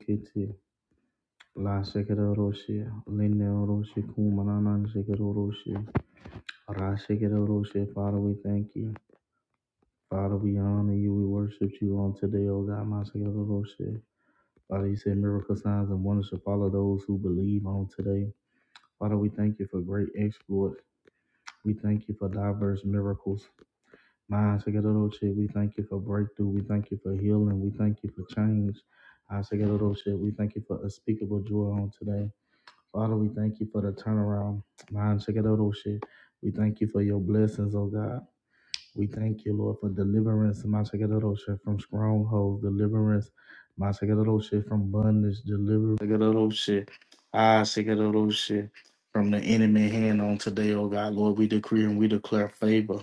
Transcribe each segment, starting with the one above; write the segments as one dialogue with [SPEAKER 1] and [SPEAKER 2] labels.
[SPEAKER 1] Kiti la shikadoroshi lineoroshi kumananan shikadoroshi rashikadoroshi. Father, we thank you. Father, we honor you. We worship you on today, O God, my shikadoroshi. Father, you said miracle signs and wonders shall follow those who believe on today. Father, we thank you for great exploits. We thank you for diverse miracles. My shikadoroshi, we thank you for breakthrough. We thank you for healing. We thank you for change. I say, God, oh, shit, we thank you for unspeakable joy on today. Father, we thank you for the turnaround. Man, check it out, oh shit. We thank you for your blessings, oh God. We thank you, Lord, for deliverance, Mashagadosha, from strongholds, deliverance, Mashagadosha, from bondage, deliverance, Mashagadosha, ah, Shagadosha, from the enemy hand on today, oh God, Lord. We decree and we declare favor.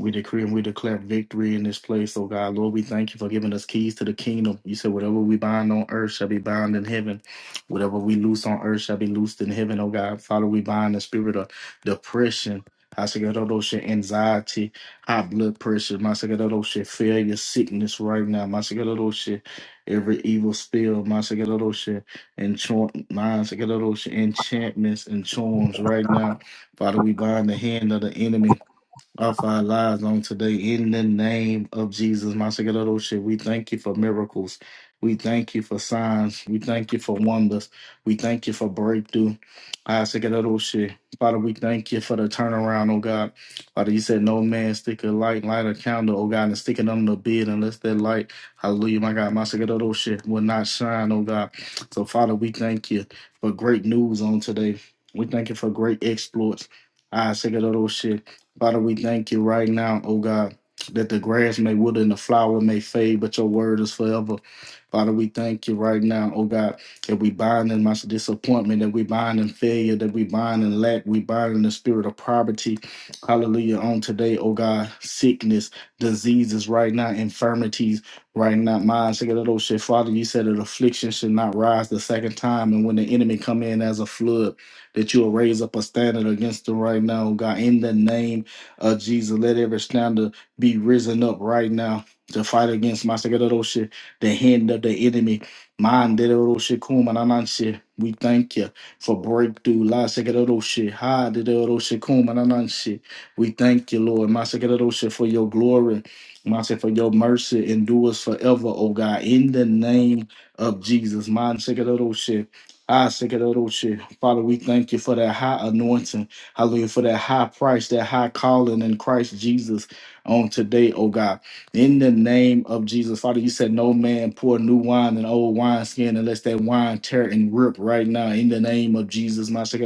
[SPEAKER 1] We decree and we declare victory in this place, oh God. Lord, we thank you for giving us keys to the kingdom. You said, whatever we bind on earth shall be bound in heaven. Whatever we loose on earth shall be loosed in heaven, oh God. Father, we bind the spirit of depression, anxiety, high blood pressure, my shit, failure, sickness right now, my shit, every evil spell, my shit, enchant, my shit, enchantments and charms right now. Father, we bind the hand of the enemy of our lives on today in the name of Jesus. Mashiach, we thank you for miracles. We thank you for signs. We thank you for wonders. We thank you for breakthrough. Mashiach, Father, we thank you for the turnaround, oh God. Father, you said no man stick a light, light a candle, oh God, and stick it under the bed unless that light, hallelujah, my God, Mashiach, will not shine, oh God. So, Father, we thank you for great news on today. We thank you for great exploits. Father, we thank you right now, oh God, that the grass may wither and the flower may fade, but your word is forever. Father, we thank you right now, oh God, that we bind in much disappointment, that we bind in failure, that we bind in lack, we bind in the spirit of poverty. Hallelujah. On today, oh God, sickness, diseases right now, infirmities right now. Mine, shake it, oh shit. Father, you said that affliction should not rise the second time. And when the enemy come in as a flood, that you will raise up a standard against them right now, oh God, in the name of Jesus, let every slander be risen up right now to fight against my shit, the hand of the enemy. Mind that little shit, kuma na na shit. We thank you for breakthrough. La second little shit, high shit, kuma na na shit. We thank you, Lord, my second little shit, for your glory. My shit, for your mercy endures forever, oh God. In the name of Jesus, my second mind shit. I second Ah, shit. Father, we thank you for that high anointing. Hallelujah. For that high price, that high calling in Christ Jesus on today, oh God. In the name of Jesus, Father, you said no man pour new wine in old wineskin unless that wine tear and rip right now. In the name of Jesus, my shit.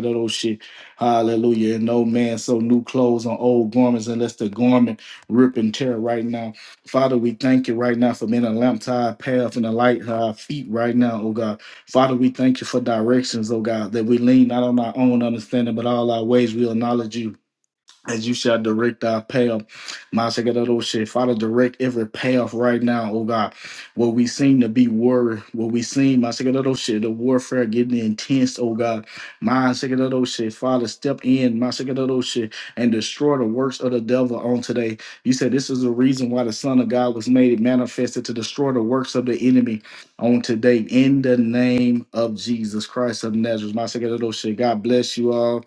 [SPEAKER 1] Hallelujah. And no man sew new clothes on old garments unless the garment rip and tear right now. Father, we thank you right now for being a lamp to our path and a light to our feet right now, oh God. Father, we thank you for directions, oh God, that we lean not on our own understanding, but all our ways we acknowledge you as you shall direct our path. Master God, oh shit. Father, direct every path right now, oh God. Where we seem to be worried, where we seem, Master God, oh shit, the warfare getting intense, oh God. Master God, oh shit. Father, step in, Master God, oh shit, and destroy the works of the devil on today. You said this is the reason why the Son of God was made manifested to destroy the works of the enemy on today in the name of Jesus Christ of Nazareth. Master God, oh shit. God bless you all.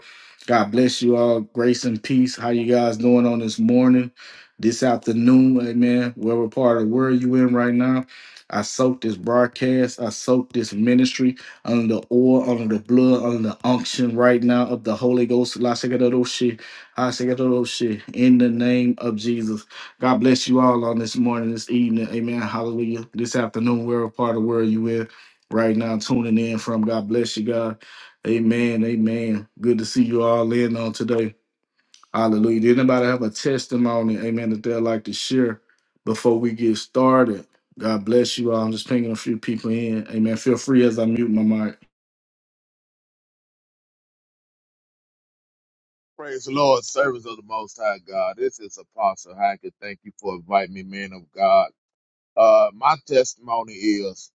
[SPEAKER 1] God bless you all. Grace and peace. How you guys doing on this morning, this afternoon? Amen. Whatever part of the world you in right now, I soak this broadcast. I soak this ministry under the oil, under the blood, under the unction right now of the Holy Ghost. La shakadoshi, ha shakadoshi, In the name of Jesus. God bless you all on this morning, this evening. Amen. Hallelujah. This afternoon, wherever part of the world you in right now, tuning in from. God bless you, God. Amen. Amen. Good to see you all in on today. Hallelujah. Did anybody have a testimony? Amen. That they'd like to share before we get started. God bless you all. I'm just pinging a few people in. Amen. Feel free as I mute my mic.
[SPEAKER 2] Praise the Lord, service of the Most High God. This is Apostle Hackett. Thank you for inviting me, man of God. Uh, my testimony is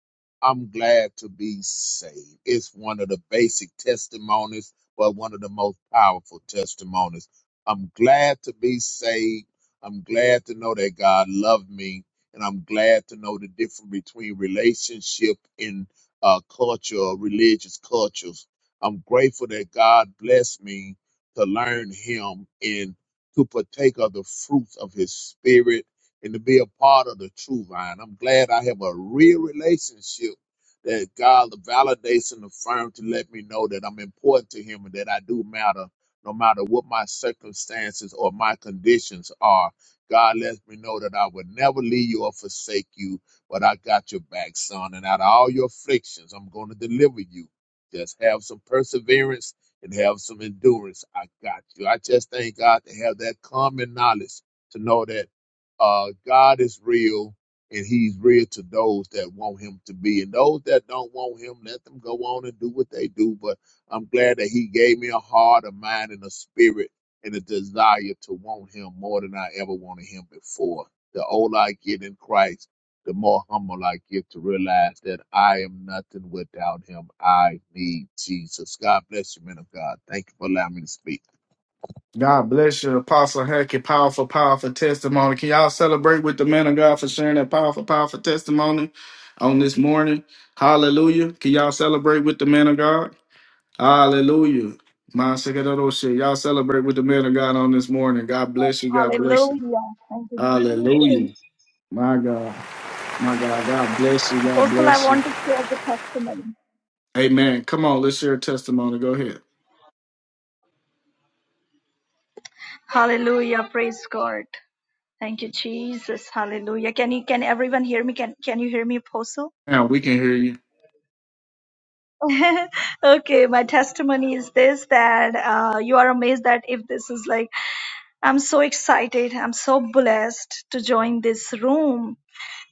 [SPEAKER 2] I'm glad to be saved. It's one of the basic testimonies, but one of the most powerful testimonies. I'm glad to be saved. I'm glad to know that God loved me. And I'm glad to know the difference between relationship and uh, culture, or religious cultures. I'm grateful that God blessed me to learn Him and to partake of the fruits of His Spirit and to be a part of the true vine. I'm glad I have a real relationship that God validates and affirms to let me know that I'm important to Him and that I do matter no matter what my circumstances or my conditions are. God lets me know that I will never leave you or forsake you, but I got your back, son. And out of all your afflictions, I'm going to deliver you. Just have some perseverance and have some endurance. I got you. I just thank God to have that common knowledge to know that uh, God is real and he's real to those that want him to be. And those that don't want him, let them go on and do what they do. But I'm glad that he gave me a heart, a mind, and a spirit and a desire to want him more than I ever wanted him before. The older I get in Christ, the more humble I get to realize that I am nothing without him. I need Jesus. God bless you, man of God. Thank you for allowing me to speak.
[SPEAKER 1] God bless you, Apostle Hackett. Powerful, powerful testimony. Can y'all celebrate with the man of God for sharing that powerful, powerful testimony on this morning? Hallelujah. Can y'all celebrate with the man of God? Hallelujah. My second of shit. Y'all celebrate with the man of God on this morning. God bless you. God bless you.
[SPEAKER 3] Hallelujah. Thank you, Jesus.
[SPEAKER 1] Hallelujah.
[SPEAKER 4] Congratulations.
[SPEAKER 1] My God. My God. God bless you. God
[SPEAKER 3] Apostle, I
[SPEAKER 1] bless you.
[SPEAKER 3] want to share the testimony.
[SPEAKER 1] Amen. Come on, let's hear a testimony. Go ahead.
[SPEAKER 3] Hallelujah. Praise God. Thank you, Jesus. Hallelujah. Can you can everyone hear me? Can can you hear me, Apostle?
[SPEAKER 1] Now we can hear you.
[SPEAKER 3] okay, my testimony is this that uh, you are amazed that if this is like I'm so excited, I'm so blessed to join this room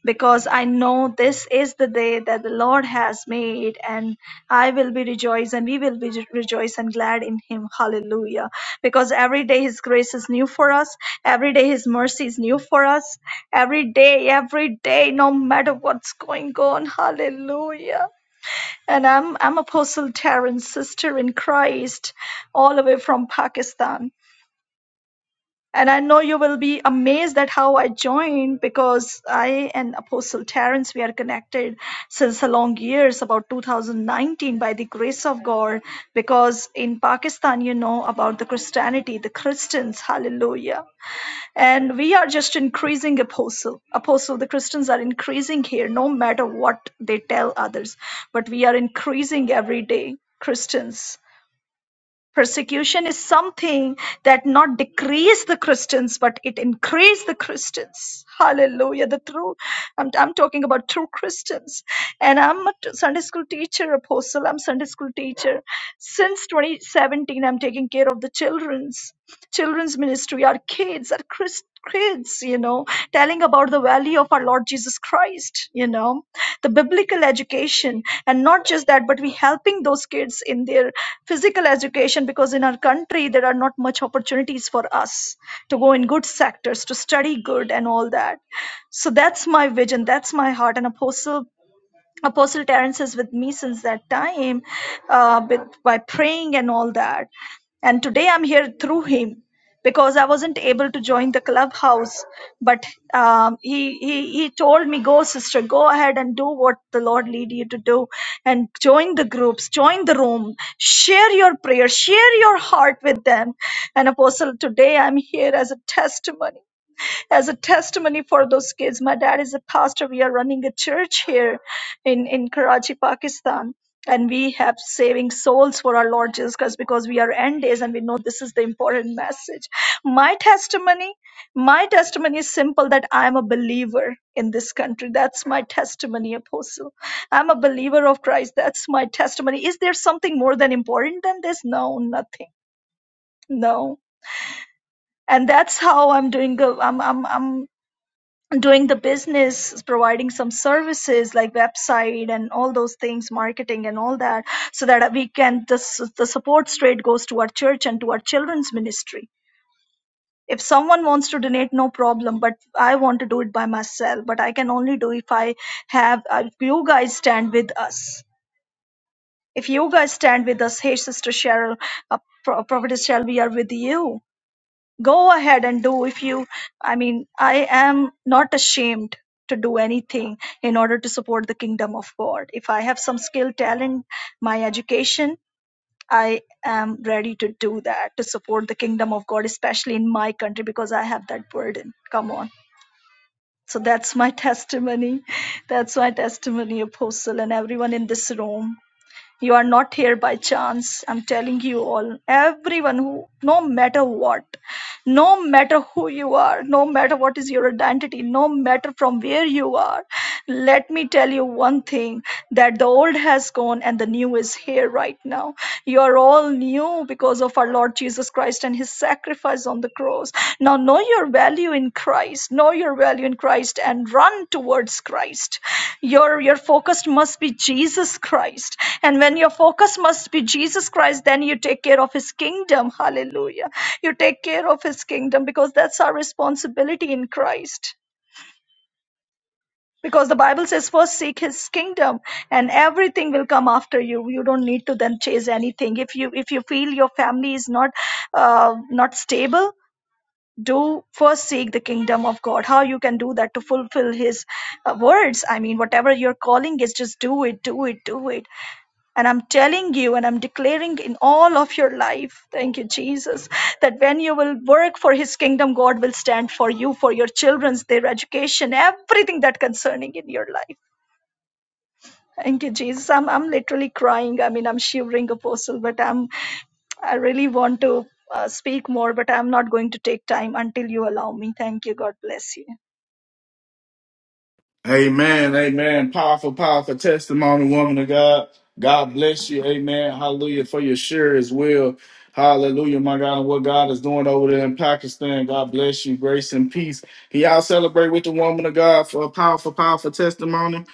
[SPEAKER 3] because I know this is the day that the Lord has made, and I will be rejoiced, and we will be re- rejoice and glad in Him. Hallelujah. Because every day His grace is new for us, every day His mercy is new for us, every day, every day, no matter what's going on. Hallelujah. And I'm, I'm Apostle Terence, sister in Christ, all the way from Pakistan and I know you will be amazed at how I joined because I and Apostle Terence we are connected since a long years, about 2019, by the grace of God. Because in Pakistan, you know about the Christianity, the Christians, hallelujah. And we are just increasing apostle. Apostle, the Christians are increasing here, no matter what they tell others, but we are increasing every day. Christians. Persecution is something that not decrease the Christians, but it increase the Christians. Hallelujah. The true, I'm, I'm talking about true Christians. And I'm a t- Sunday school teacher, apostle. I'm Sunday school teacher. Since 2017, I'm taking care of the children's children's ministry, our kids, our Chris, kids, you know, telling about the value of our Lord Jesus Christ, you know, the biblical education. And not just that, but we helping those kids in their physical education because in our country there are not much opportunities for us to go in good sectors, to study good and all that. So that's my vision, that's my heart. And Apostle Apostle Terence is with me since that time, uh, with by praying and all that. And today I'm here through him because I wasn't able to join the clubhouse, but um, he, he he told me, "Go, sister, go ahead and do what the Lord lead you to do, and join the groups, join the room, share your prayers, share your heart with them." And Apostle, today I'm here as a testimony as a testimony for those kids. My dad is a pastor. We are running a church here in, in Karachi, Pakistan. And we have saving souls for our Lord Jesus Christ because we are end days and we know this is the important message. My testimony, my testimony is simple that I am a believer in this country. That's my testimony, Apostle. I'm a believer of Christ. That's my testimony. Is there something more than important than this? No, nothing. No. And that's how I'm doing. good. I'm, I'm, I'm doing the business providing some services like website and all those things marketing and all that so that we can this the support straight goes to our church and to our children's ministry if someone wants to donate no problem but i want to do it by myself but i can only do if i have uh, if you guys stand with us if you guys stand with us hey sister cheryl uh, prophetess cheryl we are with you go ahead and do if you i mean i am not ashamed to do anything in order to support the kingdom of god if i have some skill talent my education i am ready to do that to support the kingdom of god especially in my country because i have that burden come on so that's my testimony that's my testimony apostle and everyone in this room you are not here by chance. I'm telling you all, everyone who, no matter what, no matter who you are, no matter what is your identity, no matter from where you are, let me tell you one thing that the old has gone and the new is here right now. You are all new because of our Lord Jesus Christ and his sacrifice on the cross. Now know your value value in Christ, know your value in Christ, and run towards Christ. Your your focus must be Jesus Christ. And when your focus must be Jesus Christ, then you take care of his kingdom. Hallelujah. You take care of his kingdom because that's our responsibility in Christ. Because the Bible says, first seek his kingdom and everything will come after you. You don't need to then chase anything. If you if you feel your family is not uh, not stable, do first seek the kingdom of god how you can do that to fulfill his uh, words i mean whatever your calling is just do it do it do it and i'm telling you and i'm declaring in all of your life thank you jesus that when you will work for his kingdom god will stand for you for your children's their education everything that concerning in your life Thank you, Jesus. I'm, I'm literally crying. I mean, I'm shivering, Apostle, but I'm I really want to uh, speak more, but I'm not going to take time until you allow me. Thank you. God bless you.
[SPEAKER 1] Amen. Amen. Powerful, powerful testimony, woman of God. God bless you. Amen. Hallelujah. For your share as well. Hallelujah, my God, and what God is doing over there in Pakistan. God bless you. Grace and peace. Can y'all celebrate with the woman of God for a powerful, powerful testimony?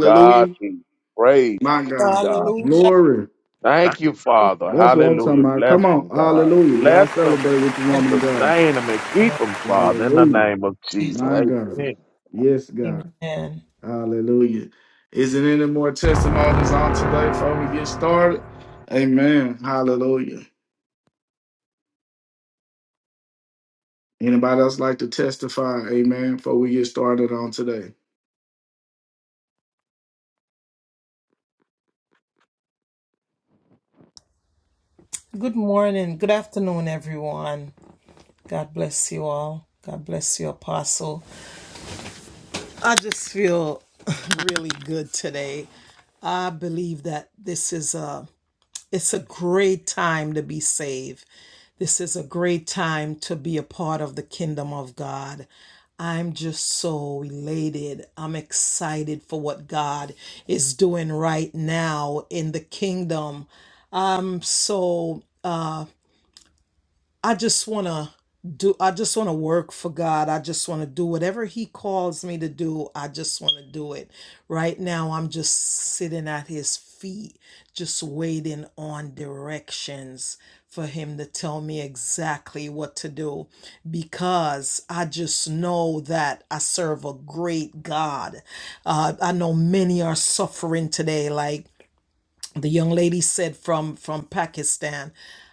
[SPEAKER 2] God, be praised.
[SPEAKER 1] My
[SPEAKER 2] Thank you,
[SPEAKER 1] God.
[SPEAKER 2] God.
[SPEAKER 5] Hallelujah.
[SPEAKER 1] Glory.
[SPEAKER 2] Thank you,
[SPEAKER 5] We
[SPEAKER 2] Father.
[SPEAKER 1] That's what I'm
[SPEAKER 2] Hallelujah.
[SPEAKER 1] talking about.
[SPEAKER 2] Bless
[SPEAKER 1] Come on.
[SPEAKER 2] them, God.
[SPEAKER 1] Hallelujah. Y'all
[SPEAKER 2] Let them
[SPEAKER 1] celebrate with the
[SPEAKER 5] thank
[SPEAKER 1] woman of God.
[SPEAKER 2] sustain them and
[SPEAKER 5] you,
[SPEAKER 2] keep
[SPEAKER 5] Lord.
[SPEAKER 2] them,
[SPEAKER 5] Thank
[SPEAKER 2] Father, in the
[SPEAKER 1] Hallelujah.
[SPEAKER 2] name of
[SPEAKER 5] you.
[SPEAKER 2] Jesus.
[SPEAKER 1] My
[SPEAKER 2] Amen.
[SPEAKER 1] God. Yes, God.
[SPEAKER 5] Amen.
[SPEAKER 1] Hallelujah. Is it any more testimonies on today before we get started? Amen. Hallelujah. Anybody else like to testify? Amen. Before we get started on today.
[SPEAKER 5] Good morning. Good afternoon, everyone. God bless you all. God bless you, Apostle. I just feel really good today. I believe that this is a It's a great time to be saved. This is a great time to be a part of the kingdom of God. I'm just so elated. I'm excited for what God is doing right now in the kingdom. I'm so I just want to do I just want to work for God. I just want to do whatever he calls me to do. I just want to do it. Right now I'm just sitting at his feet just waiting on directions for him to tell me exactly what to do because I just know that I serve a great God. Uh, I know many are suffering today like the young lady said from from pakistan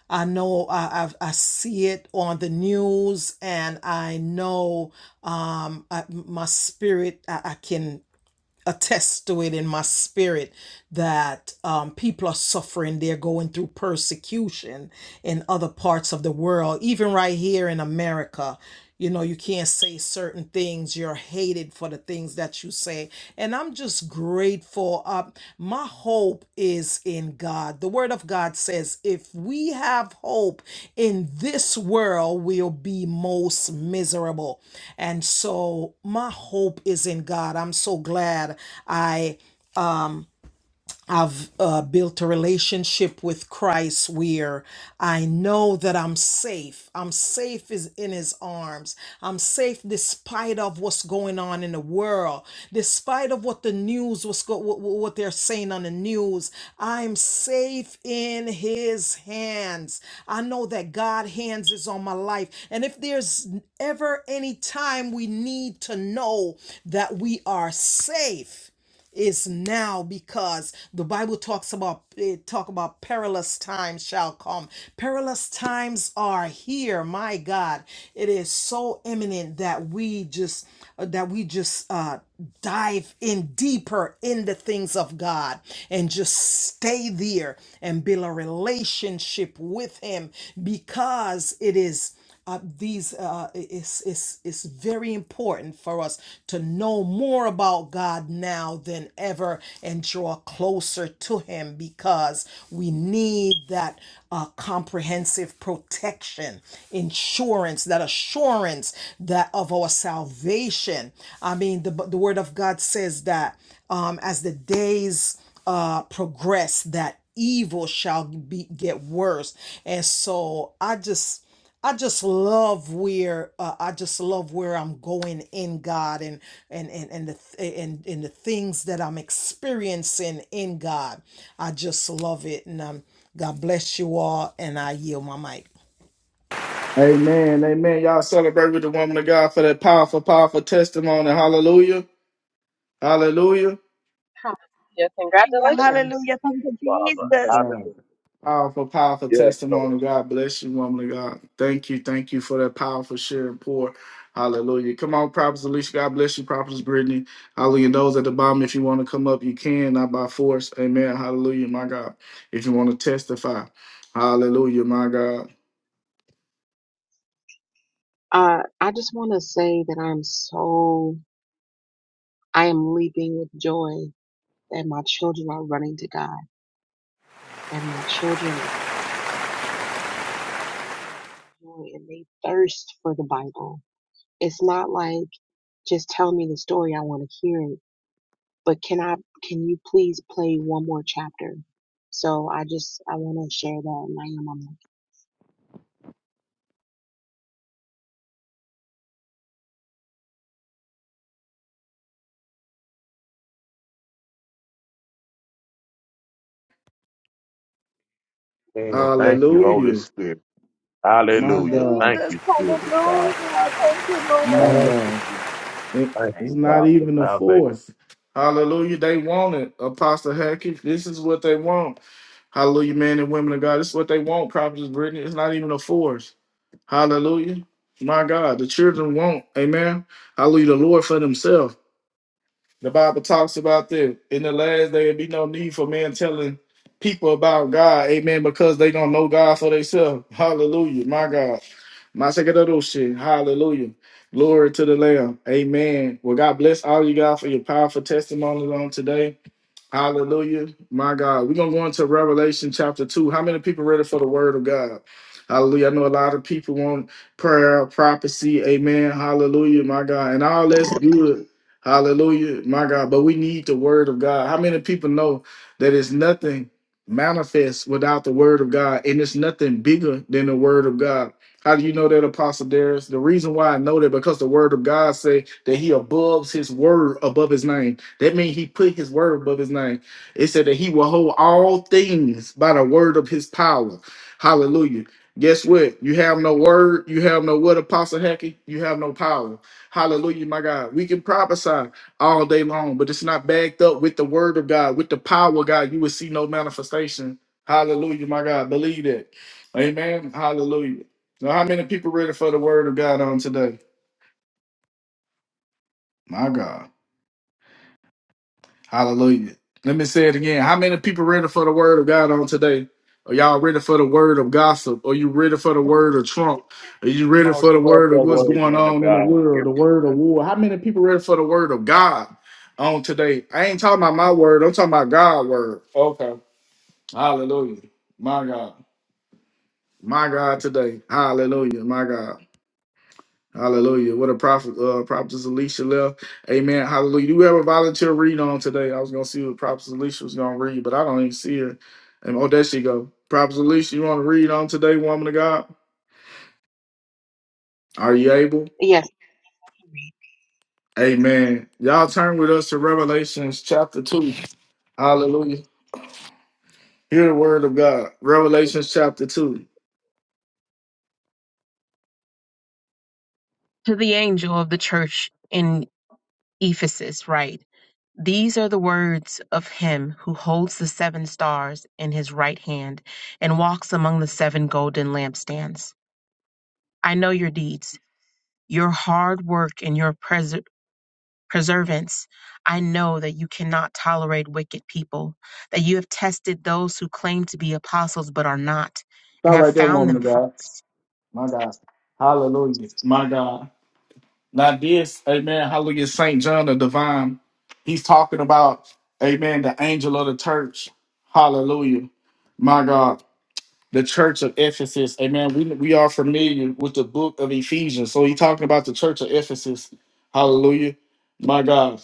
[SPEAKER 5] i know i i, I see it on the news and i know um I, my spirit I, I can attest to it in my spirit that um, people are suffering they're going through persecution in other parts of the world even right here in america you know you can't say certain things you're hated for the things that you say and i'm just just grateful. Uh, my hope is in God. The Word of God says, if we have hope in this world, we'll be most miserable. And so my hope is in God. I'm so glad I. I've uh, built a relationship with Christ where I know that I'm safe. I'm safe is in His arms. I'm safe despite of what's going on in the world, despite of what the news was go- what, what what they're saying on the news. I'm safe in His hands. I know that God hands is on my life, and if there's ever any time we need to know that we are safe is now because the bible talks about it talk about perilous times shall come perilous times are here my god it is so imminent that we just uh, that we just uh dive in deeper in the things of god and just stay there and build a relationship with him because it is uh, these uh, it's, it's, it's very important for us to know more about god now than ever and draw closer to him because we need that uh, comprehensive protection insurance that assurance that of our salvation i mean the, the word of god says that um, as the days uh, progress that evil shall be get worse and so i just I just love where uh, I just love where I'm going in God and and and and the th- and, and the things that I'm experiencing in God. I just love it, and um, God bless you all, and I yield my mic.
[SPEAKER 1] Amen. Amen. Y'all celebrate with the woman of God for that powerful, powerful testimony. Hallelujah. Hallelujah.
[SPEAKER 4] Hallelujah.
[SPEAKER 3] Hallelujah,
[SPEAKER 2] Amen,
[SPEAKER 4] Congratulations.
[SPEAKER 3] hallelujah. Thank you,
[SPEAKER 2] Father.
[SPEAKER 3] Jesus.
[SPEAKER 2] Hallelujah.
[SPEAKER 1] Powerful, powerful
[SPEAKER 2] Yes, Lord.
[SPEAKER 1] testimony. God bless you, woman of God. Thank you, thank you for that powerful share and pour. Hallelujah. Come on, Prophet Alicia. God bless you, Prophet Brittany. Hallelujah. And Those at the bottom, if you want to come up, you can, not by force. Amen. Hallelujah, my God. If you want to testify, hallelujah, my God.
[SPEAKER 4] Uh, I just want to say that I'm so, I am leaping with joy that my children are running to God, that my children are children enjoy and they thirst for the Bible. It's not like just tell me the story, I want to hear it, but can I, can you please play one more chapter? So I just, I want to share that and I am on that.
[SPEAKER 2] Amen. thank you, Holy
[SPEAKER 1] Hallelujah,
[SPEAKER 2] Spirit.
[SPEAKER 1] my
[SPEAKER 2] Hallelujah.
[SPEAKER 1] God,
[SPEAKER 2] Thank
[SPEAKER 3] Jesus,
[SPEAKER 2] you, Spirit of God.
[SPEAKER 3] hallelujah. Thank you,
[SPEAKER 1] my
[SPEAKER 3] Lord.
[SPEAKER 2] Thank you,
[SPEAKER 1] God.
[SPEAKER 2] Jesus.
[SPEAKER 1] It-
[SPEAKER 2] Thank
[SPEAKER 1] it's
[SPEAKER 2] you,
[SPEAKER 1] not
[SPEAKER 2] God, for
[SPEAKER 1] even a
[SPEAKER 2] salvation.
[SPEAKER 1] force. Hallelujah. They want it, Apostle Hackett. This is what they want. Hallelujah, men and women of God. This is what they want, Prophetess Brittany. It's not even a force. Hallelujah. My God, the children want, amen. Hallelujah, the Lord for themselves. The Bible talks about this. In the last day, there be no need for men telling people about God, amen, because they don't know God for themselves. Hallelujah, my God. My second of those shit. Hallelujah. Glory to the Lamb. Amen. Well, God bless all you guys for your powerful testimonies on today. Hallelujah. My God. We're going to go into Revelation chapter 2. How many people ready for the word of God? Hallelujah. I know a lot of people want prayer, prophecy. Amen. Hallelujah. My God. And all that's good. Hallelujah. My God. But we need the word of God. How many people know that it's nothing manifest without the word of God and it's nothing bigger than the word of God? How do you know that, Apostle Darius? The reason why I know that because the word of God say that he above his word above his name. That means he put his word above his name. It said that he will hold all things by the word of his power. Hallelujah. Guess what? You have no word. You have no what, Apostle Hackey? You have no power. Hallelujah, my God. We can prophesy all day long, but it's not backed up with the word of God, with the power of God. You will see no manifestation. Hallelujah, my God. Believe that. Amen. Hallelujah. So, how many people ready for the word of God on today? My God. Hallelujah. Let me say it again. How many people ready for the word of God on today? Are y'all ready for the word of gossip? Are you ready for the word of Trump? Are you ready
[SPEAKER 2] Oh,
[SPEAKER 1] for the
[SPEAKER 2] give us
[SPEAKER 1] word of
[SPEAKER 2] that
[SPEAKER 1] what's
[SPEAKER 2] word,
[SPEAKER 1] going
[SPEAKER 2] man of
[SPEAKER 1] on in the
[SPEAKER 2] God. Give
[SPEAKER 1] world, the
[SPEAKER 2] us
[SPEAKER 1] word of
[SPEAKER 2] that
[SPEAKER 1] war? How many people ready for the word of God on today? I ain't talking about my word. I'm talking about God's word. Okay. Hallelujah. My God. My God today. Hallelujah. My God. Hallelujah. What a prophet, uh, prophetess Alicia left. Amen. Hallelujah. Do we have a volunteer read on today? I was going to see what prophetess Alicia was going to read, but I don't even see her. And oh, there she go. Prophetess Alicia, you want to read on today, woman of God? Are you able?
[SPEAKER 4] Yes.
[SPEAKER 1] Amen. Y'all turn with us to Revelations chapter 2. Hallelujah. Hear the word of God. Revelations chapter 2.
[SPEAKER 4] To the angel of the church in Ephesus, right? These are the words of him who holds the seven stars in his right hand and walks among the seven golden lampstands. I know your deeds, your hard work, and your pres- perseverance. I know that you cannot tolerate wicked people, that you have tested those who claim to be apostles but are not, and
[SPEAKER 1] Start
[SPEAKER 4] have
[SPEAKER 1] right there,
[SPEAKER 4] found
[SPEAKER 1] woman
[SPEAKER 4] them
[SPEAKER 1] of God.
[SPEAKER 4] false.
[SPEAKER 1] My God. Hallelujah. My God. Now this, amen, hallelujah, St. John the Divine, he's talking about, amen, the angel of the church. Hallelujah. My God, the church of Ephesus. Amen. We, we are familiar with the book of Ephesians. So he's talking about the church of Ephesus. Hallelujah. My God.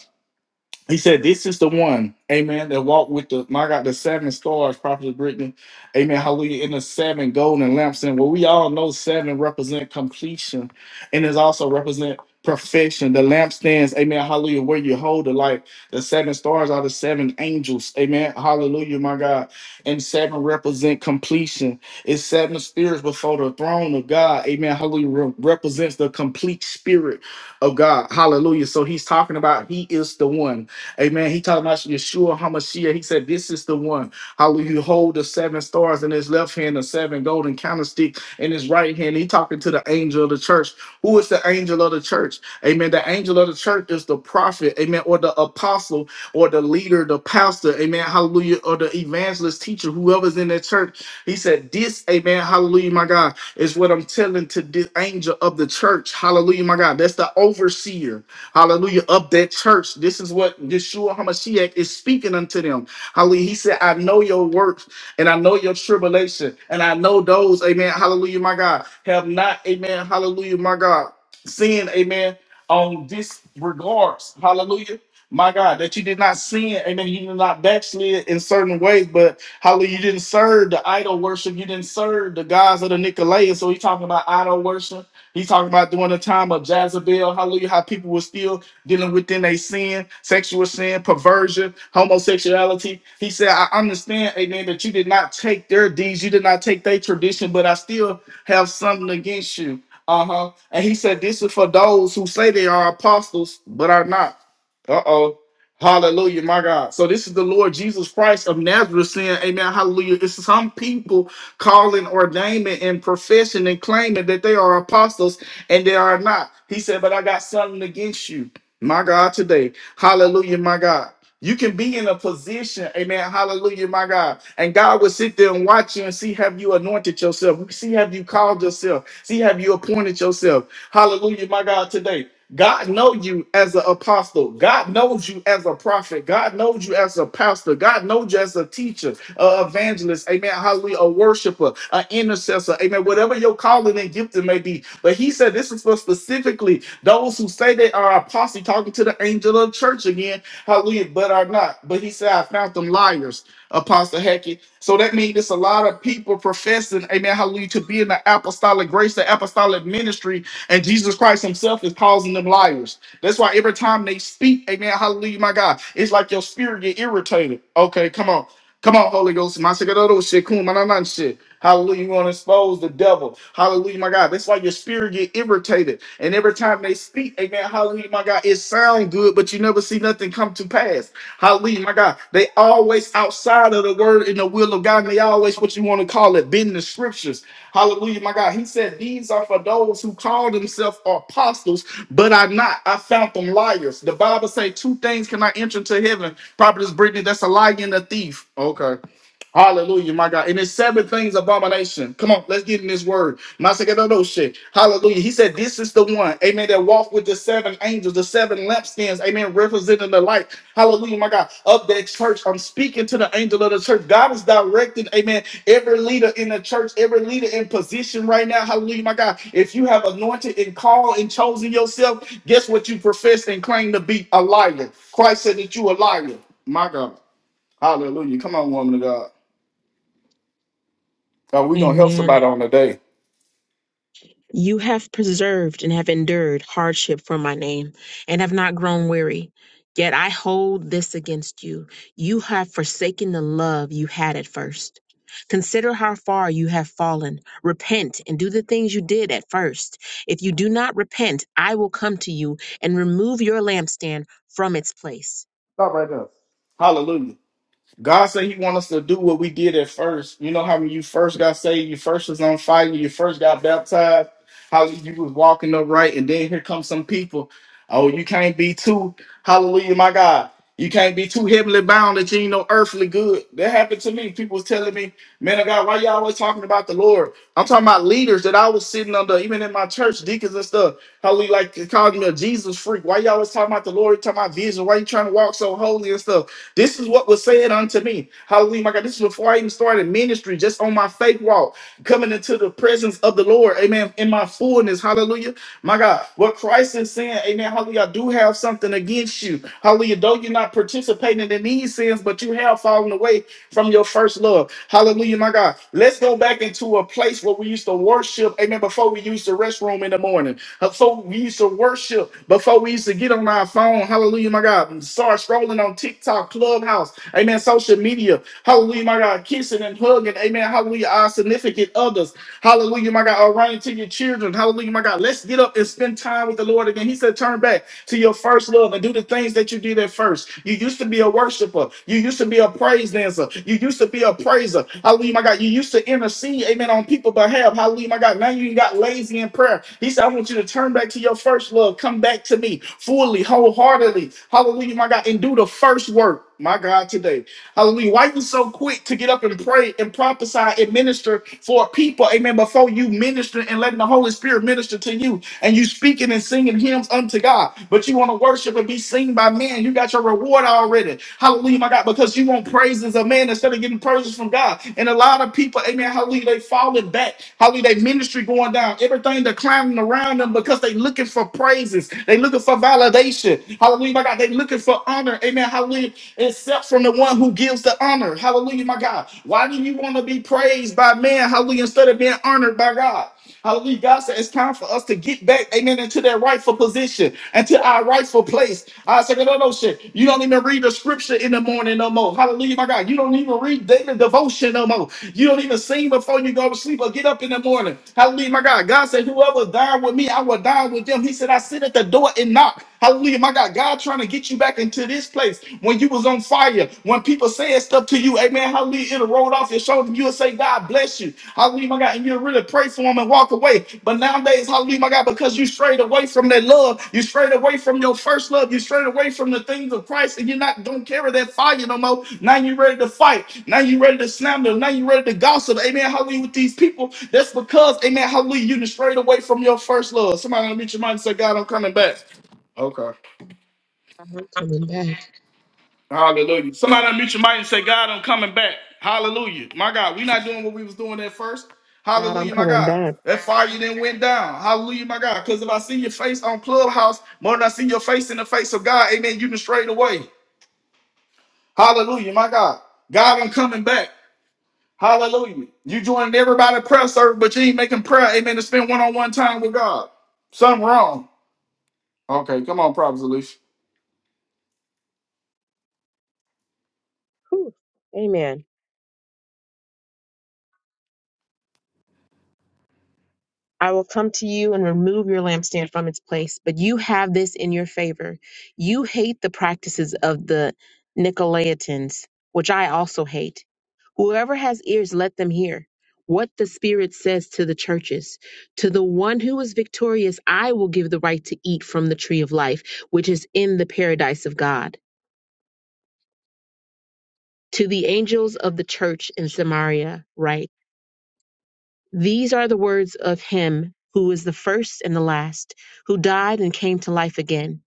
[SPEAKER 1] He said, This is the one, amen, that walked with the my God, the seven stars, Prophet Brittany. Amen. Hallelujah. In the seven golden lamps. And well, we all know seven represent completion and it also represent perfection. The lampstands, amen, hallelujah, where you hold the light. The seven stars are the seven angels. Amen. Hallelujah, my God. And seven represent completion. It's seven spirits before the throne of God. Amen. Hallelujah. re- represents the complete spirit of God. Hallelujah. So he's talking about he is the one. Amen. He talking about Yeshua Hamashiach. He said, This is the one. Hallelujah. You hold the seven stars in his left hand, the seven golden candlesticks in his right hand. He talking to the angel of the church. Who is the angel of the church? Amen. The angel of the church is the prophet, amen, or the apostle, or the leader, the pastor, amen. Hallelujah. Or the evangelist teacher, whoever's in that church. He said, This, amen. Hallelujah, my God, is what I'm telling to this angel of the church. Hallelujah, my God. That's the overseer. Hallelujah. Of that church. This is what Yeshua HaMashiach is speaking unto them. Hallelujah. He said, I know your works and I know your tribulation. And I know those, amen. Hallelujah, my God. Have not, amen. Hallelujah, my God. Sin, amen. On disregards. Hallelujah. My God, that you did not sin, amen. You did not backslid in certain ways, but Hallelujah. You didn't serve the idol worship. You didn't serve the gods of the Nicolaitans. So he's talking about idol worship. He's talking about during the time of Jezebel, hallelujah, how people were still dealing within their sin, sexual sin, perversion, homosexuality. He said, I understand, amen, that you did not take their deeds, you did not take their tradition, but I still have something against you. Uh huh. And he said, This is for those who say they are apostles, but are not. Uh oh. Hallelujah, my God. So this is the Lord Jesus Christ of Nazareth saying, Amen. Hallelujah. It's some people calling, ordaining, and professing and claiming that they are apostles and they are not. He said, But I got something against you, my God, today. Hallelujah, my God. You can be in a position, amen, hallelujah, my God. And God will sit there and watch you and see have you anointed yourself, see have you called yourself, see have you appointed yourself. Hallelujah, my God, today. God knows you as an apostle. God knows you as a prophet. God knows you as a pastor. God knows you as a teacher, an evangelist. Amen. Hallelujah. A worshiper, an intercessor. Amen. Whatever your calling and gifting may be. But he said this is for specifically those who say they are apostle talking to the angel of the church again. Hallelujah. But are not. But he said, I found them liars, Apostle Hackett. So that means it's a lot of people professing, amen, hallelujah, to be in the apostolic grace, the apostolic ministry, and Jesus Christ Himself is calling them liars. That's why every time they speak, amen, hallelujah, my God, it's like your spirit get irritated. Okay, come on. Come on, Holy Ghost. My second other shit, cool, my nine shit. Hallelujah. You want to expose the devil. Hallelujah, my God. That's why your spirit get irritated. And every time they speak, amen, hallelujah, my God, it sound good, but you never see nothing come to pass. Hallelujah, my God. They always outside of the word and the will of God. And they always what you want to call it, bend the scriptures. Hallelujah, my God. He said, These are for those who call themselves apostles, but are not. I found them liars. The Bible say two things cannot enter into heaven. Prophetess Brittany, that's a liar and a thief. Okay. Hallelujah, my God. And it's seven things abomination. Come on, let's get in this word. Masakedodo shit. Hallelujah. He said, This is the one, amen, that walked with the seven angels, the seven lampstands, amen, representing the light. Hallelujah, my God. Of that church, I'm speaking to the angel of the church. God is directing, amen, every leader in the church, every leader in position right now. Hallelujah, my God. If you have anointed and called and chosen yourself, guess what you profess and claim to be a liar. Christ said that you a liar. My God. Hallelujah. Come on, woman of God. God, we're going to help
[SPEAKER 4] Amen.
[SPEAKER 1] somebody on today.
[SPEAKER 4] You have preserved and have endured hardship for my name, and have not grown weary. Yet I hold this against you. You have forsaken the love you had at first. Consider how far you have fallen. Repent and do the things you did at first. If you do not repent, I will come to you and remove your lampstand from its place.
[SPEAKER 1] Stop right there. Hallelujah. God said He wants us to do what we did at first. You know how when you first got saved, you first was on fire, you first got baptized, how you was walking upright, and then here come some people. Oh, you can't be too hallelujah, my God. You can't be too heavenly bound that you ain't no earthly good. That happened to me. People was telling me, man of God, why y'all always talking about the Lord? I'm talking about leaders that I was sitting under, even in my church, deacons and stuff. Hallelujah, like they called me a Jesus freak. Why y'all always talking about the Lord? You talking about vision? Why you trying to walk so holy and stuff? This is what was said unto me. Hallelujah, my God. This is before I even started ministry, just on my faith walk, coming into the presence of the Lord. Amen. In my fullness. Hallelujah. My God. What Christ is saying, Amen. Hallelujah. I do have something against you. Hallelujah. Though you're not participating in these sins, but you have fallen away from your first love. Hallelujah, my God. Let's go back into a place where we used to worship. Amen. Before we used to restroom in the morning. Before we used to worship. Before we used to get on our phone. Hallelujah, my God. And start scrolling on TikTok, Clubhouse. Amen. Social media. Hallelujah, my God. Kissing and hugging. Amen. Hallelujah. Our significant others. Hallelujah, my God. Orion to your children. Hallelujah, my God. Let's get up and spend time with the Lord again. He said, turn back to your first love and do the things that you did at first. You used to be a worshiper. You used to be a praise dancer. You used to be a praiser. Hallelujah, my God. You used to intercede, amen, on people's behalf. Hallelujah, my God. Now you got lazy in prayer. He said, I want you to turn back to your first love. Come back to me fully, wholeheartedly. Hallelujah, my God. And do the first work, my God, today. Hallelujah. Why you so quick to get up and pray and prophesy and minister for people? Amen. Before you minister and letting the Holy Spirit minister to you and you speaking and singing hymns unto God, but you want to worship and be seen by man. You got your reward already. Hallelujah, my God, because you want praises of man instead of getting praises from God. And a lot of people, amen, hallelujah, they falling back. Hallelujah, they ministry going down. Everything they're climbing around them because they looking for praises. They looking for validation. Hallelujah, my God. They looking for honor. Amen. Hallelujah Hallelujah. Except from the one who gives the honor. Hallelujah, my God. Why do you want to be praised by man? Hallelujah. Instead of being honored by God. Hallelujah. God said it's time for us to get back, amen, into that rightful position, into our rightful place. I said, no, no, no, shit. You don't even read the scripture in the morning no more. Hallelujah, my God. You don't even read daily devotion no more. You don't even sing before you go to sleep or get up in the morning. Hallelujah, my God. God said, whoever died with me, I will die with them. He said, I sit at the door and knock. Hallelujah, my God. God trying to get you back into this place when you was on fire, when people saying stuff to you, amen, hallelujah, it'll roll off your shoulder. You'll say, God bless you. Hallelujah, my God. And you'll really pray for them and walk away. But nowadays, hallelujah, my God, because you strayed away from that love, you strayed away from your first love, you strayed away from the things of Christ, and you're not don't carry that fire no more. Now you're ready to fight. Now you're ready to slander. Now you're ready to gossip. Amen. Hallelujah with these people. That's because, amen, hallelujah, you done strayed away from your first love. Somebody gonna meet your mind and say, God, I'm coming back. Okay.
[SPEAKER 4] I'm coming back.
[SPEAKER 1] Hallelujah. Somebody unmute your mic and say, God, I'm coming back. Hallelujah. My God, we not doing what we was doing at first.
[SPEAKER 4] God, I'm
[SPEAKER 1] Hallelujah, my
[SPEAKER 4] coming
[SPEAKER 1] God.
[SPEAKER 4] back.
[SPEAKER 1] That fire then went down. Hallelujah, my God. Because if I see your face on Clubhouse, more than I see your face in the face of God, amen, you can straight away. Hallelujah, my God. God, I'm coming back. Hallelujah. You joined everybody prayer service, but you ain't making prayer, amen, to spend one-on-one time with God. Something wrong. Okay, come on, Prophet Alicia.
[SPEAKER 4] Whew. Amen. I will come to you and remove your lampstand from its place, but you have this in your favor. You hate the practices of the Nicolaitans, which I also hate. Whoever has ears, let them hear what the Spirit says to the churches. To the one who is victorious, I will give the right to eat from the tree of life, which is in the paradise of God. To the angels of the church in Samaria, write. These are the words of him who is the first and the last, who died and came to life again.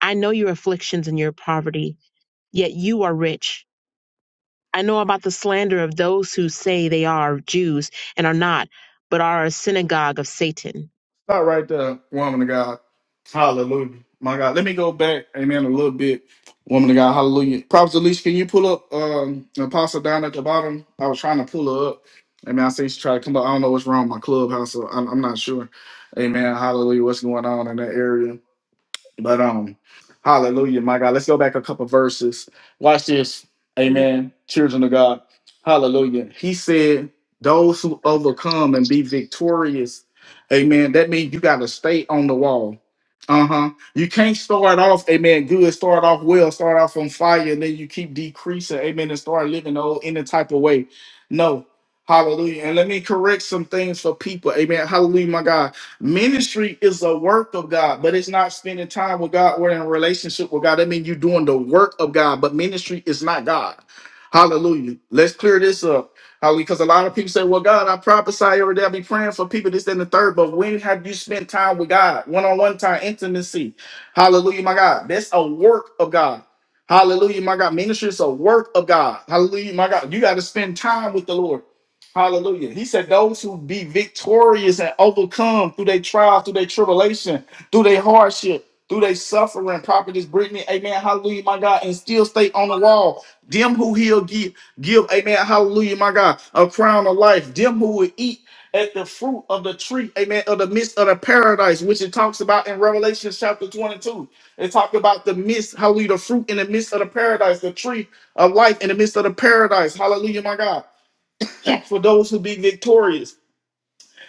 [SPEAKER 4] I know your afflictions and your poverty, yet you are rich. I know about the slander of those who say they are Jews and are not, but are a synagogue of Satan.
[SPEAKER 1] Stop right there, woman of God. Hallelujah. My God. Let me go back, amen, a little bit. Woman of God, hallelujah. Prophet Alicia, can you pull up um Apostle down at the bottom? I was trying to pull her up. Amen. I see she tried to come up. I don't know what's wrong with my clubhouse, so I'm, I'm not sure. Amen. Hallelujah. What's going on in that area? But um, hallelujah, my God. Let's go back a couple verses. Watch this. Amen. Children of God. Hallelujah. He said, those who overcome and be victorious. Amen. That means you gotta stay on the wall. Uh-huh. You can't start off, amen, good, start off well, start off on fire, and then you keep decreasing, amen, and start living the old any type of way. No. Hallelujah. And let me correct some things for people. Amen. Hallelujah, my God. Ministry is a work of God, but it's not spending time with God or in a relationship with God. That means you're doing the work of God, but ministry is not God. Hallelujah. Let's clear this up. Hallelujah. Because a lot of people say, Well, God, I prophesy every day. I be praying for people, this, that, and the third. But when have you spent time with God? One on one time, intimacy. Hallelujah, my God. That's a work of God. Hallelujah, my God. Ministry is a work of God. Hallelujah, my God. You got to spend time with the Lord. Hallelujah. He said, Those who be victorious and overcome through their trials, through their tribulation, through their hardship, through their suffering, prophetess Brittany, amen, hallelujah, my God, and still stay on the wall. Them who he'll give, give, amen, hallelujah, my God, a crown of life. Them who will eat at the fruit of the tree, amen, of the midst of the paradise, which it talks about in Revelation chapter 22. It talked about the midst, hallelujah, the fruit in the midst of the paradise, the tree of life in the midst of the paradise. Hallelujah, my God. for those who be victorious.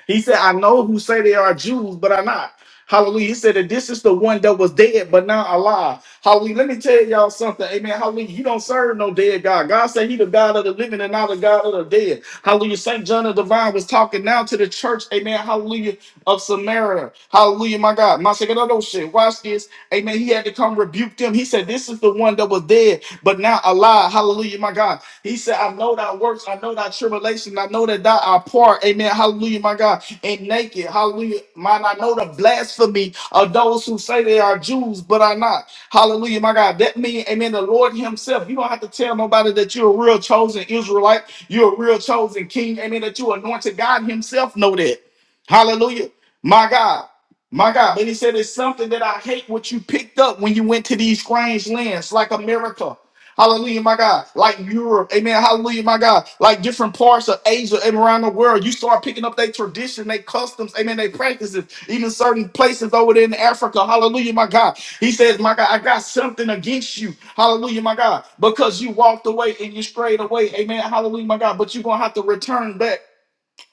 [SPEAKER 1] He said, I know who say they are Jews, but are not. Hallelujah. He said that this is the one that was dead, but now alive. Hallelujah. Let me tell y'all something. Amen. Hallelujah. You don't serve no dead God. God said he the God of the living and not the God of the dead. Hallelujah. St. John the Divine was talking now to the church. Amen. Hallelujah. Of Samaria. Hallelujah. My God. My second other shit. Watch this. Amen. He had to come rebuke them. He said, This is the one that was dead, but now alive. Hallelujah. My God. He said, I know thy works, I know thy tribulation, I know that thou art poor. Amen. Hallelujah, my God. And naked. Hallelujah. Mine, I know the blasphemy of those who say they are Jews, but are not. Hallelujah, my God. That means, amen, the Lord Himself. You don't have to tell nobody that you're a real chosen Israelite, you're a real chosen king. Amen. That you anointed God Himself know that. Hallelujah. My God. My God, but he said it's something that I hate what you picked up when you went to these strange lands, like America. Hallelujah, my God. Like Europe, amen. Hallelujah, my God. Like different parts of Asia and around the world, you start picking up their tradition, their customs, amen, their practices, even certain places over there in Africa. Hallelujah, my God. He says, My God, I got something against you. Hallelujah, my God. Because you walked away and you strayed away. Amen. Hallelujah, my God. But you're going to have to return back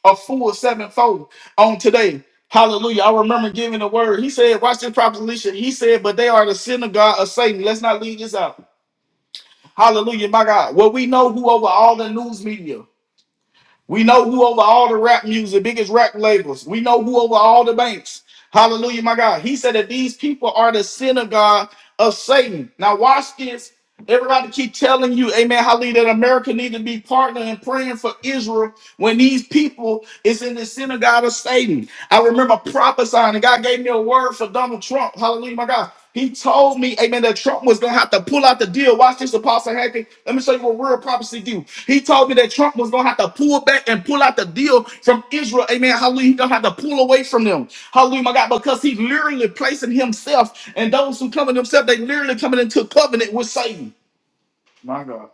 [SPEAKER 1] a full sevenfold on today. Hallelujah. I remember giving the word. He said, Watch this proposition. He said, But they are the synagogue of Satan. Let's not leave this out. Hallelujah, my God. Well, we know who over all the news media. We know who over all the rap music, biggest rap labels. We know who over all the banks. Hallelujah, my God. He said that these people are the synagogue of Satan. Now, watch this. Everybody keep telling you, amen, hallelujah, that America need to be partnering and praying for Israel when these people is in the synagogue of Satan. I remember prophesying, and God gave me a word for Donald Trump. Hallelujah, my God. He told me, amen, that Trump was going to have to pull out the deal. Watch this, Apostle Hackett. Let me show you what real prophecy do. He told me that Trump was going to have to pull back and pull out the deal from Israel. Amen, hallelujah. He's going to have to pull away from them. Hallelujah, my God, because he's literally placing himself and those who come in themselves, they literally coming into covenant with Satan. My God,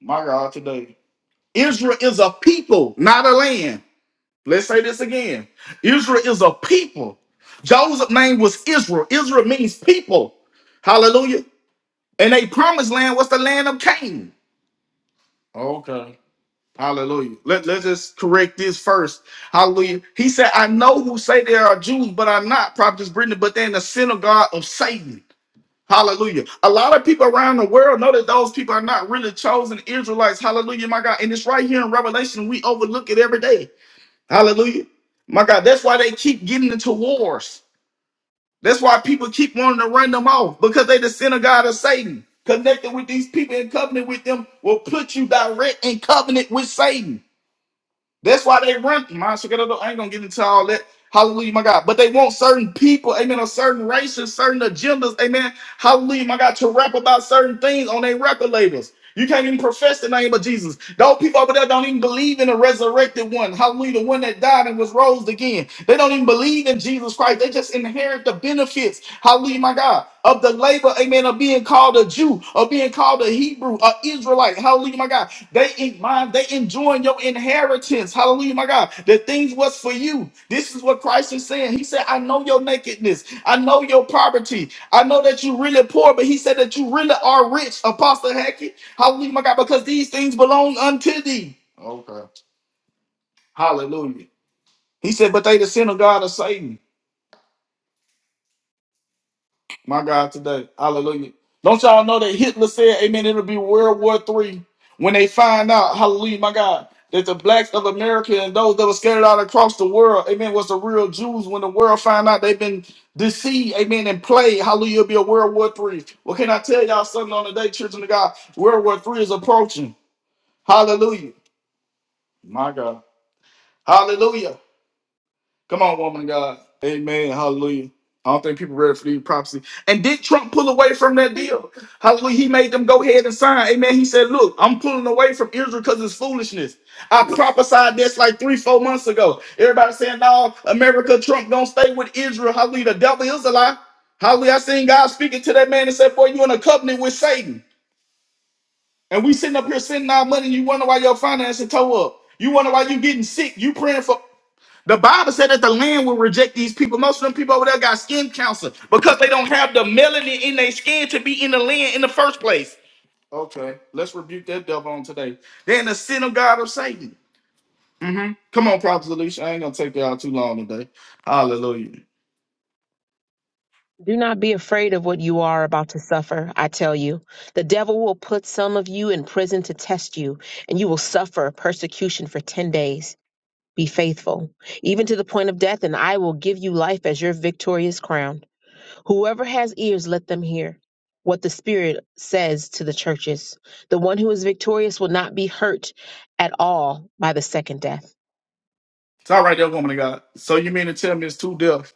[SPEAKER 1] my God, today. Israel is a people, not a land. Let's say this again. Israel is a people. Joseph's name was Israel. Israel means people. Hallelujah. And they promised land was the land of Canaan. Okay. Hallelujah. Let, let's just correct this first. Hallelujah. He said, I know who say they are Jews, but I'm not, Prophetess Brittany, but they're in the synagogue of Satan. Hallelujah. A lot of people around the world know that those people are not really chosen Israelites. Hallelujah, my God. And it's right here in Revelation. We overlook it every day. Hallelujah. My God, that's why they keep getting into wars. That's why people keep wanting to run them off because they the synagogue of Satan. Connected with these people and covenant with them will put you direct in covenant with Satan. That's why they run. Man, so get up, I ain't gonna get into all that. Hallelujah, my God. But they want certain people, amen, or certain races, certain agendas, amen. Hallelujah, my God, to rap about certain things on their record labels. You can't even profess the name of Jesus. Those people over there don't even believe in the resurrected one. Hallelujah, the one that died and was rose again. They don't even believe in Jesus Christ. They just inherit the benefits. Hallelujah, my God, of the labor, amen, of being called a Jew, of being called a Hebrew, a Israelite. Hallelujah, my God. They in mind, they enjoying your inheritance. Hallelujah, my God. The things was for you. This is what Christ is saying. He said, I know your nakedness. I know your poverty. I know that you really poor, but he said that you really are rich, Apostle Hackett. Hallelujah, my God, because these things belong unto thee. Okay. Hallelujah. He said, but they the sin of God of Satan. My God, today. Hallelujah. Don't y'all know that Hitler said, Amen, it'll be World War Three when they find out, hallelujah, my God, that the blacks of America and those that were scattered out across the world, amen, was the real Jews. When the world find out they've been deceived, amen, and played, hallelujah, it'll be a World War Three. Well, can I tell y'all something on the day, children of God? World War Three is approaching. Hallelujah. My God. Hallelujah. Come on, woman of God. Amen. Hallelujah. I don't think people ready for these prophecy. And did Trump pull away from that deal? Hallelujah. He made them go ahead and sign. Amen. He said, Look, I'm pulling away from Israel because it's foolishness. I prophesied this like three, four months ago. Everybody saying, No, America, Trump gonna stay with Israel. Hallelujah. The devil is a lie. Hallelujah. I seen God speaking to that man and said, Boy, you in a covenant with Satan. And we sitting up here sending our money, you wonder why your finances toe up. You wonder why you getting sick. You praying for the Bible said that the land will reject these people. Most of them people over there got skin cancer because they don't have the melanin in their skin to be in the land in the first place. Okay, let's rebuke that devil on today. They're in the synagogue of Satan. hmm Come on, Prophet Alicia. I ain't gonna take y'all too long today. Hallelujah.
[SPEAKER 4] Do not be afraid of what you are about to suffer, I tell you. The devil will put some of you in prison to test you, and you will suffer persecution for 10 days. Be faithful, even to the point of death, and I will give you life as your victorious crown. Whoever has ears, let them hear what the Spirit says to the churches. The one who is victorious will not be hurt at all by the second death.
[SPEAKER 1] It's all right there, woman of God. So you mean to tell me it's two deaths?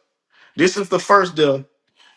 [SPEAKER 1] This is the first death.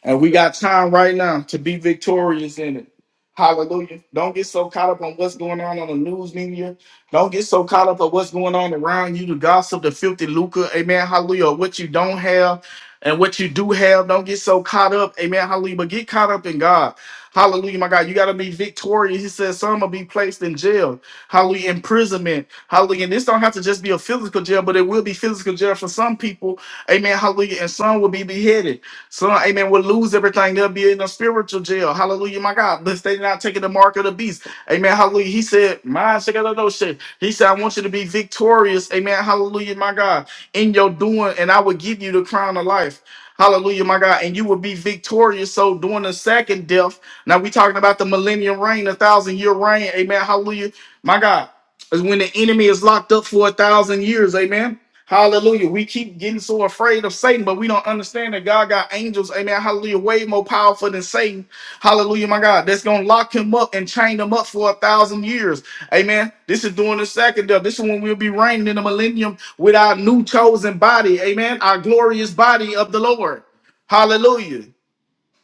[SPEAKER 1] And we got time right now to be victorious in it. Hallelujah. Don't get so caught up on what's going on on the news media. Don't get so caught up on what's going on around you, the gossip, the filthy lucre. Amen. Hallelujah. Or What you don't have and what you do have. Don't get so caught up. Amen. Hallelujah. But get caught up in God. Hallelujah, my God. You got to be victorious. He says some will be placed in jail. Hallelujah. Imprisonment. Hallelujah. And this don't have to just be a physical jail, but it will be physical jail for some people. Amen. Hallelujah. And some will be beheaded. So, amen, will lose everything. They'll be in a spiritual jail. Hallelujah, my God. But they're not taking the mark of the beast. Amen. Hallelujah. He said, My shake out of those shit. He said, I want you to be victorious. Amen. Hallelujah, my God. In your doing, and I will give you the crown of life. Hallelujah, my God. And you will be victorious. So during the second death, now we talking about the millennium reign, a thousand year reign. Amen. Hallelujah. My God. Is when the enemy is locked up for a thousand years. Amen. Hallelujah. We keep getting so afraid of Satan, but we don't understand that God got angels, amen. Hallelujah. Way more powerful than Satan. Hallelujah, my God. That's gonna lock him up and chain him up for a thousand years. Amen. This is during the second death. This is when we'll be reigning in the millennium with our new chosen body. Amen. Our glorious body of the Lord. Hallelujah.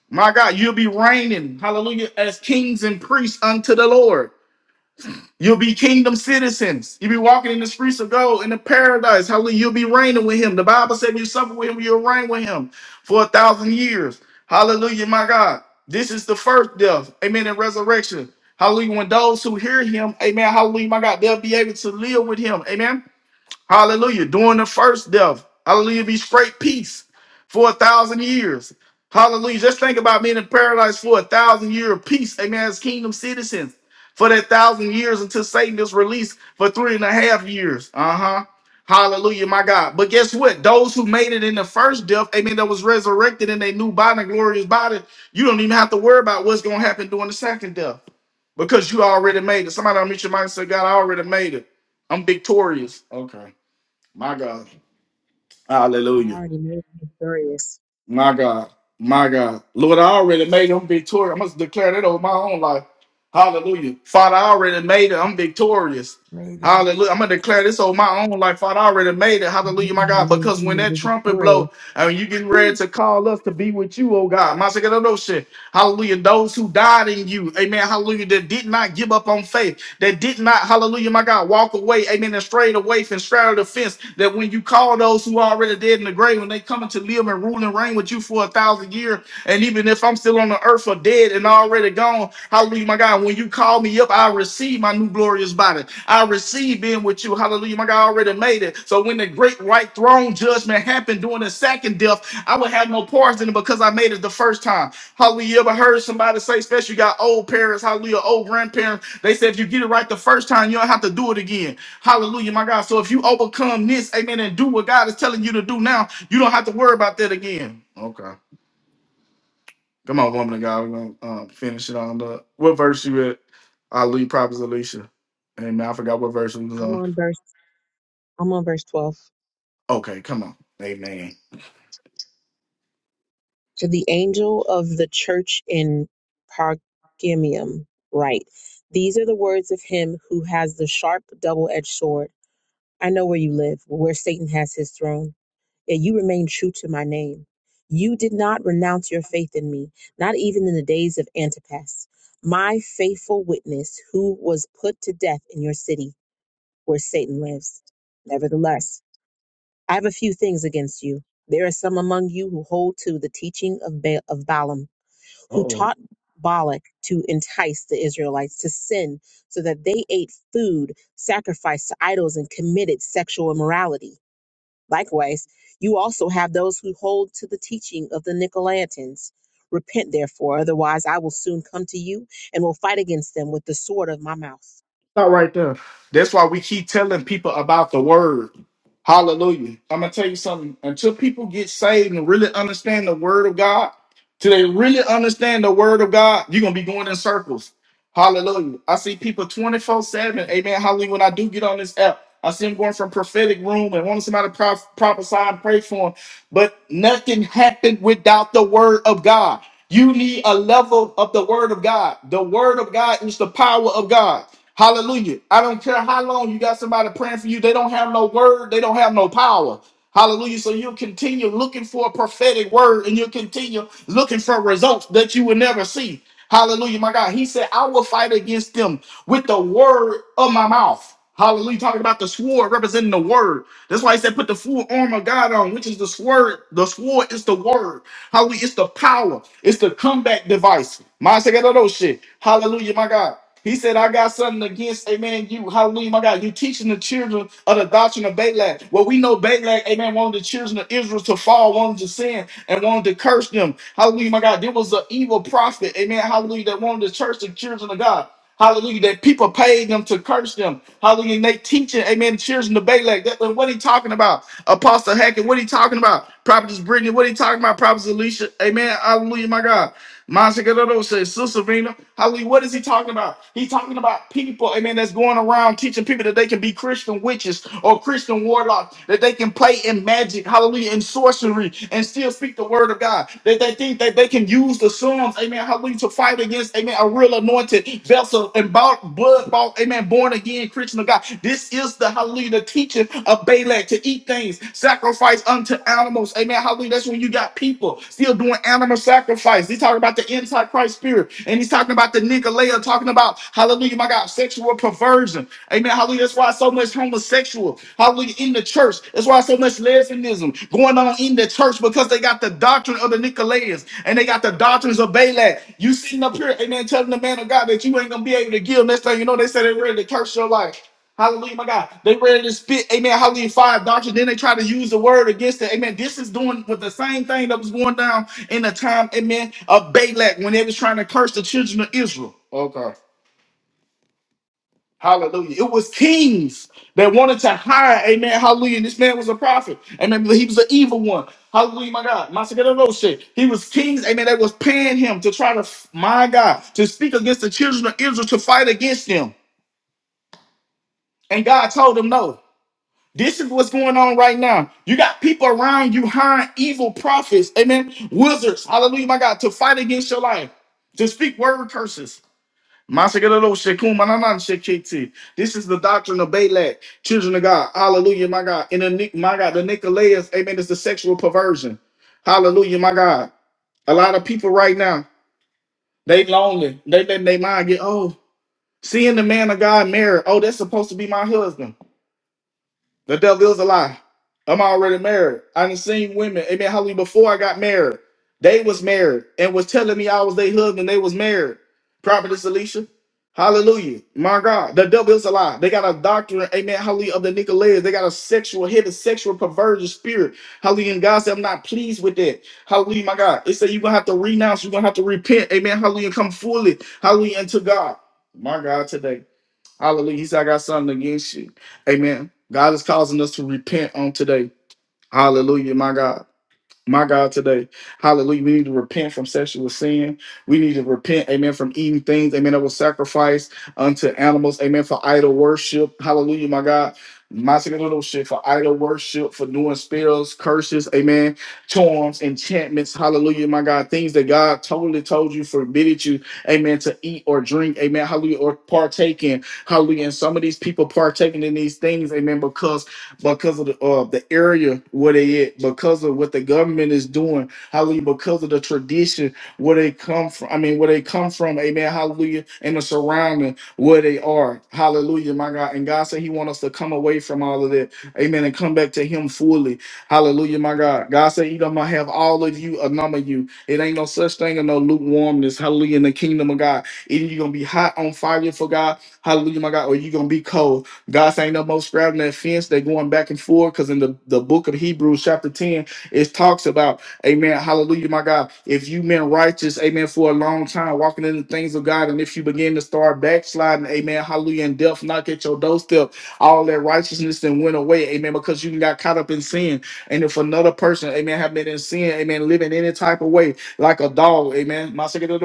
[SPEAKER 1] My God, you'll be reigning, hallelujah, as kings and priests unto the Lord. You'll be kingdom citizens. You'll be walking in the streets of gold in the paradise. Hallelujah. You'll be reigning with him. The Bible said if you suffer with him, you'll reign with him for a thousand years. Hallelujah, my God. This is the first death. Amen. And resurrection. Hallelujah. When those who hear him, amen. Hallelujah, my God, they'll be able to live with him. Amen. Hallelujah. During the first death, hallelujah, be straight peace for a thousand years. Hallelujah. Just think about being in paradise for a thousand year of peace. Amen. As kingdom citizens for that thousand years until Satan is released for three and a half years. Uh huh. Hallelujah, my God. But guess what? Those who made it in the first death, amen, that was resurrected in their new body, glorious body, you don't even have to worry about what's going to happen during the second death because you already made it. Somebody on your mind and say, God, I already made it. I'm victorious. Okay. My God.
[SPEAKER 4] God
[SPEAKER 1] Hallelujah.
[SPEAKER 4] already made him victorious.
[SPEAKER 1] My God. My God. Lord, I already made them victorious. I must declare that over my own life. Hallelujah. Father, I already made it. I'm victorious.
[SPEAKER 5] Made it up.
[SPEAKER 1] Hallelujah. I'm gonna declare this over my own life. Father, I already made it. Hallelujah, my God. Because when that trumpet
[SPEAKER 4] Glory.
[SPEAKER 1] blow, I mean you getting ready
[SPEAKER 4] Whew.
[SPEAKER 1] to call us to be with you, oh God. My second Hallelujah. Those who died in you. Amen. Hallelujah. That did not give up on faith. That did not, hallelujah, my God, walk away. Amen. And strayed away from straddle the fence. That when you call those who are already dead in the grave, when they coming to live and rule and reign with you for a thousand years, and even if I'm still on the earth or dead and already gone, hallelujah, my God, when you call me up, I receive my new glorious body. I receive being with you. Hallelujah, my God, I already made it. So when the great white throne judgment happened during the second death, I would have no parts in it because I made it the first time. Hallelujah. You ever heard somebody say, especially you got old parents, hallelujah, old grandparents, they said if you get it right the first time, you don't have to do it again. Hallelujah, my God. So if you overcome this, amen, and do what God is telling you to do now, you don't have to worry about that again. Okay. Come on, woman of God. We're going to um, finish it on up. what verse you at? I leave Prophets Alicia. Amen. I forgot what verse we was
[SPEAKER 4] I'm
[SPEAKER 1] on.
[SPEAKER 4] on verse I'm on verse 12.
[SPEAKER 1] Okay, come on. Amen.
[SPEAKER 4] To the angel of the church in Pergamium, write: These are the words of him who has the sharp double-edged sword. I know where you live, where Satan has his throne, yet you remain true to my name. You did not renounce your faith in me, not even in the days of Antipas, my faithful witness who was put to death in your city where Satan lives. Nevertheless, I have a few things against you. There are some among you who hold to the teaching of, ba- of Balaam, who taught Balak to entice the Israelites to sin so that they ate food sacrificed to idols and committed sexual immorality. Likewise, you also have those who hold to the teaching of the Nicolaitans. Repent, therefore, otherwise I will soon come to you and will fight against them with the sword of my mouth.
[SPEAKER 1] Stop right there. That's why we keep telling people about the word. Hallelujah. I'm gonna tell you something. Until people get saved and really understand the word of God, till they really understand the word of God, you're gonna be going in circles. Hallelujah. I see people 24-7. Amen. Hallelujah. When I do get on this app, I see them going from prophetic room and wanting somebody to prof- prophesy and pray for them. But nothing happened without the word of God. You need a level of the word of God. The word of God is the power of God. Hallelujah. I don't care how long you got somebody praying for you. They don't have no word, they don't have no power. Hallelujah. So you'll continue looking for a prophetic word and you'll continue looking for results that you will never see. Hallelujah, my God. He said, I will fight against them with the word of my mouth. Hallelujah. Talking about the sword representing the word. That's why he said, put the full armor of God on, which is the sword. The sword is the word. Hallelujah. It's the power. It's the comeback device. My second of those shit. Hallelujah, my God. He said, I got something against, amen, you. Hallelujah, my God. You teaching the children of the doctrine of Balak. Well, we know Balak, amen, wanted the children of Israel to fall, wanted to sin, and wanted to curse them. Hallelujah, my God. There was an evil prophet, amen, hallelujah, that wanted to curse the children of God. Hallelujah. That people paid them to curse them. Hallelujah. And they teaching, amen, cheers in the Balak. That, what he talking about? Apostle Hackett, what he talking about? Prophetess Brittany, what he talking about? Prophetess Alicia, amen. Hallelujah, my God. Monsignor says, Sister Vina, hallelujah. What is he talking about? He's talking about people, amen, that's going around teaching people that they can be Christian witches or Christian warlocks, that they can play in magic, hallelujah, and sorcery and still speak the word of God. They, they think that they can use the Psalms, amen, hallelujah, to fight against, amen, a real anointed vessel and bought, blood bought, amen, born again Christian of God. This is the, hallelujah, the teaching of Balak to eat things, sacrifice unto animals, amen, hallelujah. That's when you got people still doing animal sacrifice. He's talking about the antichrist spirit, and he's talking about the Nicolaitan, talking about, hallelujah, my God, sexual perversion. Amen. Hallelujah. That's why so much homosexual. Hallelujah probably in the church. That's why so much lesbianism going on in the church because they got the doctrine of the Nicolaitans and they got the doctrines of Balak. You sitting up here, amen, telling the man of God that you ain't gonna be able to give. Next thing you know, they say they ready to curse your life. Hallelujah, my God. They ready to spit, amen, hallelujah, fire doctrine. Then they try to use the word against it. Amen. This is doing with the same thing that was going down in the time, amen, of Balak when they was trying to curse the children of Israel. Okay. Hallelujah. It was kings that wanted to hire, amen. Hallelujah. This man was a prophet. Amen. He was an evil one. Hallelujah, my God. My second He was kings, amen, that was paying him to try to, my God, to speak against the children of Israel, to fight against them. And God told him, no. This is what's going on right now. You got people around you hiring evil prophets, amen, wizards, hallelujah, my God, to fight against your life, to speak word curses. Masagadolo shekum mananan shekiti. This is the doctrine of Balak, children of God. Hallelujah, my God. In the Ni- my God, the Nicolaitans, amen, is the sexual perversion. Hallelujah, my God. A lot of people right now, they lonely. They letting their mind get, oh, seeing the man of God married. Oh, that's supposed to be my husband. The devil is a lie. I'm already married. I done seen women, amen, Hallelujah. before I got married, they was married and was telling me I was their husband, they was married. Prophetess Alicia. Hallelujah. My God. The devil is a lie. They got a doctrine, amen, Hallelujah. of the Nicolaitans. They got a sexual, hidden sexual perversion spirit. Hallelujah. And God said, I'm not pleased with that. Hallelujah, my God. They said you're gonna have to renounce, you're gonna have to repent, amen, Hallelujah, and come fully, Hallelujah, unto God. My God, today. Hallelujah. He said, I got something against you. Amen. God is causing us to repent on today. Hallelujah, my God my God, today. Hallelujah. We need to repent from sexual sin. We need to repent, amen, from eating things, amen, that was sacrificed unto animals, amen, for idol worship. Hallelujah, my God. My second little shit for idol worship, for doing spells, curses, amen, charms, enchantments, hallelujah, my God, things that God totally told you, forbidden you, amen, to eat or drink, amen, hallelujah, or partake in, hallelujah. And some of these people partaking in these things, amen, because because of the uh, the area where they at, because of what the government is doing, hallelujah, because of the tradition where they come from. I mean, where they come from, amen, hallelujah, and the surrounding where they are, hallelujah, my God. And God said He wants us to come away from all of that, amen, and come back to Him fully, hallelujah, my God. God said He gonna have all of you, a number of you. It ain't no such thing as no lukewarmness, hallelujah, in the kingdom of God. Either you are gonna be hot on fire for God, hallelujah, my God, or you are gonna be cold. God saying no more straddling that fence. They're going back and forth because in the, the book of Hebrews, chapter 10, it talks about, Amen, hallelujah, my God. If you've been righteous, Amen, for a long time, walking in the things of God, and if you begin to start backsliding, Amen, hallelujah, and death knock at your doorstep, all that righteousness then went away, Amen, because you got caught up in sin. And if another person, Amen, have been in sin, Amen, living any type of way, like a dog, Amen, my second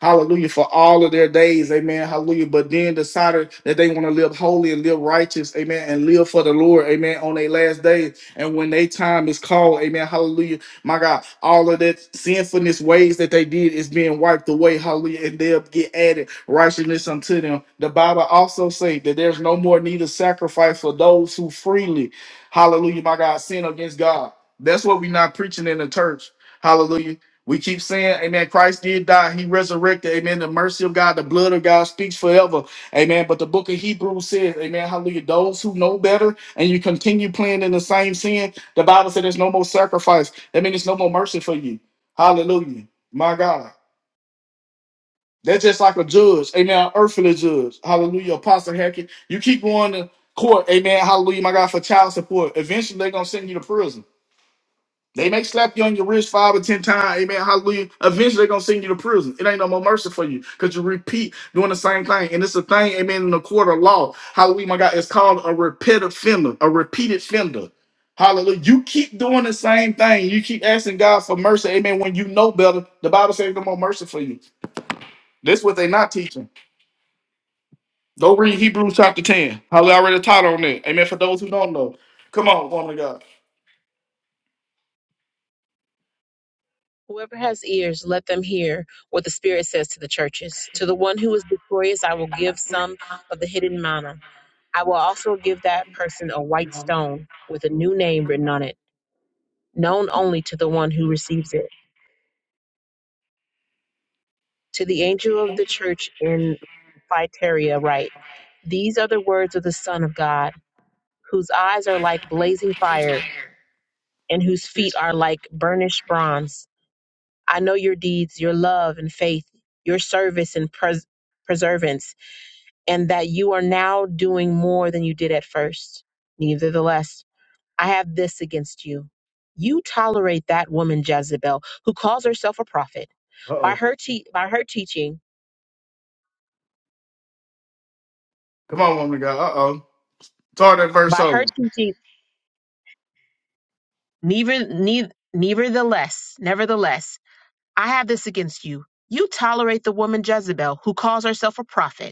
[SPEAKER 1] hallelujah, for all of their days, amen, hallelujah, but then decided that they want to live holy and live righteous, amen, and live for the Lord, amen, on their last days. And when their time is called, amen, hallelujah, my God, all of that sinfulness ways that they did is being wiped away, hallelujah, and they'll get added righteousness unto them. The Bible also says that there's no more need of sacrifice for those who freely, hallelujah, my God, sin against God. That's what we're not preaching in the church. Hallelujah. We keep saying, Amen, Christ did die, he resurrected, Amen. The mercy of God, the blood of God speaks forever. Amen. But the book of Hebrews says, Amen, hallelujah. Those who know better and you continue playing in the same sin, the Bible said there's no more sacrifice. That means there's no more mercy for you. Hallelujah. My God. That's just like a judge, amen, an earthly judge. Hallelujah. Apostle Hackett. You keep going to court, amen, hallelujah, my God, for child support. Eventually they're gonna send you to prison. They may slap you on your wrist five or ten times. Amen. Hallelujah. Eventually, they're gonna send you to prison. It ain't no more mercy for you because you repeat doing the same thing. And it's a thing, amen, in the court of law. Hallelujah, my God. It's called a repeat offender, a repeated offender. Hallelujah. You keep doing the same thing. You keep asking God for mercy. Amen. When you know better, the Bible says no more mercy for you. That's what they're not teaching. Go read Hebrews chapter 10. Hallelujah. I read a title on that. Amen. For those who don't know. Come on, woman of God.
[SPEAKER 4] Whoever has ears, let them hear what the Spirit says to the churches. To the one who is victorious, I will give some of the hidden manna. I will also give that person a white stone with a new name written on it, known only to the one who receives it. To the angel of the church in Phytaria, write These are the words of the Son of God, whose eyes are like blazing fire, and whose feet are like burnished bronze. I know your deeds, your love and faith, your service and pres- perseverance and that you are now doing more than you did at first. Nevertheless, I have this against you. You tolerate that woman Jezebel, who calls herself a prophet. By
[SPEAKER 1] Uh-oh.
[SPEAKER 4] her te- by her teaching,
[SPEAKER 1] Come on, woman of God. Uh-oh. Start that verse
[SPEAKER 4] by her
[SPEAKER 1] over.
[SPEAKER 4] teaching, neither, neither, nevertheless, nevertheless, I have this against you. You tolerate the woman Jezebel, who calls herself a prophet.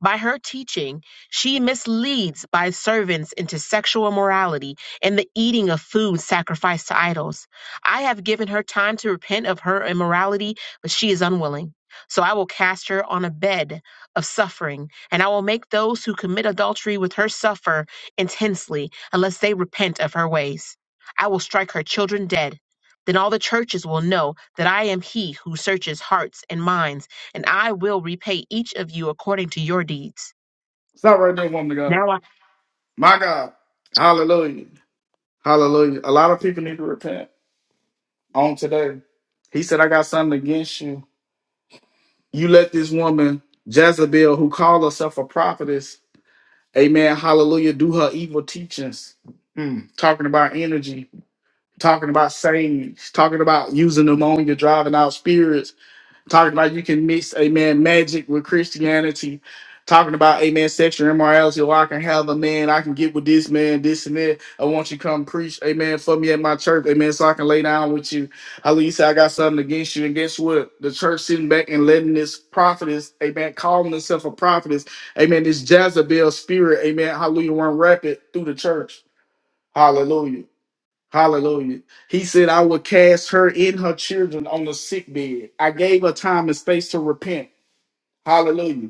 [SPEAKER 4] By her teaching, she misleads by servants into sexual immorality and the eating of food sacrificed to idols. I have given her time to repent of her immorality, but she is unwilling. So I will cast her on a bed of suffering, and I will make those who commit adultery with her suffer intensely unless they repent of her ways. I will strike her children dead. Then all the churches will know that I am he who searches hearts and minds and I will repay each of you according to your deeds.
[SPEAKER 1] Stop right there, woman of God.
[SPEAKER 4] Now I
[SPEAKER 1] My God. Hallelujah. Hallelujah. A lot of people need to repent on today. He said, I got something against you. You let this woman, Jezebel, who called herself a prophetess, amen, hallelujah, do her evil teachings. Mm. Talking about energy, talking about sayings, talking about using pneumonia, driving out spirits, talking about you can mix amen magic with Christianity, talking about amen sexual immorality. Or I can have a man, I can get with this man, this and that. I want you to come preach, amen, for me at my church, amen, so I can lay down with you. At least I got something against you. And guess what? The church sitting back and letting this prophetess, amen, calling herself a prophetess, amen, this Jezebel spirit, amen, hallelujah, run rapid through the church. Hallelujah. Hallelujah. He said, I will cast her and her children on the sick bed. I gave her time and space to repent. Hallelujah.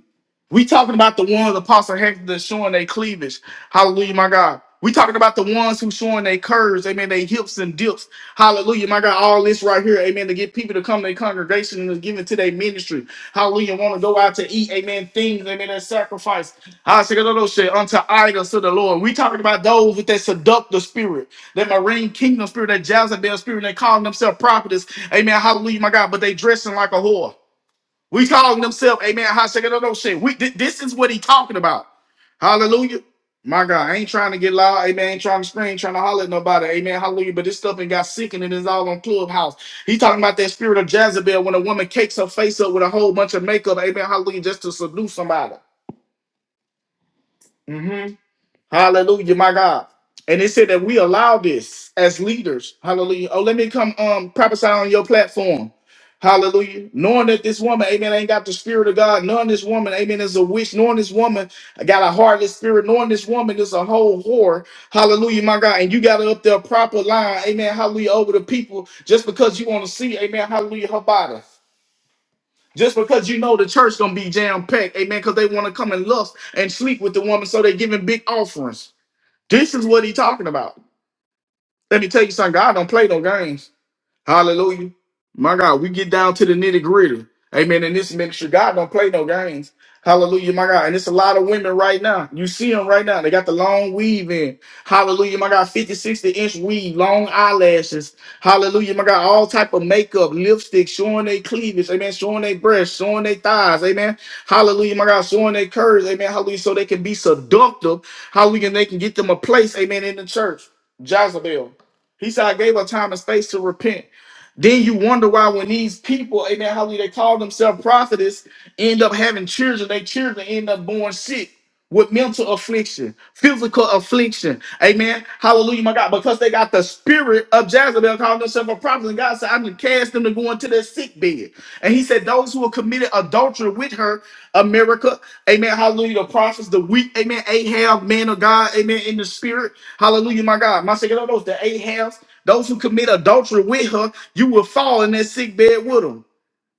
[SPEAKER 1] We talking about the ones Apostle Hector that's showing their cleavage. Hallelujah, my God. We talking about the ones who showing their curves, amen, they hips and dips. Hallelujah, my God. All this right here, amen, to get people to come to their congregation and to give it to their ministry. Hallelujah, want to go out to eat, amen, things, amen, that sacrifice. I say, "Look, look, shit, unto idols to the Lord. We talking about those with that seductive spirit, that marine kingdom spirit, that Jezebel spirit, and they calling themselves prophets. Amen, hallelujah, my God, but they dressing like a whore. We calling themselves, amen, hot second of those shit. We, thi- this is what he talking about. Hallelujah. My God, I ain't trying to get loud, amen, ain't trying to scream, ain't trying to holler at nobody, amen, hallelujah, but this stuff ain't got sickening, it's all on Clubhouse. He talking about that spirit of Jezebel when a woman cakes her face up with a whole bunch of makeup, amen, hallelujah, just to seduce somebody. Mm-hmm. Hallelujah, my God. And it said that we allow this as leaders. Hallelujah. Oh, let me come um prophesy on your platform. Hallelujah. Knowing that this woman, amen, ain't got the spirit of God. Knowing this woman, amen, is a witch. Knowing this woman got a heartless spirit. Knowing this woman is a whole whore. Hallelujah, my God. And you got up there proper line, amen, hallelujah, over the people just because you want to see, amen, hallelujah, her body. Just because you know the church gonna be jam packed, amen, because they want to come and lust and sleep with the woman, so they giving big offerings. This is what he talking about. Let me tell you something. God don't play no games. Hallelujah. My God, we get down to the nitty gritty. Amen. In this ministry, God don't play no games. Hallelujah, my God. And it's a lot of women right now. You see them right now. They got the long weave in. Hallelujah, my God. 50, 60 inch weave, long eyelashes. Hallelujah, my God. All type of makeup, lipstick, showing their cleavage. Amen. Showing their breasts, showing their thighs. Amen. Hallelujah, my God. Showing their curves. Amen. Hallelujah. So they can be seductive. Hallelujah. And they can get them a place. Amen. In the church. Jezebel. He said, I gave her time and space to repent. Then you wonder why when these people, amen, how they call themselves prophetess, end up having children, their children end up born sick with mental affliction, physical affliction. Amen. Hallelujah, my God. Because they got the spirit of Jezebel calling themselves a prophet. And God said, I'm going to cast them to go into their sick bed. And he said, those who have committed adultery with her, America, amen, hallelujah, the prophets, the weak, amen, Ahab, man of God, amen, in the spirit. Hallelujah, my God. My second, those, the Ahabs, those who commit adultery with her, you will fall in that sick bed with him.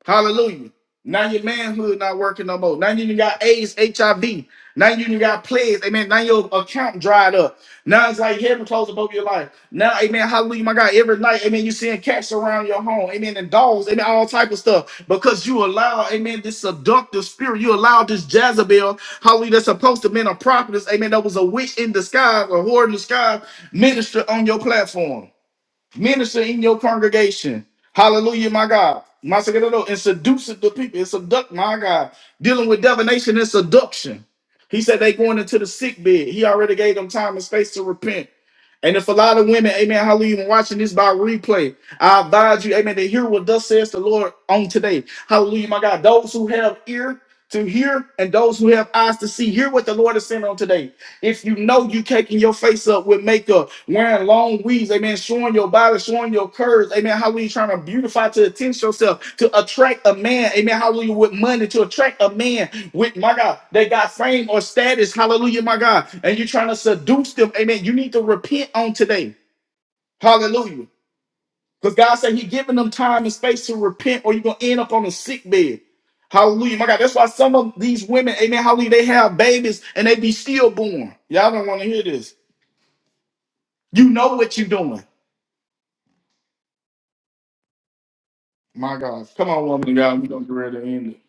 [SPEAKER 1] Hallelujah. Now your manhood not working no more. Now you even got AIDS, HIV. Now you even got plagues. Amen. Now your account dried up. Now it's like heaven closed above your life. Now, amen. Hallelujah, my God. Every night, amen, you seeing cats around your home. Amen. And dogs. Amen. All type of stuff. Because you allow, amen, this seductive spirit. You allow this Jezebel, hallelujah, that's supposed to have been a prophetess. Amen. That was a witch in disguise, a whore in disguise, minister on your platform minister in your congregation. Hallelujah, my God. My second no, no, and seduce the people and subduct, my God, dealing with divination and seduction. He said they going into the sick bed. He already gave them time and space to repent. And if a lot of women, amen, hallelujah, been watching this by replay, I advise you, amen, to hear what thus says the Lord on today. Hallelujah, my God. Those who have ear to hear and those who have eyes to see, hear what the Lord is saying on today. If you know you caking your face up with makeup, wearing long weaves, amen, showing your body, showing your curves, amen, hallelujah, trying to beautify to attention yourself, to attract a man, amen, hallelujah, with money, to attract a man with, my God, they got fame or status, hallelujah, my God, and you're trying to seduce them, amen, you need to repent on today, hallelujah. Because God said He giving them time and space to repent, or you're gonna end up on a sick bed. Hallelujah. My God, that's why some of these women, amen, hallelujah, they have babies and they be stillborn. Y'all don't want to hear this. You know what you're doing. My God. Come on, woman of God. we don't get ready to end it.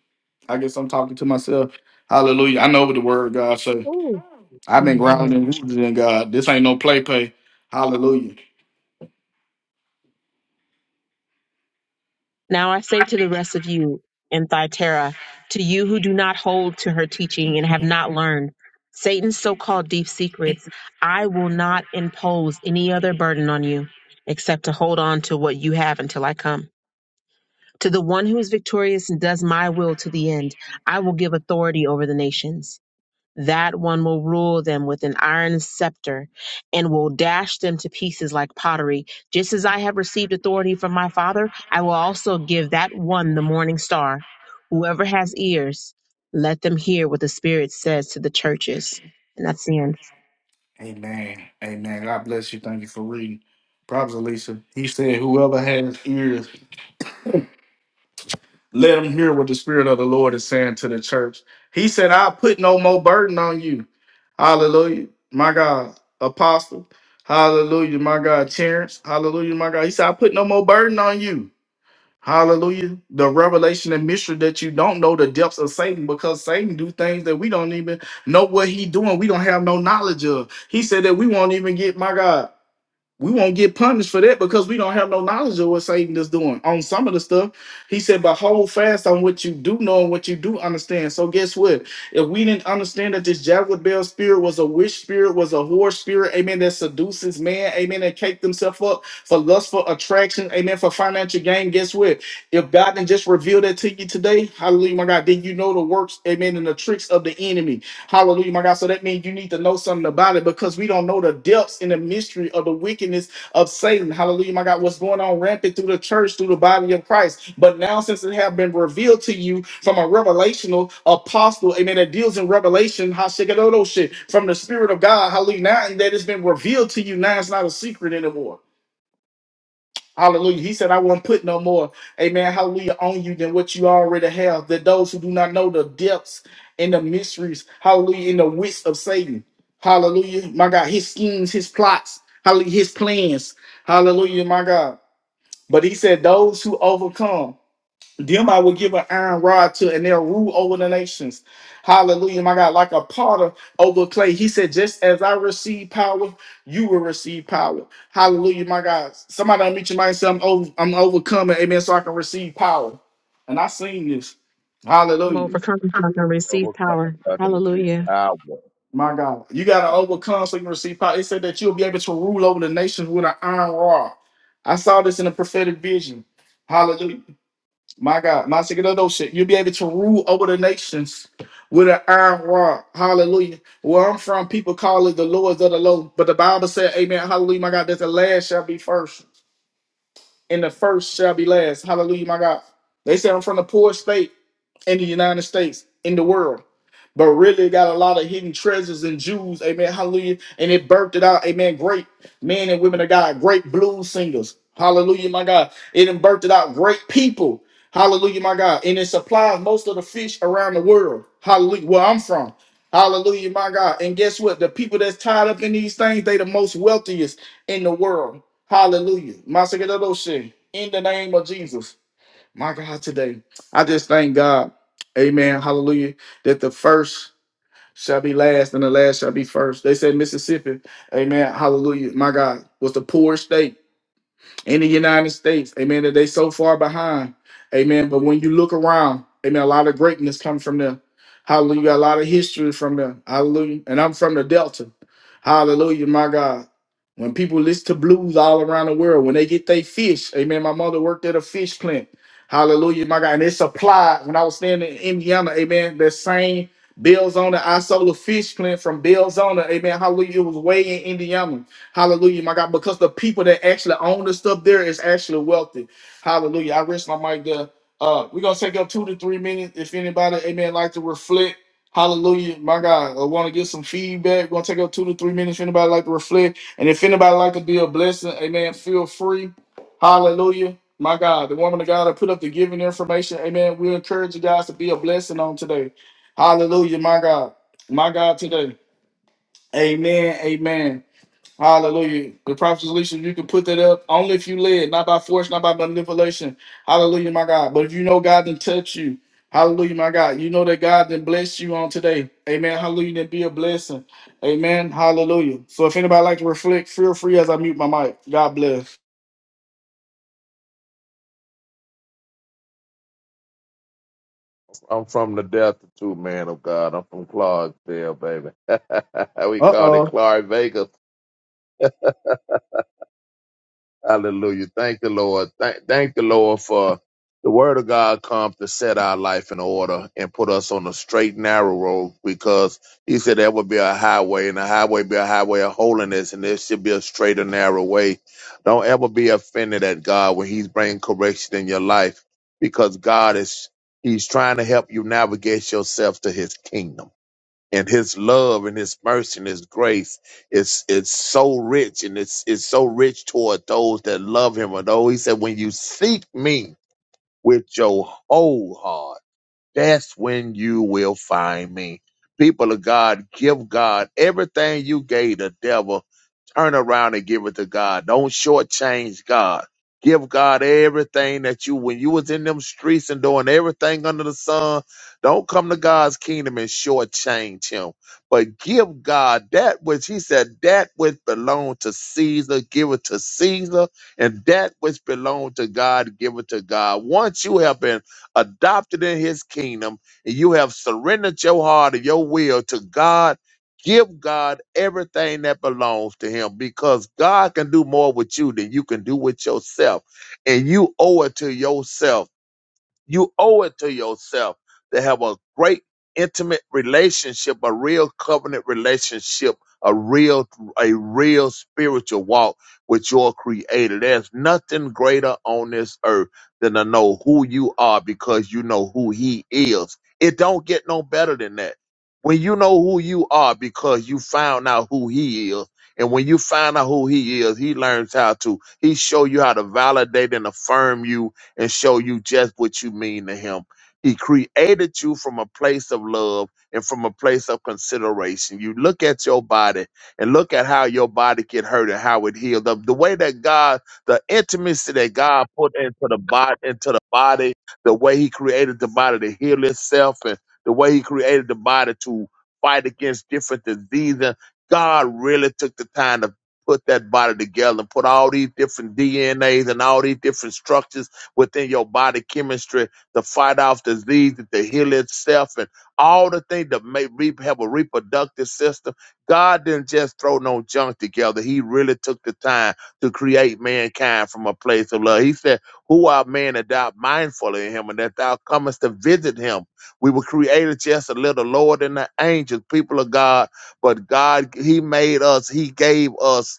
[SPEAKER 1] I guess I'm talking to myself. Hallelujah. I know what the word of God say.
[SPEAKER 4] Ooh,
[SPEAKER 1] I've been grounded
[SPEAKER 4] amen.
[SPEAKER 1] and rooted in God. This ain't no play play. Hallelujah.
[SPEAKER 4] now I say to the rest of you in Thyatira, to you who do not hold to her teaching and have not learned Satan's so-called deep secrets, I will not impose any other burden on you except to hold on to what you have until I come. To the one who is victorious and does my will to the end, I will give authority over the nations. that one will rule them with an iron scepter and will dash them to pieces like pottery. Just as I have received authority from my Father, I will also give that one the morning star. Whoever has ears, let them hear what the Spirit says to the churches. And that's the end.
[SPEAKER 1] Amen. Amen. God bless you. Thank you for reading. Proverbs Alicia. He said, Whoever has ears Let them hear what the Spirit of the Lord is saying to the church. He said, I'll put no more burden on you. Hallelujah. My God, Apostle. Hallelujah. My God, Terrence. Hallelujah. My God. He said, I put no more burden on you. Hallelujah. The revelation and mystery that you don't know the depths of Satan because Satan do things that we don't even know what he doing. We don't have no knowledge of. He said that we won't even get my God we won't get punished for that because we don't have no knowledge of what Satan is doing on some of the stuff. He said, but hold fast on what you do know and what you do understand. So guess what? If we didn't understand that this Jezebel spirit was a witch spirit, was a whore spirit, amen, that seduces man, amen, that cake themselves up for lustful attraction, amen, for financial gain. Guess what? If God didn't just reveal that to you today, hallelujah, my God, then you know the works, amen, and the tricks of the enemy. Hallelujah, my God. So that means you need to know something about it because we don't know the depths and the mystery of the wickedness of Satan. Hallelujah, my God. What's going on rampant through the church, through the body of Christ. But now, since it have been revealed to you from a revelational apostle, amen, that deals in revelation, hashikadoto shit, from the Spirit of God, hallelujah. Now that it's been revealed to you, now it's not a secret anymore. Hallelujah. He said, I won't put no more, amen, hallelujah, on you than what you already have. That those who do not know the depths and the mysteries, hallelujah, and the wits of Satan, hallelujah, my God, his schemes, his plots, hallelujah, his plans, hallelujah, my God. But he said, those who overcome. Them I will give an iron rod to, and they'll rule over the nations. Hallelujah, my God. Like a potter over clay. He said, Just as I receive power, you will receive power. Hallelujah, my God. Somebody unmute your mind and say, I'm, over, I'm overcoming, amen, so I can receive power. And I seen this.
[SPEAKER 4] I'm
[SPEAKER 1] Hallelujah,
[SPEAKER 4] overcome, so I'm going to receive
[SPEAKER 2] overcome us
[SPEAKER 4] power.
[SPEAKER 2] out of this
[SPEAKER 4] Hallelujah.
[SPEAKER 2] hour.
[SPEAKER 1] my God. You got to
[SPEAKER 3] Thank you,
[SPEAKER 1] overcome
[SPEAKER 3] Jesus.
[SPEAKER 1] so you can receive power. It said that you'll be able to rule over the nations with an iron rod. I saw this in a prophetic vision. Hallelujah. My God, my Sigurdo shit. You'll be able to rule over the nations with an iron rod. Hallelujah. Where I'm from, people call it the lords of the low. But the Bible said, Amen. Hallelujah. My God, that the last shall be first and the first shall be last. Hallelujah, my God. They say I'm from the poor state in the United States, in the world. But really got a lot of hidden treasures and Jews, amen, hallelujah. And it birthed it out, amen. Great men and women of God, great blues singers. Hallelujah, my God. It done birthed it out great people. Hallelujah, my God. And it supplies most of the fish around the world. Hallelujah, where I'm from. Hallelujah, my God. And guess what? The people that's tied up in these things, they the most wealthiest in the world. Hallelujah. Masakedoshe, In the name of Jesus. My God, today, I just thank God. Amen. Hallelujah. That the first shall be last and the last shall be first. They said Mississippi. Amen. Hallelujah. My God was the poor state in the United States. Amen. That they so far behind. Amen. But when you look around, amen, a lot of greatness comes from them. Hallelujah. A lot of history from them. Hallelujah. And I'm from the Delta. Hallelujah, my God. When people listen to blues all around the world, when they get they fish, amen. My mother worked at a fish plant. Hallelujah, my God. And it's applied when I was staying in Indiana, amen. That same Bell's on the Isola fish plant from Bell's on the, amen. Hallelujah. It was way in Indiana. Hallelujah, my God, because the people that actually own the stuff there is actually wealthy. Hallelujah. I rest my mic there. Uh, we're gonna take up two to three minutes. If anybody, amen, like to reflect, hallelujah, my God, I want to get some feedback. We're gonna take up two to three minutes. If anybody like to reflect, and if anybody like to be a blessing, amen, feel free. Hallelujah. My God, the woman of God that put up the giving information, amen. We encourage you guys to be a blessing on today. Hallelujah, my God, my God, today. Amen. Amen. Hallelujah. The prophet's Alicia, you can put that up only if you led, not by force, not by manipulation. Hallelujah, my God. But if you know God didn't touch you, hallelujah, my God. You know that God didn't bless you on today. Amen. Hallelujah. Then be a blessing. Amen. Hallelujah. So if anybody like to reflect, feel free as I mute my mic. God bless.
[SPEAKER 2] I'm from the Delta too, man of God. I'm from Clarksville, baby. we call it
[SPEAKER 1] Uh-oh.
[SPEAKER 2] Clark Vegas. Hallelujah. Thank the Lord. Thank, thank the Lord for the word of God comes to set our life in order and put us on a straight, narrow road because he said there would be a highway and a highway be a highway of holiness and there should be a straight and narrow way. Don't ever be offended at God when he's bringing correction in your life because God is, he's trying to help you navigate yourself to his kingdom. and his love and his mercy and his grace is is so rich and it's it's so rich toward those that love him. Although he said, When you seek me with your whole heart that's when you will find me. People of God, give God everything you gave the devil. Turn around and give it to God. Don't shortchange God. Give God everything that you when you was in them streets and doing everything under the sun. Don't come to God's kingdom and shortchange him. But give God that which he said that which belonged to Caesar, give it to Caesar, and that which belonged to God, give it to God. Once you have been adopted in his kingdom, and you have surrendered your heart and your will to God, give God everything that belongs to him because God can do more with you than you can do with yourself. And you owe it to yourself you owe it to yourself to have a great intimate relationship, a real covenant relationship, a real a real spiritual walk with your creator. There's nothing greater on this earth than to know who you are because you know who he is. It don't get no better than that. When you know who you are because you found out who he is, and when you find out who he is, he learns how to, he show you how to validate and affirm you and show you just what you mean to him. He created you from a place of love and from a place of consideration. You look at your body and look at how your body get hurt and how it healed up. The the way that God, the intimacy that God put into the body, into the body, the way He created the body to heal itself, and the way He created the body to fight against different diseases. God really took the time to put that body together and put all these different DNAs and all these different structures within your body chemistry to fight off disease and to heal itself and all the things that may re- have a reproductive system. God didn't just throw no junk together. He really took the time to create mankind from a place of love. He said, Who are man that thou art mindful of him and that thou comest to visit him? We were created just a little lower than the angels, people of God, but God, He made us, He gave us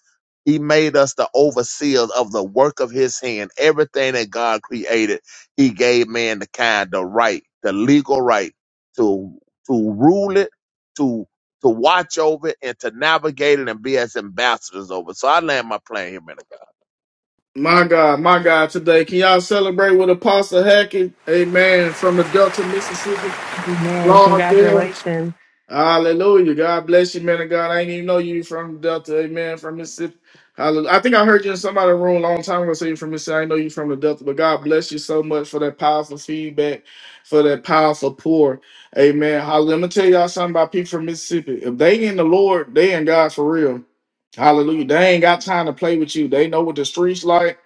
[SPEAKER 2] he made us the overseers of the work of his hand. Everything that God created, he gave man the kind, the right, the legal right to to rule it, to to watch over it, and to navigate it and be as ambassadors over. it. So I land my plane here, man of God.
[SPEAKER 1] My God, my God, today. Can y'all celebrate with Apostle Hackett? Amen. From the Delta, Mississippi.
[SPEAKER 4] Amen.
[SPEAKER 1] Lord, there.
[SPEAKER 4] Congratulations.
[SPEAKER 1] Hallelujah. God bless you, man of God. I didn't even know you from Delta. Amen. From Mississippi. Hallelujah. I think I heard you in somebody's room a long time ago. Say you're from Mississippi. I know you from the Delta, but God bless you so much for that powerful feedback, for that powerful pour. Amen. Hallelujah. I'm gonna tell y'all something about people from Mississippi. If they in the Lord, they in God for real. Hallelujah. They ain't got time to play with you. They know what the streets like.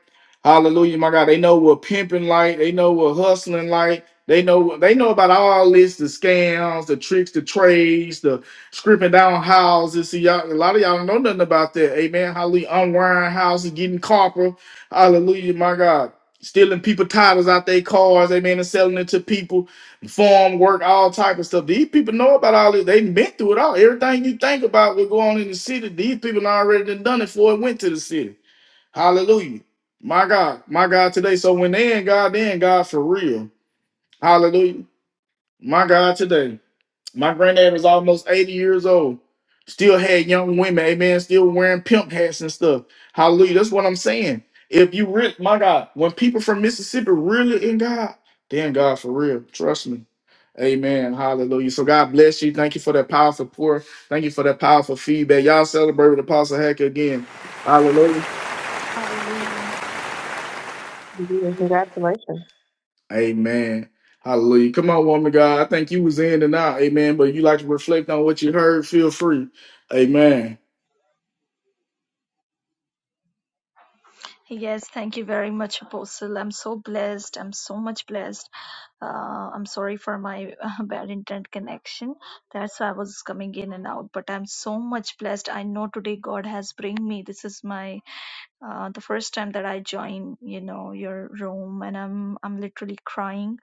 [SPEAKER 1] Hallelujah, my God. They know what pimping like. They know what hustling like. They know they know about all this, the scams, the tricks, the trades, the scripting down houses. See, y'all, a lot of y'all don't know nothing about that. Amen. Hallelujah. Unwiring houses, getting copper. Hallelujah, my God. Stealing people titles out their cars, amen, and selling it to people, farm work, all type of stuff. These people know about all this. They've been through it all. Everything you think about will go on in the city. These people done already done done it before it went to the city. Hallelujah. My God, my God today. So when they in God, they in God for real. Hallelujah. My God, today, my granddad was almost 80 years old. Still had young women, amen, still wearing pimp hats and stuff. Hallelujah. That's what I'm saying. If you really, my God, when people from Mississippi really in God, they're in God for real. Trust me. Amen. Hallelujah. So God bless you. Thank you for that powerful pour. Thank you for that powerful feedback. Y'all celebrate with Apostle Hacker again. Hallelujah.
[SPEAKER 3] Hallelujah.
[SPEAKER 4] Hallelujah. Congratulations.
[SPEAKER 1] Amen. Hallelujah. Come on, woman of God. I think you was in and out. Amen. But you like to reflect on what you heard, feel free. Amen.
[SPEAKER 3] Yes, thank you very much, Apostle. I'm so blessed. I'm so much blessed. Uh, I'm sorry for my uh, bad internet connection. That's why I was coming in and out. But I'm so much blessed. I know today God has bring me. This is my uh, the first time that I joined, you know, your room, and I'm I'm literally crying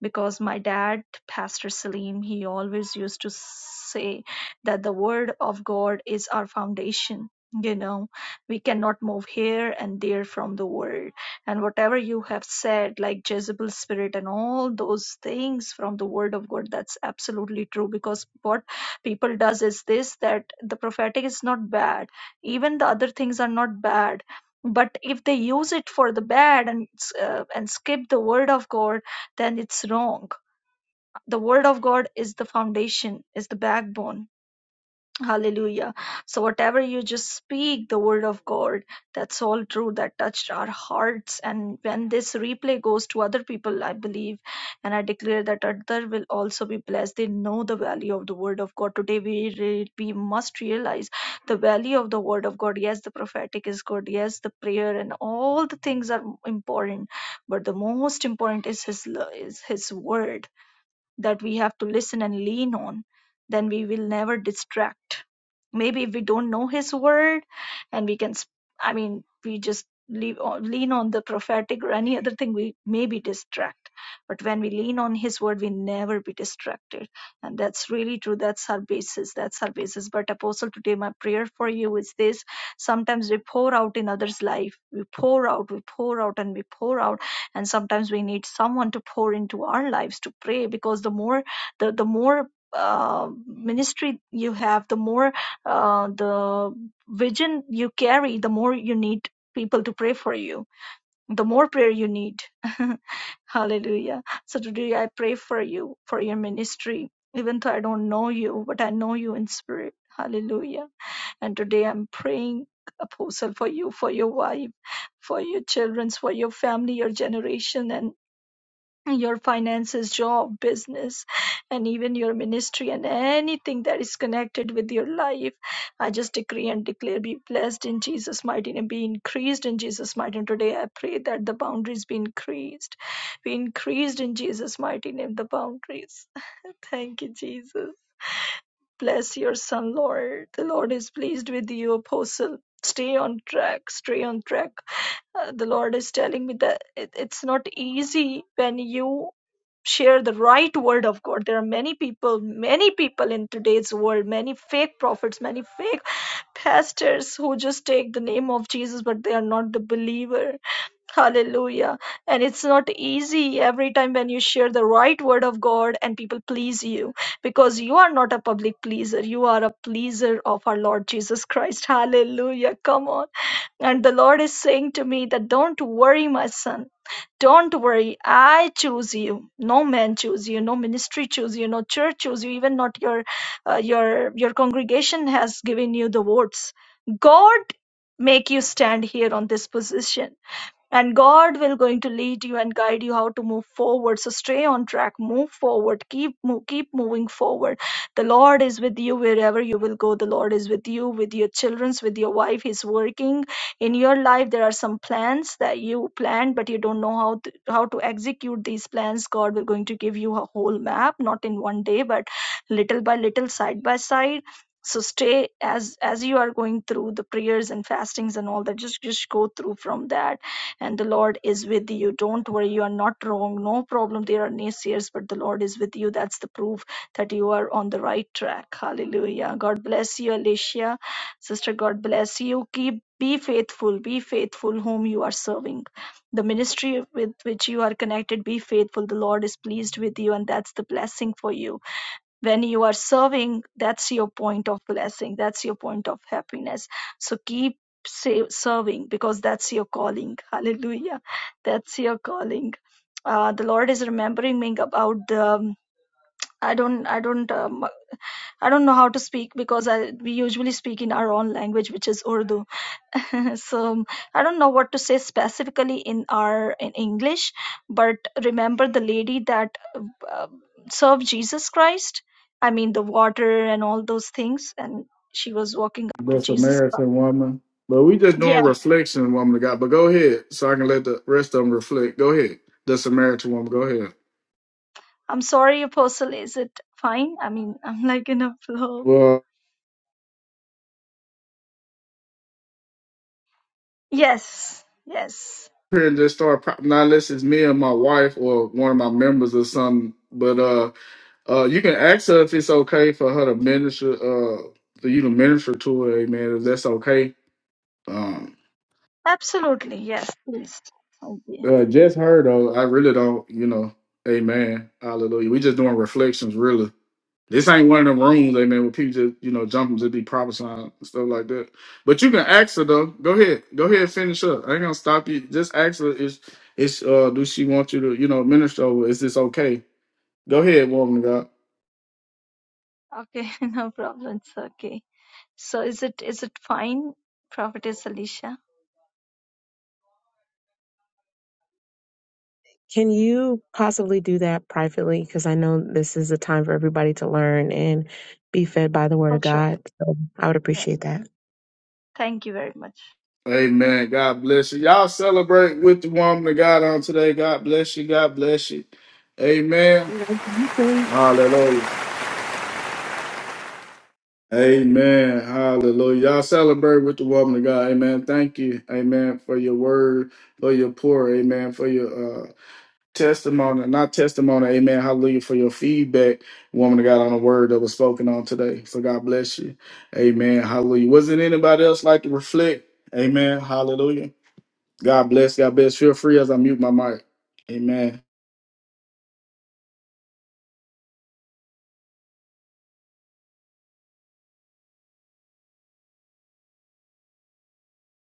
[SPEAKER 3] because my dad, Pastor Salim, he always used to say that the word of God is our foundation. You know, we cannot move here and there from the word. And whatever you have said, like Jezebel spirit and all those things from the word of God, that's absolutely true. Because what people does is this that the prophetic is not bad. Even the other things are not bad but if they use it for the bad and uh, and skip the word of god then it's wrong. The word of God is the foundation, is the backbone. Hallelujah. So whatever you just speak, the word of God, that's all true. That touched our hearts. And when this replay goes to other people, I believe, and I declare that other will also be blessed. They know the value of the word of God. Today we re- we must realize the value of the word of God. Yes, the prophetic is good. Yes, the prayer and all the things are important. But the most important is his lo- is his word that we have to listen and lean on, then we will never distract. Maybe if we don't know His word, and we can, I mean, we just leave, lean on the prophetic or any other thing, we maybe distract. But when we lean on His word, we never be distracted, and that's really true. That's our basis. That's our basis. But Apostle, today my prayer for you is this: sometimes we pour out in others' life, we pour out, we pour out, and we pour out and sometimes we need someone to pour into our lives to pray because the more the the more uh, ministry you have the more uh, the vision you carry the more you need people to pray for you the more prayer you need hallelujah so today i pray for you for your ministry even though i don't know you but i know you in spirit hallelujah and today I'm praying, Apostle, for you, for your wife, for your children, for your family, your generation, and your finances, job, business, and even your ministry and anything that is connected with your life. I just decree and declare be blessed in Jesus' mighty name, be increased in Jesus' mighty name. Today I pray that the boundaries be increased, be increased in Jesus' mighty name, the boundaries. Thank you, Jesus. Bless your son, Lord. The Lord is pleased with you, Apostle. Stay on track. Stay on track. Uh, the Lord is telling me that it, it's not easy when you share the right word of god there are many people many people in today's world many fake prophets many fake pastors who just take the name of jesus but they are not the believer hallelujah and it's not easy every time when you share the right word of god and people please you because you are not a public pleaser you are a pleaser of our lord jesus christ hallelujah come on and the Lord is saying to me that don't worry, my son. Don't worry, I choose you. No man choose you. No ministry choose you. No church choose you. Even not your uh, your your congregation has given you the votes. God make you stand here on this position and god will going to lead you and guide you how to move forward so stay on track move forward keep mo- keep moving forward the lord is with you wherever you will go the lord is with you with your children's with your wife he's working in your life there are some plans that you planned but you don't know how to, how to execute these plans god will going to give you a whole map not in one day but little by little side by side so stay as as you are going through the prayers and fastings and all that just just go through from that and the Lord is with you. Don't worry, you are not wrong. No problem. There are naysayers, but the Lord is with you. That's the proof that you are on the right track. Hallelujah. God bless you, Alicia. Sister, God bless you. Keep be faithful, be faithful whom you are serving. The ministry with which you are connected, be faithful. The Lord is pleased with you, and that's the blessing for you when you are serving that's your point of blessing that's your point of happiness so keep sa- serving because that's your calling hallelujah that's your calling uh, the lord is remembering me about the um, i don't i don't um, i don't know how to speak because i we usually speak in our own language which is urdu so um, i don't know what to say specifically in our in english but remember the lady that um, serve Jesus Christ. I mean, the water and all those things. And she was walking after
[SPEAKER 1] The
[SPEAKER 3] Jesus Christ.
[SPEAKER 1] Samaritan woman. But we just doing
[SPEAKER 3] Yeah,
[SPEAKER 1] reflection, woman of God. But go ahead so I can let the rest of them reflect. Go ahead. The Samaritan woman. Go ahead.
[SPEAKER 3] I'm sorry, Apostle. Is it fine? I mean, I'm like in a flow.
[SPEAKER 1] Well,
[SPEAKER 3] Yes, yes,
[SPEAKER 1] here and just start pro- not unless it's me and my wife or one of my members or something. But uh uh you can ask her if it's okay for her to minister uh for you to minister to her, amen, if that's okay. Um,
[SPEAKER 3] absolutely. Yes, please. Okay,
[SPEAKER 1] Uh, just heard though. I really don't. You know, Amen, Hallelujah. We just doing reflections, really. This ain't one of them rooms, Amen, where people just you know jump and just be prophesying and stuff like that. But you can ask her though. Go ahead, go ahead, and finish up. I ain't gonna stop you. Just ask her. Is is uh do she want you to you know minister? Over? Is this okay? Go ahead, woman of God.
[SPEAKER 3] okay, no problems. okay. So, is it is it fine, Prophetess Alicia?
[SPEAKER 4] Can you possibly do that privately? Because I know this is a time for everybody to learn and be fed by the Word
[SPEAKER 3] For
[SPEAKER 4] of
[SPEAKER 3] sure.
[SPEAKER 4] God. So I would
[SPEAKER 3] Yes.
[SPEAKER 4] appreciate that.
[SPEAKER 3] Thank you very much.
[SPEAKER 1] Amen. God bless you. Y'all celebrate with the woman of God on today. God bless you. God bless you. Amen.
[SPEAKER 4] Congratulations.
[SPEAKER 1] Hallelujah. Amen. Hallelujah. Y'all celebrate with the woman of God. Amen. Thank you. Amen. For your word, for your pour. Amen. For your uh, testimony, not testimony. Amen. Hallelujah. For your feedback, woman of God, on the word that was spoken on today. So God bless you. Amen. Hallelujah. Wasn't anybody else like to reflect? Amen. Hallelujah. God bless. God bless. Feel free as I mute my mic. Amen.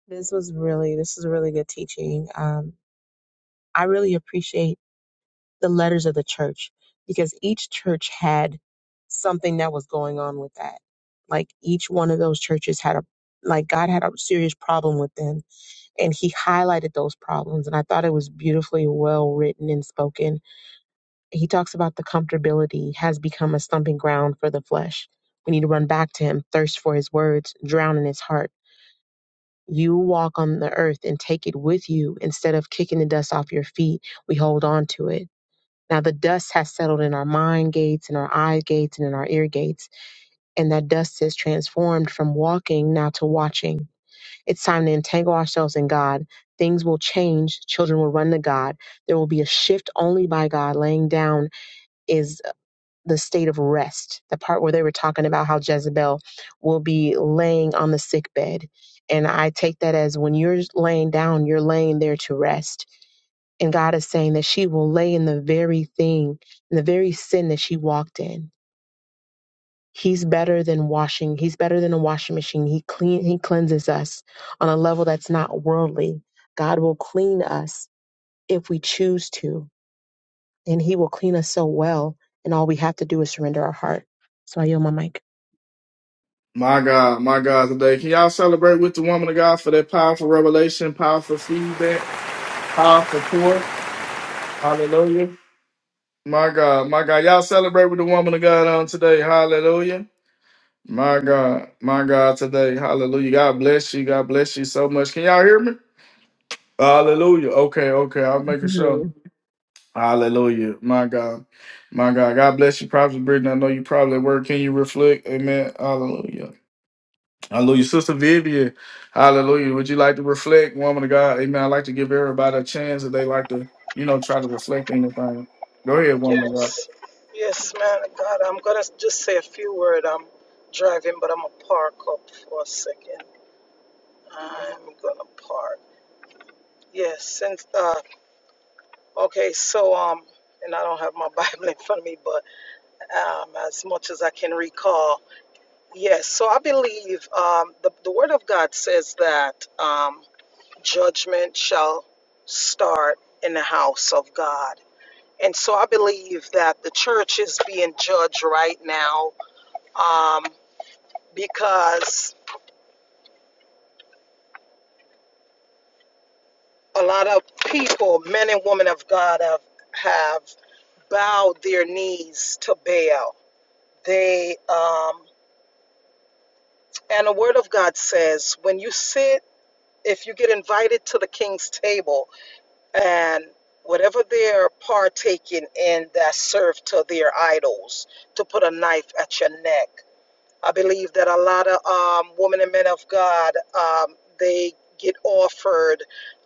[SPEAKER 4] This was really this is really good teaching. Um, I really appreciate the letters of the church because each church had something that was going on with that. Like each one of those churches had a like God had a serious problem with them, and He highlighted those problems. And I thought it was beautifully well written and spoken he talks about the comfortability has become a stumping ground for the flesh. We need to run back to him, thirst for his words, drown in his heart. You walk on the earth and take it with you instead of kicking the dust off your feet. We hold on to it. Now, the dust has settled in our mind gates, in our eye gates, and in our ear gates. And that dust has transformed from walking now to watching. It's time to entangle ourselves in God. Things will change. Children will run to God. There will be a shift only by God laying down is the state of rest, the part where they were talking about how Jezebel will be laying on the sick bed. And I take that as when you're laying down, you're laying there to rest. And God is saying that she will lay in the very thing, in the very sin that she walked in. He's better than washing. He's better than a washing machine. He clean he cleanses us on a level that's not worldly. God will clean us if we choose to, and he will clean us so well, and all we have to do is surrender our heart. So I yield my mic.
[SPEAKER 1] My God, my God, today. Can y'all celebrate with the woman of God for that powerful revelation, powerful feedback, powerful pour? Hallelujah. My God, my God. Y'all celebrate with the woman of God on today. Hallelujah. My God, my God, today. Hallelujah. God bless you. God bless you so much. Can y'all hear me? Hallelujah. Okay, okay. I'm making sure.
[SPEAKER 4] Mhm.
[SPEAKER 1] Hallelujah. My God. My God. God bless you, Prophet Brittany. I know you probably at work. Can you reflect? Amen. Hallelujah. Hallelujah. Sister Vivian. Hallelujah. Would you like to reflect, woman of God? Amen. I like to give everybody a chance if they like to, you know, try to reflect anything. Go ahead, woman of God.
[SPEAKER 5] Yes, yes, man of God. I'm gonna just say a few words. I'm driving, but I'm gonna park up for a second. I'm gonna park. Yes, since uh, okay, so um, and I don't have my Bible in front of me, um, as much as I can recall. Yes, so I believe um, the, the Word of God says that um, judgment shall start in the house of God. And so I believe that the church is being judged right now um, because a lot of people, men and women of God, have, have bowed their knees to Baal. They um, and the Word of God says, when you sit. if you get invited to the king's table and whatever they're partaking in that's served to their idols to put a knife at your neck i believe that a lot of um, women and men of god um, they get offered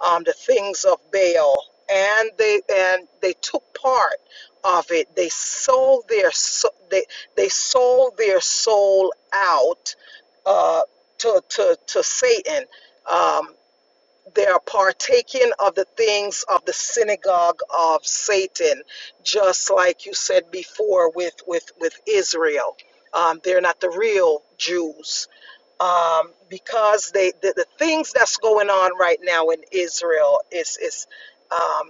[SPEAKER 5] um, the things of baal and they and they took part of it they sold their so, they they sold their soul out uh, to to to satan Um, they are partaking of the things of the synagogue of Satan, just like you said before with with with Israel. Um, they're not the real Jews um, because they the, the things that's going on right now in Israel is is. um,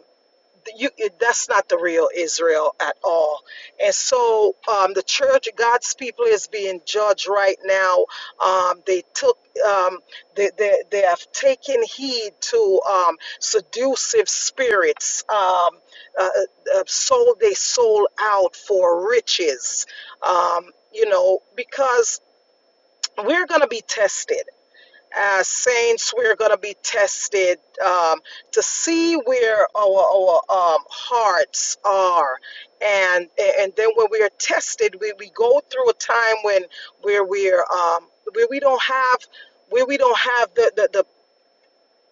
[SPEAKER 5] you it, that's not the real Israel at all. And so um, the church, God's people, is being judged right now. Um, they took um, they, they they have taken heed to um, seductive spirits. Um, uh, uh, uh, sold they sold out for riches. Um, you know because we're going to be tested as saints, we're going to be tested um, to see where our, our um, hearts are, and and then when we are tested, we, we go through a time when where we're um, where we don't have where we don't have the the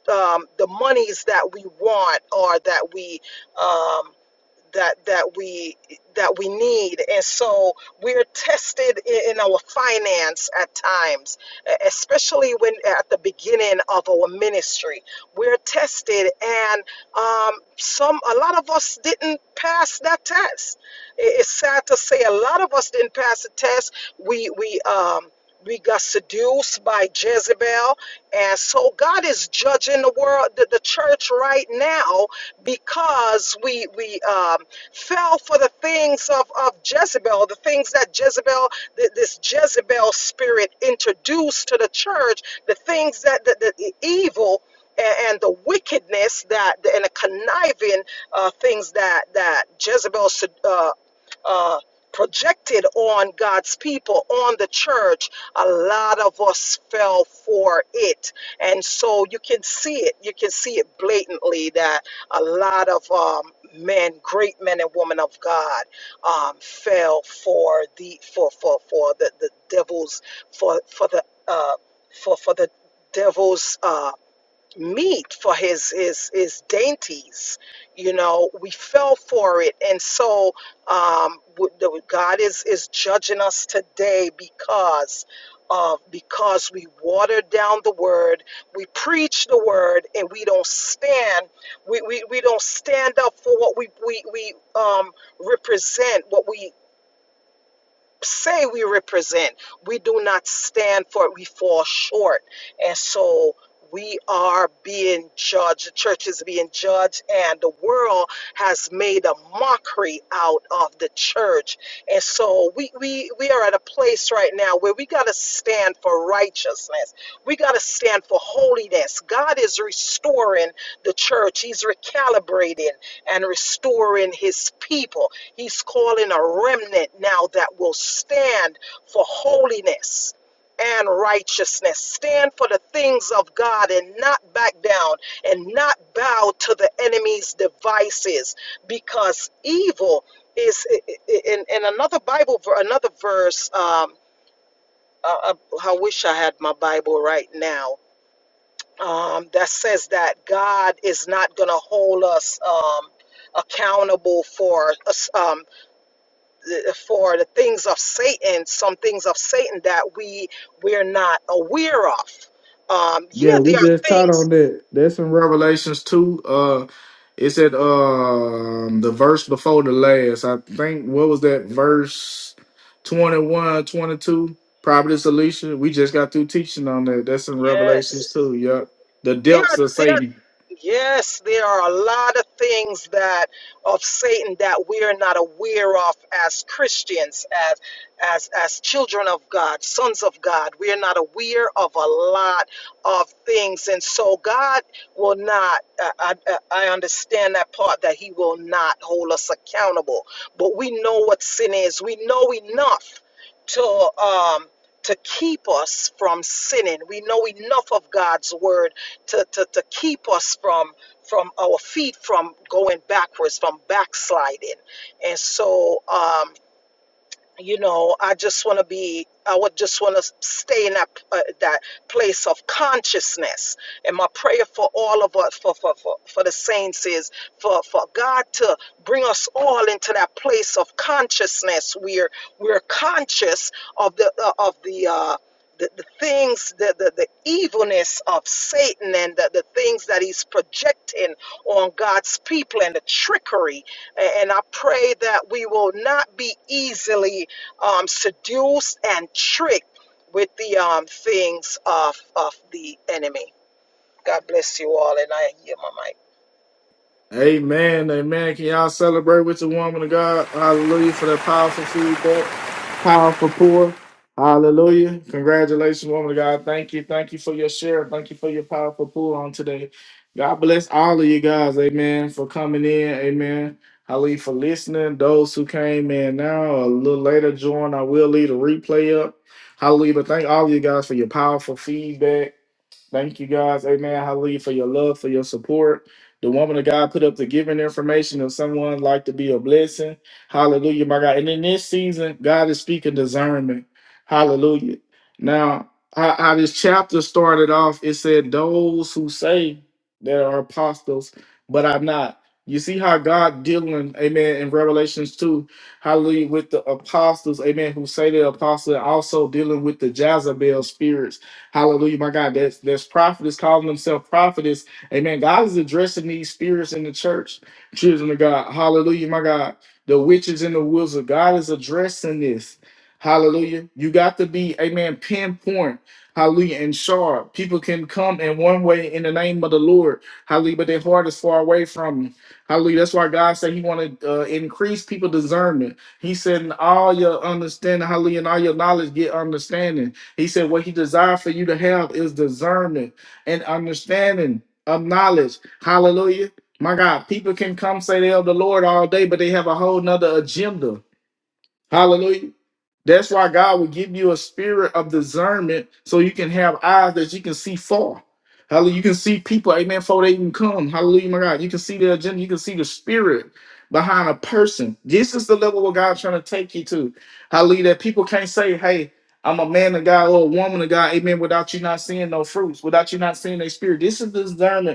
[SPEAKER 5] the, um, the monies that we want or that we um, that that we that we need and so we're tested in, in our finance at times e- especially when at the beginning of our ministry we're tested and um, some a lot of us didn't pass that test I- it's sad to say a lot of us didn't pass the test we we um we got seduced by Jezebel. And so God is judging the world, the, the church right now because we we uh, fell for the things of, of Jezebel, the things that Jezebel, th- this Jezebel spirit introduced to the church, the things that the, the, the evil and, and the wickedness that and the conniving uh, things that that Jezebel uh, uh, projected on God's people, on the church, a lot of us fell for it. And so you can see it. You can see it blatantly that a lot of um, men, great men and women of God, um, fell for the for for for the, the devil's for for the uh, for for the devil's uh, meat for his his his dainties you know we fell for it and so um w- the- god is is judging us today because of because we watered down the word we preach the word and we don't stand we we, we don't stand up for what we we, we um represent what we say we represent. We do not stand for it. We fall short. And so we are being judged. The church is being judged, and the world has made a mockery out of the church. And so we we, we are at a place right now where we gotta stand for righteousness. We gotta stand for holiness. God is restoring the church. He's recalibrating and restoring his people. He's calling a remnant now that will stand for holiness and righteousness. Stand for the things of God and not back down and not bow to the enemy's devices because evil is in, in another Bible, another verse. Um, uh, uh, I wish I had my Bible right now. Um, that says that God is not going to hold us um, accountable for us. Um, uh, for the things of Satan, some things of Satan that we we're not aware of. Um,
[SPEAKER 1] Yeah,
[SPEAKER 5] yeah,
[SPEAKER 1] we
[SPEAKER 5] there are
[SPEAKER 1] just taught
[SPEAKER 5] things.
[SPEAKER 1] on that. That's in Revelations two. Uh, it's at um the verse before the last. I think what was that verse Twenty one, twenty two. 22? Prophetess Alicia. We just got through teaching on that. That's in
[SPEAKER 5] Yes,
[SPEAKER 1] Revelations two. Yeah, the
[SPEAKER 5] there are
[SPEAKER 1] depths of
[SPEAKER 5] there.
[SPEAKER 1] Satan.
[SPEAKER 5] Yes, there are a lot of things that of Satan that we are not aware of as Christians, as as as children of God, sons of God. We are not aware of a lot of things, and so God will not. Uh, I, I, I understand that part that He will not hold us accountable, but we know what sin is. We know enough to um to keep us from sinning. We know enough of God's word to, to, to keep us from from our feet from going backwards, from backsliding. And so um, you know i just want to be i would just want to stay in that uh, that place of consciousness and my prayer for all of us for for for, for the saints is for for god to bring us all into that place of consciousness where we're conscious of the uh, of the uh the, the things, the, the, the evilness of Satan and the, the things that he's projecting on God's people and the trickery. A- And I pray that we will not be easily um, seduced and tricked with the um, things of, of the enemy. God bless you all, and I hear my mic.
[SPEAKER 1] Amen. Amen. Can y'all celebrate with the woman of God? Hallelujah for that powerful feedback, powerful pour. Hallelujah. Congratulations, woman of God. Thank you. Thank you for your share. Thank you for your powerful pour on today. God bless all of you guys. Amen. For coming in. Amen. Hallelujah for listening. Those who came in now, a little later, join. I will leave a replay up. Hallelujah. But thank all of you guys for your powerful feedback. Thank you guys, Amen, Hallelujah, for your love, for your support. The woman of God put up the giving information if someone like to be a blessing. Hallelujah, my God. And in this season, God is speaking discernment. Hallelujah. Now, how, how this chapter started off, it said, "Those who say they are apostles, but are not." You see how God dealing, Amen, in Revelations two, Hallelujah, with the apostles, Amen, who say they're apostles, and also dealing with the Jezebel spirits Hallelujah, my God. There's, there's prophetess calling themselves prophetess. Amen. God is addressing these spirits in the church, children of God. Hallelujah, my God. The witches and the wizard. God is addressing this. Hallelujah. You got to be, amen, pinpoint. Hallelujah. And sharp. People can come in one way in the name of the Lord. Hallelujah. But their heart is far away from him. Hallelujah. That's why God said he wanted to uh, increase people discernment. He said, in all your understanding, hallelujah, and all your knowledge, get understanding. He said, What he desired for you to have is discernment and understanding of knowledge. Hallelujah. My God, people can come say they of the Lord all day, but they have a whole nother agenda. Hallelujah. That's why God will give you a spirit of discernment so you can have eyes that you can see far. Hallelujah. You can see people, amen, before they even come. Hallelujah, my God. You can see the agenda, you can see the spirit behind a person. This is the level where God's trying to take you to. Hallelujah. That people can't say, hey, I'm a man of God or a woman of God, amen, without you not seeing no fruits, without you not seeing their spirit. This is discernment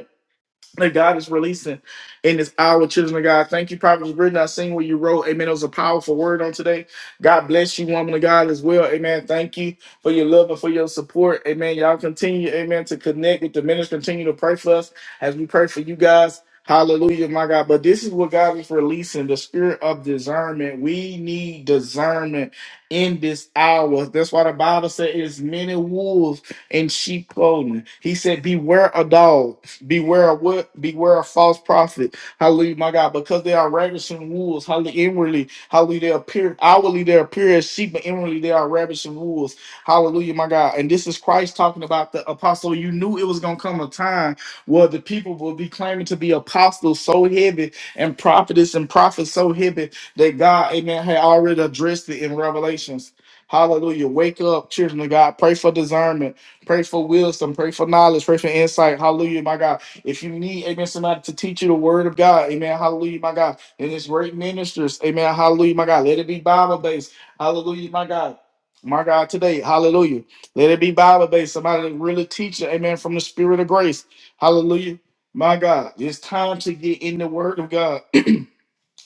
[SPEAKER 1] that God is releasing in this hour, children of God. Thank you, Prophet Britain. I seen what you wrote. Amen. It was a powerful word on today. God bless you, woman of God, as well. Amen. Thank you for your love and for your support. Amen. Y'all continue, amen, to connect with the ministry. Continue to pray for us as we pray for you guys. Hallelujah, my God. But this is what God is releasing the spirit of discernment. We need discernment in this hour. That's why the Bible said, "It's many wolves in sheep clothing. He said, Beware a dog. Beware of what? Beware of false prophet. Hallelujah, my God. Because they are ravishing wolves. Hallelujah, inwardly. Hallelujah, they appear outwardly. They appear as sheep, but inwardly they are ravishing wolves. Hallelujah, my God. And this is Christ talking about the apostle. You knew it was going to come a time where the people will be claiming to be apostles so heavy and prophetess and prophets so heavy that God, amen, had already addressed it in Revelations. Hallelujah. Wake up, children of God. Pray for discernment. Pray for wisdom. Pray for knowledge. Pray for insight. Hallelujah, my God. If you need, amen, somebody to teach you the word of God, amen, hallelujah, my God. And it's great ministers, amen, hallelujah, my God. Let it be Bible based, hallelujah, my God. My God, today, hallelujah. Let it be Bible based. Somebody that really teach you, amen, from the spirit of grace. Hallelujah. My God, it's time to get in the word of God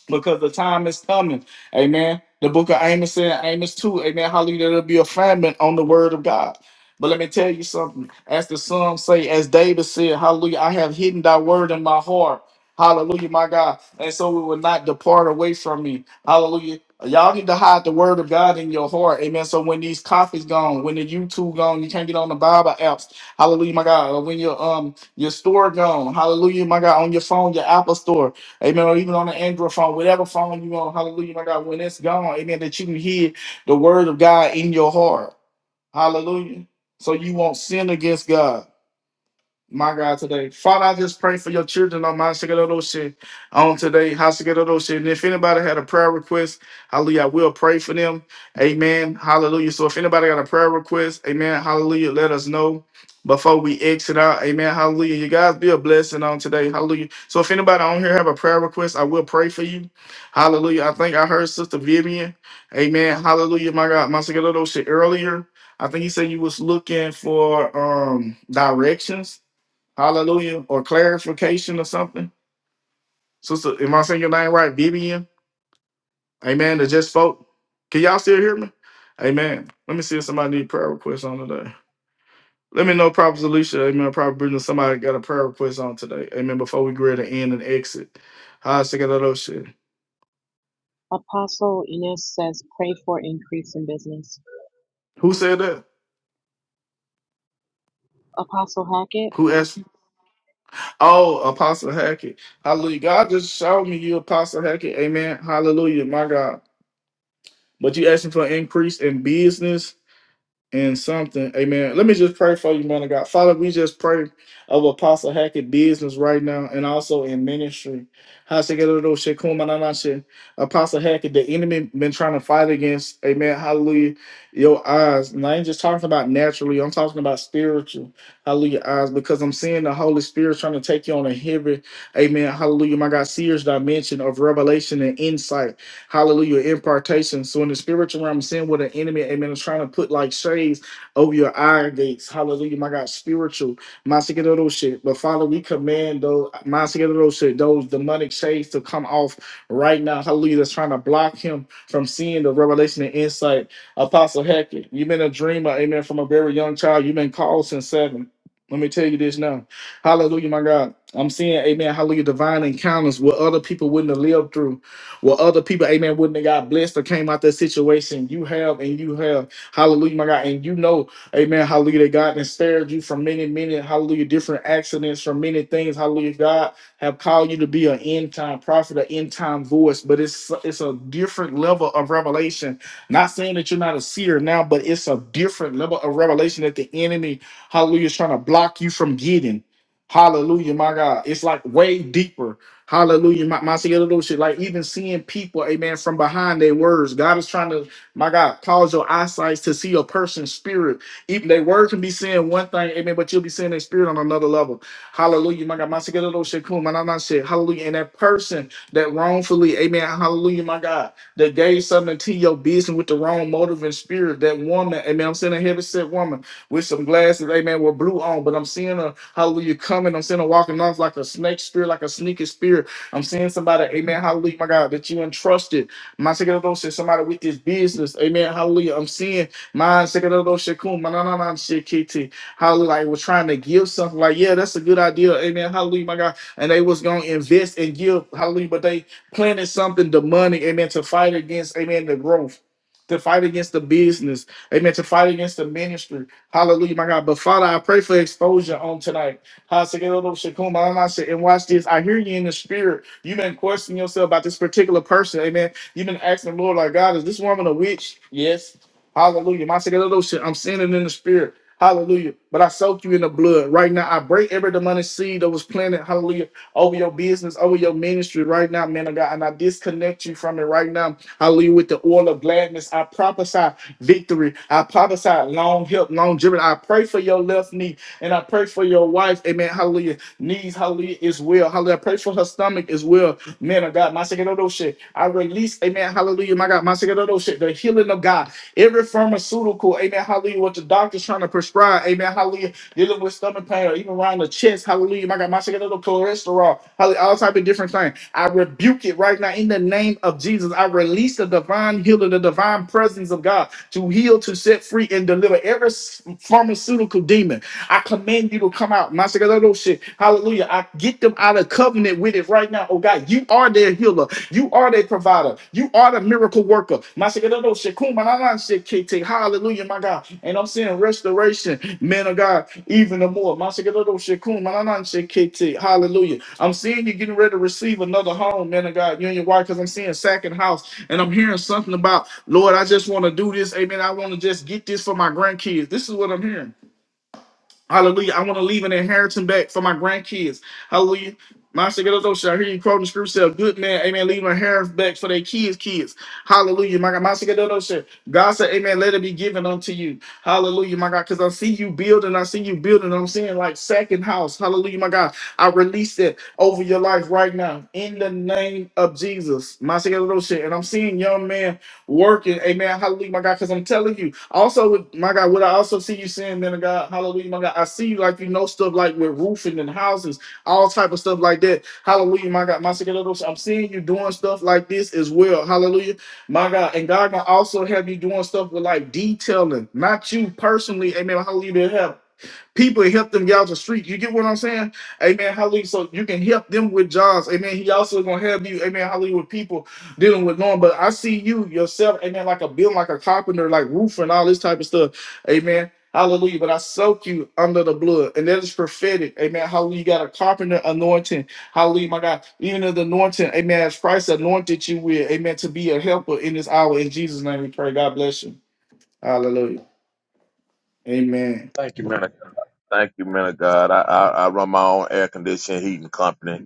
[SPEAKER 1] because the time is coming. Amen. The book of Amos said, Amos 2, amen. Hallelujah. There'll be a famine on the word of God. But let me tell you something. As the Psalm say, as David said, Hallelujah, I have hidden thy word in my heart. Hallelujah, my God. And so it will not depart away from me. Hallelujah. Y'all need to hide the word of God in your heart. Amen. So when these coffees gone, when the YouTube gone, you can't get on the Bible apps. Hallelujah, my God. Or When your um your store gone, hallelujah, my God, on your phone, your Apple store. Amen. Or even on the Android phone, whatever phone you on, hallelujah, my God, when it's gone, amen, that you can hear the word of God in your heart. Hallelujah. So you won't sin against God. My God, today. Father, I just pray for your children on my Shikadoshe on today. Hashikadoshe. And if anybody had a prayer request, hallelujah, we'll pray for them. Amen. Hallelujah. So if anybody got a prayer request, amen. Hallelujah. Let us know before we exit out. Amen. Hallelujah. You guys be a blessing on today. Hallelujah. So if anybody on here have a prayer request, I will pray for you. Hallelujah. I think I heard Sister Vivian. Amen. Hallelujah. My God, my Shikadoshe earlier. I think he said you was looking for um directions. Hallelujah. Or clarification or something. Sister, am I saying your name right? Vivian? Amen. That just spoke. Can y'all still hear me? Amen. Let me see if somebody need prayer requests on today. Let me know, Prophet Alicia. Amen. Prophet Brittany, somebody got a prayer request on today. Amen. Before we get ready to end and exit. How sick of that old shit.
[SPEAKER 4] Apostle Inez says, pray for increase in business.
[SPEAKER 1] Who said that?
[SPEAKER 4] Apostle Hackett,
[SPEAKER 1] Who asked? Oh, Apostle Hackett. Hallelujah. God just showed me you, Apostle Hackett. Amen. Hallelujah. My God. But you asking for increase in business. and something. Amen. Let me just pray for you, man of God. Father, we just pray of Apostle Hackett business right now and also in ministry. Hashikerodoshekumanamashe. Apostle Hackett, the enemy been trying to fight against, amen, hallelujah, your eyes. And I ain't just talking about naturally, I'm talking about spiritual, hallelujah, eyes, because I'm seeing the Holy Spirit trying to take you on a heavy, amen, hallelujah, my God, serious dimension of revelation and insight. Hallelujah. Impartation. So in the spiritual realm, seeing what an enemy, amen, is trying to put like shades over your eye gates. Hallelujah. My God, spiritual. My secret of those shit. But Father, we command those my secret of those shit, those demonic shades to come off right now. Hallelujah. That's trying to block him from seeing the revelation and insight. Apostle Hackett, you've been a dreamer, amen, from a very young child. You've been called since seven. Let me tell you this now. Hallelujah, my God. I'm seeing, amen, hallelujah, divine encounters where other people wouldn't have lived through. Well, other people, amen, wouldn't have got blessed or came out that situation. You have and you have. Hallelujah, my God. And you know, amen, hallelujah, that God has spared you from many, many, hallelujah, different accidents, from many things. Hallelujah, God have called you to be an end time prophet, an end time voice, but it's it's a different level of revelation. Not saying that you're not a seer now, but it's a different level of revelation that the enemy, hallelujah, is trying to block you from getting. Hallelujah, my God. It's like way deeper. Hallelujah. My, my together those shit. Like even seeing people, amen, from behind their words. God is trying to, my God, cause your eyesight to see a person's spirit. Even their word can be saying one thing, amen, but you'll be seeing their spirit on another level. Hallelujah. My God, my together those shit. Cool. My shit. Hallelujah. And that person that wrongfully, amen, hallelujah, my God, that gave something to your business with the wrong motive and spirit. That woman, amen. I'm saying a heavy set woman with some glasses, amen, with blue on. But I'm seeing a hallelujah, coming. I'm seeing her walking off like a snake spirit, like a sneaky spirit. I'm seeing somebody, amen, hallelujah, my God, that you entrusted. My second of those said somebody with this business, amen, hallelujah. I'm seeing my second of those shakum, my na na na shit, kitty. Hallelujah, like was trying to give something like, yeah, that's a good idea, amen, hallelujah, my God. And they was gonna invest and give, hallelujah, but they planted something demonic, amen, to fight against, amen, the growth, to fight against the business, amen, to fight against the ministry. Hallelujah, my God. But Father, I pray for exposure on tonight. Hasegadoshikumalanashi. And watch this. I hear you in the spirit. You've been questioning yourself about this particular person. Amen. You've been asking the Lord, like, God, is this woman a witch? Yes. Hallelujah. my Masegadoshi. I'm seeing it in the spirit. Hallelujah. But I soak you in the blood right now. I break every demonic seed that was planted. Hallelujah. Over your business, over your ministry right now, man of God. And I disconnect you from it right now. Hallelujah. With the oil of gladness, I prophesy victory. I prophesy long help, longevity. I pray for your left knee and I pray for your wife. Amen. Hallelujah. Knees, hallelujah, is well. Hallelujah. I pray for her stomach as well. Man of God, my second of those shit. I release, amen. Hallelujah. My God, my second of those shit. The healing of God. Every pharmaceutical, amen. Hallelujah. What the doctor's trying to prescribe. Amen. Hallelujah dealing with stomach pain or even around the chest. Hallelujah. My God, my second little cholesterol. Hallelujah. All type of different things. I rebuke it right now in the name of Jesus. I release the divine healing, the divine presence of God to heal, to set free, and deliver every s- pharmaceutical demon. I command you to come out. My shit. Hallelujah. I get them out of covenant with it right now. Oh God, you are their healer. You are the provider. You are the miracle worker. My Shekadado Shekuma na na Shekete. Hallelujah, my God. And I'm seeing restoration, man of God, even the more. My Shekadado Shekuma na na Shekete. Hallelujah. I'm seeing you getting ready to receive another home, man of God, you and your wife, because I'm seeing second house. And I'm hearing something about, Lord, I just want to do this. Amen. I want to just get this for my grandkids. This is what I'm hearing. Hallelujah. I want to leave an inheritance back for my grandkids. Hallelujah. My Shigatoto, I hear you quoting the scripture. say, "A Good man, amen. Leave an inheritance back for their kids, kids. Hallelujah. My God, my Shigatoto, shall- God said, Amen. Let it be given unto you. Hallelujah, my God. Because I see you building, I see you building. I'm seeing like second house. Hallelujah, my God. I release it over your life right now in the name of Jesus. My Shigatoto, shall- And I'm seeing young man working. Amen. Hallelujah, my God. Because I'm telling you, also, with my God, what I also see you saying, man of God, hallelujah, my God. I see you like you know stuff like with roofing and houses, all type of stuff like that. Hallelujah, my God. My second little- I'm seeing you doing stuff like this as well. Hallelujah, my God. And God can also have you doing stuff with like detailing, not you personally. Amen. Hallelujah. To have people help them guys the street. You get what I'm saying? Amen. Hallelujah. So you can help them with jobs. Amen. He also gonna help you, amen, hallelujah, with people dealing with norm. But I see you yourself, amen, like a building, like a carpenter, like roofer and all this type of stuff. Amen. Hallelujah. But I soak you under the blood. And that is prophetic. Amen. Hallelujah. You got a carpenter anointing. Hallelujah, my God. Even in the anointing, amen. As Christ anointed you with, amen, to be a helper in this hour. In Jesus' name we pray. God bless you. Hallelujah. Amen.
[SPEAKER 2] Thank you, man. of- Thank you, man of God. I, I, I run my own air conditioning heating company.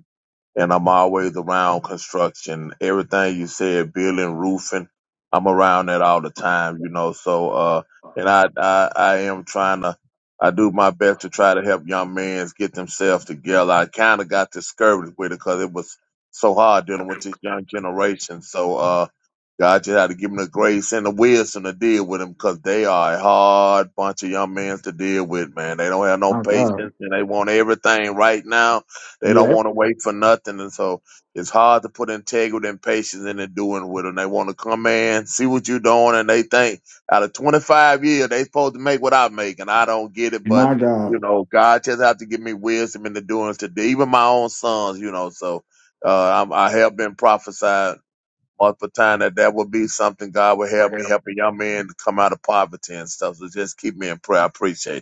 [SPEAKER 2] and I'm always around construction. Everything you said, building, roofing, I'm around that all the time, you know. So, uh, and I, I, I am trying to, I do my best to try to help young men get themselves together. I kind of got discouraged with it because it was so hard dealing with this young generation. So, uh, God just had to give them the grace and the wisdom to deal with them because they are a hard bunch of young men to deal with, man. They don't have no
[SPEAKER 1] My God.
[SPEAKER 2] patience and they want everything right now they don't want to wait for nothing, and so it's hard to put integrity and patience into doing with them. They want to come in, see what you're doing, and they think out of 25 years they supposed to make what I make, and I don't get it. But
[SPEAKER 1] My
[SPEAKER 2] you
[SPEAKER 1] God.
[SPEAKER 2] know, God just have to give me wisdom in the doings to do. Even my own sons, you know, so uh, I'm, I have been prophesied multiple times that that would be something God would help me help a young man to come out of poverty and stuff. So just keep me in prayer. I appreciate it.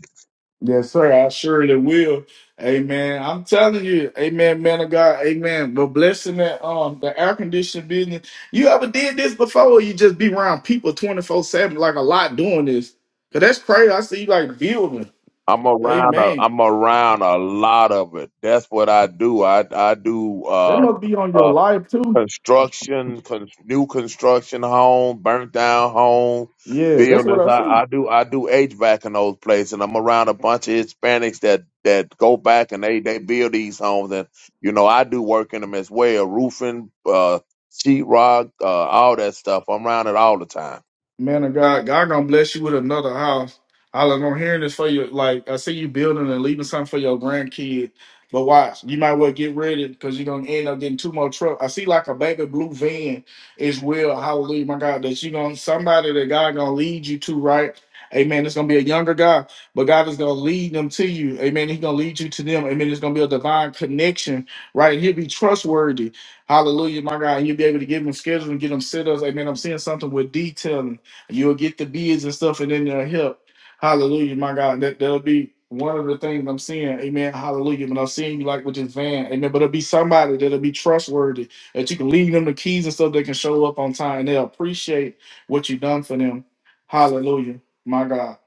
[SPEAKER 1] Yes, sir. I surely will. Amen. I'm telling you, amen, man of God, amen. But blessing that um the air conditioning business. You ever did this before? Or you just be around people 24-7, like a lot doing this. Cause that's crazy. I see you like building.
[SPEAKER 2] I'm around a
[SPEAKER 1] Amen.
[SPEAKER 2] I'm around a lot of it. That's what I do. I I do
[SPEAKER 1] That
[SPEAKER 2] uh
[SPEAKER 1] must be on your
[SPEAKER 2] uh
[SPEAKER 1] life too.
[SPEAKER 2] construction, con- new construction home, burnt down home,
[SPEAKER 1] Yeah, that's what
[SPEAKER 2] buildings.
[SPEAKER 1] I see.
[SPEAKER 2] I, I do I do HVAC in those places and I'm around a bunch of Hispanics that that go back and they they build these homes and you know I do work in them as well, roofing, uh sheetrock, uh all that stuff. I'm around it all the time
[SPEAKER 1] Man of God, God gonna bless you with another house. I was gonna hearing this for you. Like I see you building and leaving something for your grandkid. But watch, you might well get ready because you're gonna end up getting two more trucks. I see like a baby blue van as well. Hallelujah, my God, that you gonna somebody that God gonna lead you to, right? Amen. It's gonna be a younger guy, but God is gonna lead them to you. Amen. He's gonna lead you to them. Amen. It's gonna be a divine connection, right? And he'll be trustworthy. Hallelujah, my God. And you'll be able to give them schedules and get them set ups. Amen. I'm seeing something with detailing. You'll get the beads and stuff, and then they'll help. Hallelujah, my God. That that'll be one of the things I'm seeing. Amen. Hallelujah. When I'm seeing you like with this van, amen. But it'll be somebody that'll be trustworthy that you can leave them the keys and stuff. They can show up on time. and They'll appreciate what you done for them. Hallelujah, my God.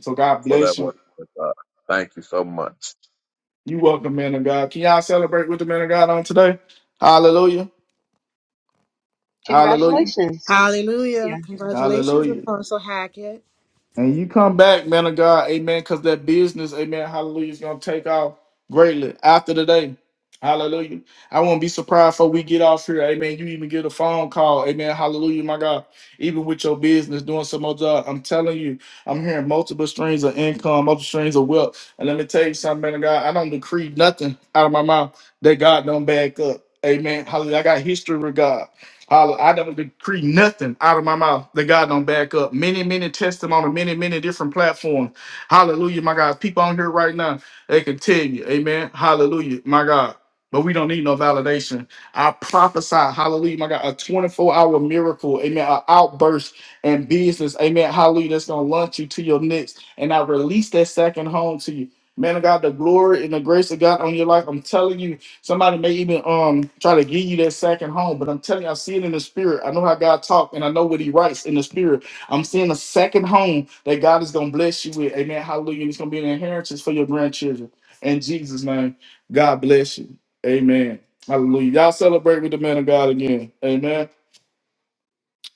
[SPEAKER 1] So God
[SPEAKER 2] for that
[SPEAKER 1] bless you.
[SPEAKER 2] work. Uh, thank you so much.
[SPEAKER 1] You welcome, man of God. Can y'all celebrate with the man of God on today? Hallelujah. Hallelujah.
[SPEAKER 4] congratulations.
[SPEAKER 6] Hallelujah. Congratulations,
[SPEAKER 1] Hallelujah.
[SPEAKER 6] Apostle Hackett.
[SPEAKER 1] And you come back, man of God, amen, because that business, amen, hallelujah, is going to take off greatly after the day. Hallelujah. I won't be surprised before we get off here, amen. You even get a phone call, amen, hallelujah, my God. Even with your business, doing some more job, I'm telling you, I'm hearing multiple streams of income, multiple streams of wealth. And let me tell you something, man of God, I don't decree nothing out of my mouth that God don't back up. Amen. Hallelujah. I got history with God. Holla- I don't decree nothing out of my mouth that God don't back up. Many, many testimony, many, many different platforms. Hallelujah, my God. People on here right now, they can tell you, amen. Hallelujah, my God. But we don't need no validation. I prophesy, hallelujah, my God, a 24 hour miracle, amen, an outburst in business, amen, hallelujah, that's going to launch you to your next. And I release that second home to you. Man of God, the glory and the grace of God on your life, I'm telling you, Somebody may even um try to give you that second home, but I'm telling you, I see it in the spirit. I know how God talks and I know what He writes in the spirit. I'm seeing a second home that God is gonna bless you with. Amen. Hallelujah. And it's gonna be an inheritance for your grandchildren. In Jesus' name, God bless you. Amen. Hallelujah. Y'all celebrate with the man of God again. Amen.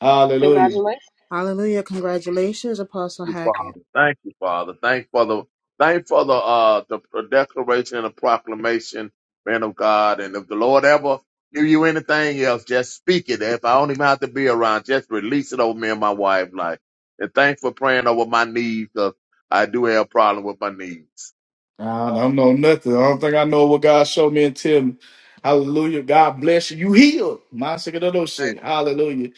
[SPEAKER 1] Hallelujah.
[SPEAKER 4] Congratulations.
[SPEAKER 6] Hallelujah. Congratulations, Apostle
[SPEAKER 2] you,
[SPEAKER 6] Hackett.
[SPEAKER 2] Father. Thank you, Father. Thank for the thank for the uh the declaration and the proclamation, man of God. And if the Lord ever give you anything else, just speak it. If I don't even have to be around, just release it over me and my wife life. And thanks for praying over my knees, cause I do have a problem with my knees.
[SPEAKER 1] I don't know nothing. I don't think I know what God showed me and tell me. Hallelujah. God bless you. You healed. My sick of those shit. Hallelujah.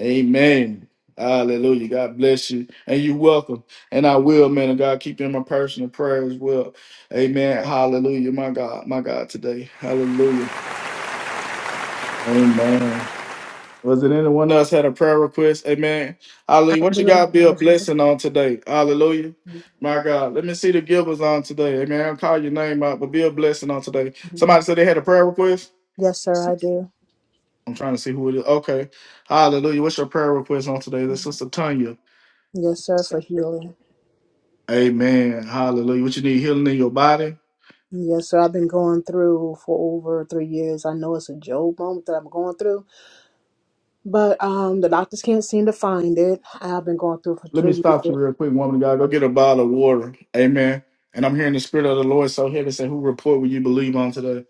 [SPEAKER 1] Amen. Hallelujah. God bless you. And you're welcome. And I will, man of God, keep you in my personal prayer as well. Amen. Hallelujah. My God, my God today. Hallelujah. Amen. Was it anyone else had a prayer request? Amen. Hallelujah. What you God be a blessing on today? Hallelujah. My God. Let me see the givers on today. Amen. I'll call your name out, but be a blessing on today. Somebody said they had a prayer request?
[SPEAKER 6] Yes, sir, I do.
[SPEAKER 1] I'm trying to see who it is. Okay. Hallelujah. What's your prayer request on today? This is Sister Tanya.
[SPEAKER 6] Yes, sir, for healing.
[SPEAKER 1] Amen. Hallelujah. What you need healing in your body?
[SPEAKER 6] Yes, sir. I've been going through for over three years. I know it's a Job moment that I'm going through, but um, the doctors can't seem to find it. I've been going through for
[SPEAKER 1] Let me
[SPEAKER 6] three
[SPEAKER 1] stop you
[SPEAKER 6] years.
[SPEAKER 1] real quick, woman of God. Go get a bottle of water. Amen. And I'm hearing the spirit of the Lord so heavy say, Who report will you believe on today?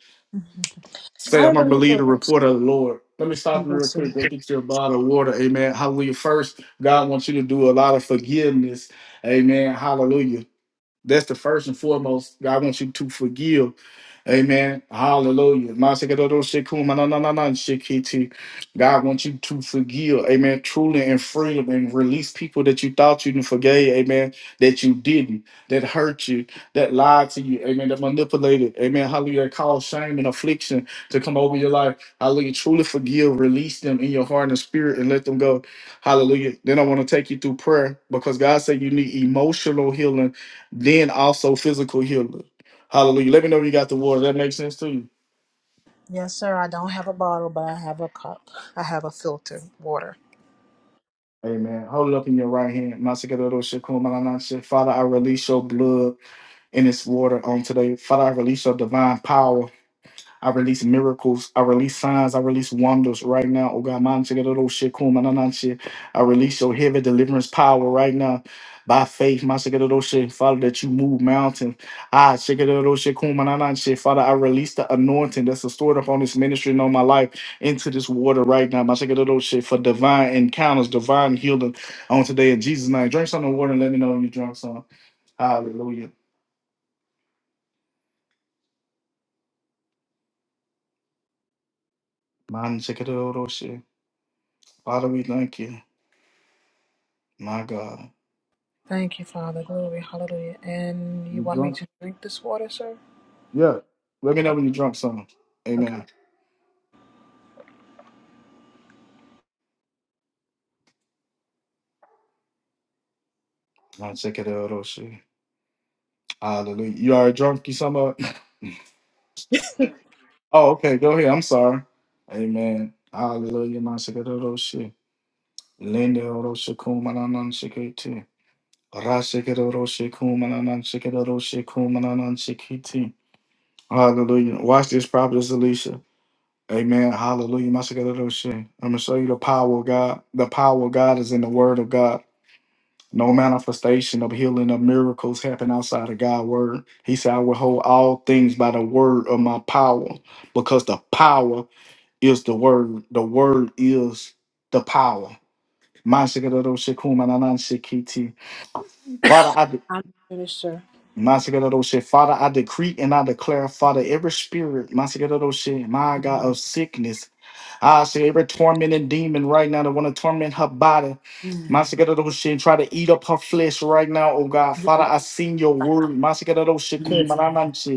[SPEAKER 1] Say,
[SPEAKER 6] I
[SPEAKER 1] I'm gonna
[SPEAKER 6] believe it
[SPEAKER 1] believe the
[SPEAKER 6] works.
[SPEAKER 1] report of the Lord. Let me stop you
[SPEAKER 6] Yes,
[SPEAKER 1] real
[SPEAKER 6] sir.
[SPEAKER 1] quick. Go get you a bottle of water. Amen. Hallelujah. First, God wants you to do a lot of forgiveness. Amen. Hallelujah. That's the first and foremost. God wants you to forgive. Amen. Hallelujah. Masakedodo shekuma na na na na shekiti. God wants you to forgive. Amen. Truly and freely and release people that you thought you didn't forgave. Amen. That you didn't. That hurt you. That lied to you. Amen. That manipulated. Amen. Hallelujah. That caused shame and affliction to come over your life. Hallelujah. Truly forgive. Release them in your heart and spirit and let them go. Hallelujah. Then I want to take you through prayer because God said you need emotional healing then also physical healer. Hallelujah. Let me know if you got the word. That makes sense to you.
[SPEAKER 6] Yes, sir. I don't have a bottle, but I have a cup. I have a filter, water.
[SPEAKER 1] Amen. Hold it up in your right hand. Masikadoro Shekun Malanashe. Father, I release your blood in this water on today. Father, I release your divine power. I release miracles. I release signs. I release wonders right now. Oh God, man, check it out, oh, shit, cool, man, nah, nah, shit. I release your heavy deliverance power right now. By faith, man, check it out, oh, shit, Father, that you move mountains. Ah, check it out, oh, shit, cool, man, nah, nah, shit. Father, I release the anointing that's stored up on this ministry and on my life into this water right now. Man, check it out, oh, shit, for divine encounters, divine healing on today in Jesus' name. Drink some of the water and let me know when you drunk some. Hallelujah. Man, check it out, oh, shit. Father, we thank you. My God.
[SPEAKER 6] Thank you, Father. Glory. Hallelujah. And you
[SPEAKER 1] You
[SPEAKER 6] want me
[SPEAKER 1] drunk?
[SPEAKER 6] to drink this water, sir?
[SPEAKER 1] Yeah. Let me know when you drunk some.
[SPEAKER 6] Okay.
[SPEAKER 1] Amen. I'll check it out. Oh shit. Hallelujah. You already drunk, you some up. Oh, okay. Go ahead. I'm sorry. Amen. Hallelujah. Now check it out. Oh shit. Linda Oroshikumanan Shikiti. Rashikitoroshikumananan Shikitoroshikumananan Shikiti. Hallelujah. Watch this, Prophetess Alicia. Amen. Hallelujah. My shit. I'm gonna show you the power of God. The power of God is in the word of God. No manifestation of healing of miracles happen outside of God's word. He said, I will hold all things by the word of my power, because the power is the word. The word is the power. mashikadadoshikumananan Father, I de-
[SPEAKER 6] i Amen. Finish, sir.
[SPEAKER 1] Mashikadadoshe. Father, I decree and I declare, Father, every spirit, Mashikadadoshi, my God,
[SPEAKER 6] Amen.
[SPEAKER 1] of sickness I see every tormenting demon right now that want to torment her body. Masakaroshin, try to eat up her flesh right now, oh God. Father, I seen your word. Masakaroshin,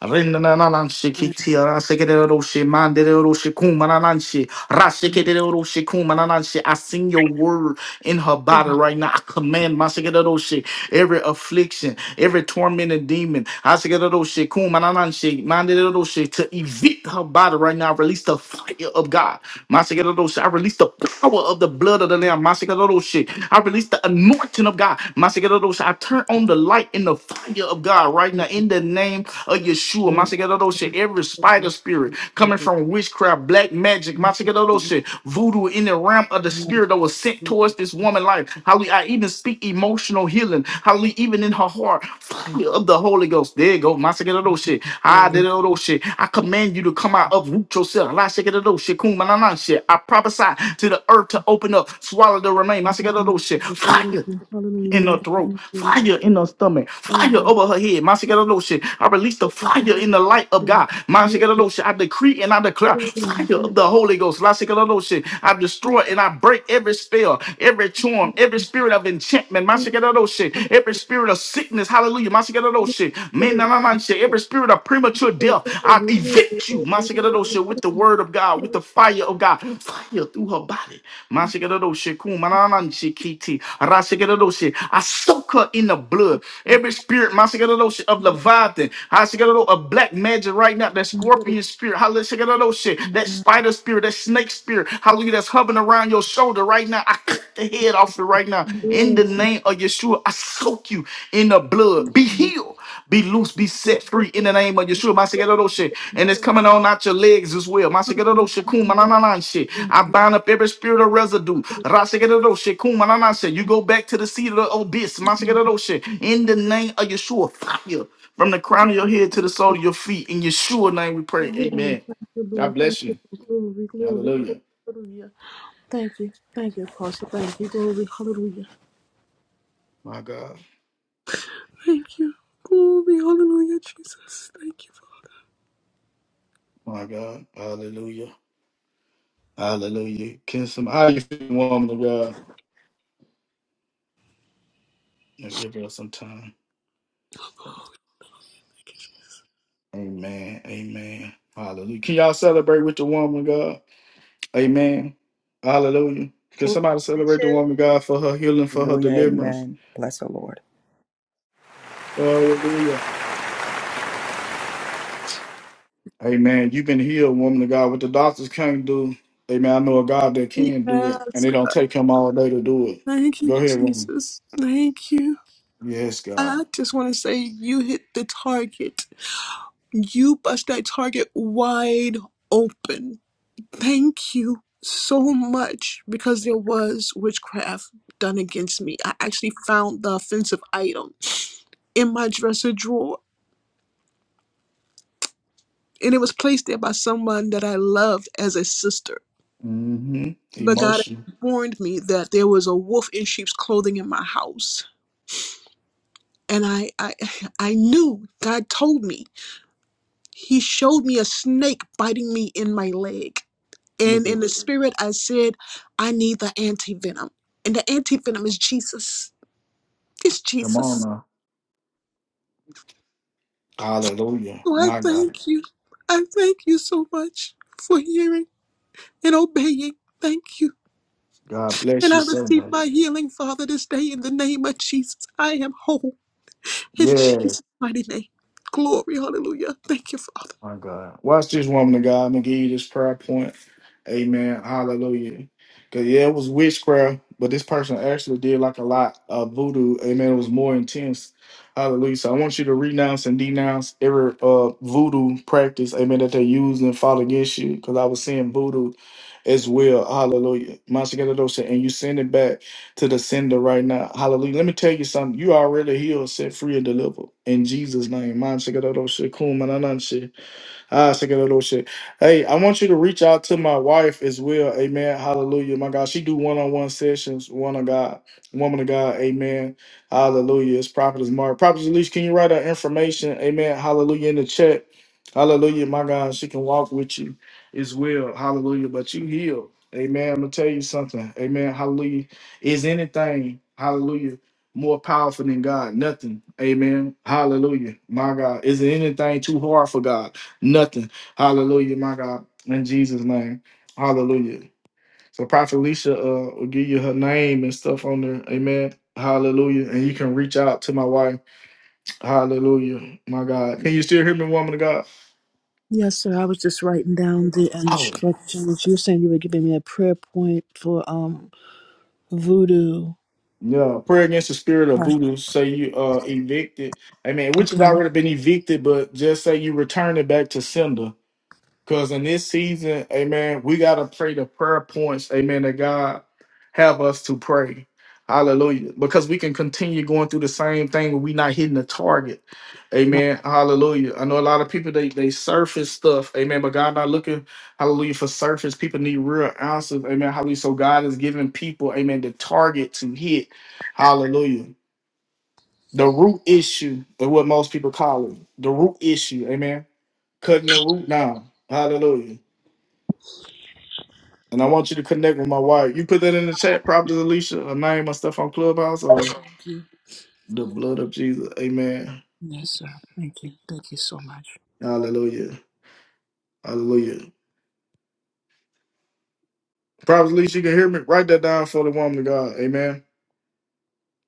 [SPEAKER 1] Rinanananshi kitia rasekereroshi mandereroshi kumanananshi rasekereroshi kumanananshi. I sing your word in her body right now. I command my sekereroshi every affliction, every tormented demon, I sekereroshi kumanananshi mandereroshi to evict her body right now. I release the fire of God. My sekereroshi. I release the power of the blood of the Lamb. My sekereroshi. I release the anointing of God. My sekereroshi. I turn on the light in the fire of God right now in the name of Yeshua, Masekadosha, every spider spirit coming from witchcraft, black magic, Masekadosha, voodoo in the realm of the spirit that was sent towards this woman life. Hallelujah. I even speak emotional healing. Hallelujah. Even in her heart, fire of the Holy Ghost. There you go. Masekadosha. Ah, there you go, shit. I command you to come out, uproot yourself. La, shekadosha, kum, ma, na, na, shit. I prophesy to the earth to open up, swallow the remain. Masekadosha. Fire in her
[SPEAKER 6] Hallelujah.
[SPEAKER 1] throat,
[SPEAKER 6] Thank you, Lord.
[SPEAKER 1] fire in her stomach, fire
[SPEAKER 6] Glory
[SPEAKER 1] over her head. Masikadoshe, I release the fire in the light of God.
[SPEAKER 6] to you.
[SPEAKER 1] Masikadoshe, I decree and I declare fire of the Holy Ghost. Masikadoshe, I destroy and I break every spell, every charm, every spirit of enchantment. Masikadoshe, every spirit of sickness. Hallelujah. Masikadoshe, menananshe, every spirit of premature death. I
[SPEAKER 6] Hallelujah.
[SPEAKER 1] evict you, Mashigadosha, with the word of God, with the fire of God, fire through her body. Mashigadosha, Kumanananshi Kiti, Rashigadosha. I soak her in the blood. Every spirit, Mashigadosha, of Leviathan, Hashigadosha, of black magic right now, that scorpion spirit, Hallelujah, that spider spirit, that snake spirit, hallelujah, that's hovering around your shoulder right now. I cut the head off it right now. In the
[SPEAKER 6] Yes,
[SPEAKER 1] name of Yeshua, I soak you in the blood. Be healed. Be loose, be set free in the name of Yeshua. Masikerodoshe. And it's coming on out your legs as well. Masikerodoshe, kumanananshe. I bind up every spirit of residue. Rasikerodoshe, kumanananshe. You go back to the seat of the abyss. Masikerodoshe. In the name of Yeshua, fire from the crown of your head to the sole of your feet. In Yeshua's name we pray.
[SPEAKER 6] Hallelujah.
[SPEAKER 1] Amen.
[SPEAKER 6] Thank you,
[SPEAKER 1] God
[SPEAKER 6] Lord. Thank
[SPEAKER 1] bless
[SPEAKER 6] you
[SPEAKER 1] you.
[SPEAKER 6] for glory, glory, glory.
[SPEAKER 1] Hallelujah.
[SPEAKER 6] Hallelujah. Thank you. Thank you, Pastor. Thank you. Glory. Hallelujah.
[SPEAKER 1] My God.
[SPEAKER 6] Thank you. Glory, hallelujah, Jesus. Thank you,
[SPEAKER 1] My God. Hallelujah. Hallelujah. Can some how you feel, woman of God? Now give her some time. Amen. Amen. Hallelujah. Can y'all celebrate with the woman, of God? Amen. Hallelujah. Can somebody celebrate the
[SPEAKER 4] Congratulations.
[SPEAKER 1] woman, of God, for her healing, for her
[SPEAKER 7] Hallelujah.
[SPEAKER 1] deliverance?
[SPEAKER 7] Amen. Bless the Lord.
[SPEAKER 1] Hallelujah. Amen. You've been healed, woman of God. What the doctors can't do, amen. I know a God that can do
[SPEAKER 6] Father.
[SPEAKER 1] it, and
[SPEAKER 6] Yes.
[SPEAKER 1] it don't take him all day to do it.
[SPEAKER 6] Thank
[SPEAKER 1] Go
[SPEAKER 6] you,
[SPEAKER 1] ahead, woman.
[SPEAKER 6] Jesus. Thank you.
[SPEAKER 1] Yes, God.
[SPEAKER 6] I just want to say you hit the target. You bust that target wide open. Thank you so much because there was witchcraft done against me. I actually found the offensive item in my dresser drawer and it was placed there by someone that I loved as a sister.
[SPEAKER 1] Mm-hmm.
[SPEAKER 6] But God
[SPEAKER 1] Emotion.
[SPEAKER 6] warned me that there was a wolf in sheep's clothing in my house. And I, I, I knew God told me. He showed me a snake biting me in my leg.
[SPEAKER 1] Look
[SPEAKER 6] And
[SPEAKER 1] at
[SPEAKER 6] in the spirit, I said, I need the anti venom. And the anti venom is Jesus. It's
[SPEAKER 1] come on
[SPEAKER 6] Jesus.
[SPEAKER 1] now. Hallelujah.
[SPEAKER 6] So I
[SPEAKER 1] My God.
[SPEAKER 6] thank you. I thank you so much for hearing and obeying. Thank you.
[SPEAKER 1] God bless
[SPEAKER 6] And
[SPEAKER 1] you
[SPEAKER 6] I
[SPEAKER 1] so
[SPEAKER 6] receive
[SPEAKER 1] much.
[SPEAKER 6] my healing, Father, this day in the name of Jesus. I am whole. In
[SPEAKER 1] Yes.
[SPEAKER 6] Jesus' mighty name. Glory, hallelujah. Thank you, Father.
[SPEAKER 1] My God. Watch this woman of God. I'm gonna give you this prayer point. Amen. Hallelujah. Cause yeah, it was witchcraft, but this person actually did like a lot of voodoo. Amen. It was more intense. Hallelujah. So I want you to renounce and denounce every uh voodoo practice, amen, that they use and fall against you. Cause I was seeing voodoo as well. Hallelujah. Mashiach and you send it back to the sender right now. Hallelujah. Let me tell you something. You already healed, set free, and delivered. In Jesus' name. Mashiach Ah, second little shit. Hey, I want you to reach out to my wife as well. Amen. Hallelujah. My God, she do one on one sessions. One of God, woman of God. Amen. Hallelujah. It's prophet is Mark. Prophet Elise, can you write her information? Amen. Hallelujah in the chat. Hallelujah. My God, she can walk with you as well. Hallelujah. But you healed. Amen. I'm gonna tell you something. Amen. Hallelujah. Is anything? Hallelujah more powerful than God? Nothing. Amen. Hallelujah. My God. Is there anything too hard for God? Nothing. Hallelujah, my God. In Jesus' name. Hallelujah. So Prophet Alicia uh, will give you her name and stuff on there. Amen. Hallelujah. And you can reach out to my wife. Hallelujah. My God. Can you still hear me, woman of God?
[SPEAKER 6] Yes, sir. I was just writing down the
[SPEAKER 1] Oh,
[SPEAKER 6] instructions. You were saying you were giving me a prayer point for um voodoo.
[SPEAKER 1] Yeah. Prayer against the spirit of
[SPEAKER 6] Okay.
[SPEAKER 1] voodoo. Say you uh evicted. Amen. Which has
[SPEAKER 6] okay.
[SPEAKER 1] already been evicted, but just say you return it back to sender. Because in this season, amen, we got to pray the prayer points, amen, that God have us to pray. Hallelujah. Because we can continue going through the same thing when we not hitting the target.
[SPEAKER 6] My-
[SPEAKER 1] Amen. Hallelujah. I know a lot of people they they surface stuff. Amen. But God not looking, hallelujah, for surface. People need real answers. Amen. Hallelujah. So God is giving people, amen, the target to hit. Hallelujah. The root issue, or what most people call it. The root issue. Amen. Cutting the root down. Hallelujah. And I want you to connect with my wife. You put that in the chat, Prophet Alicia, her name and stuff on Clubhouse or
[SPEAKER 6] Thank you.
[SPEAKER 1] the blood of Jesus. Amen.
[SPEAKER 6] Yes, sir. Thank you. Thank you so much.
[SPEAKER 1] Hallelujah. Hallelujah. Prophet Alicia, you can hear me. Write that down for the woman of God. Amen.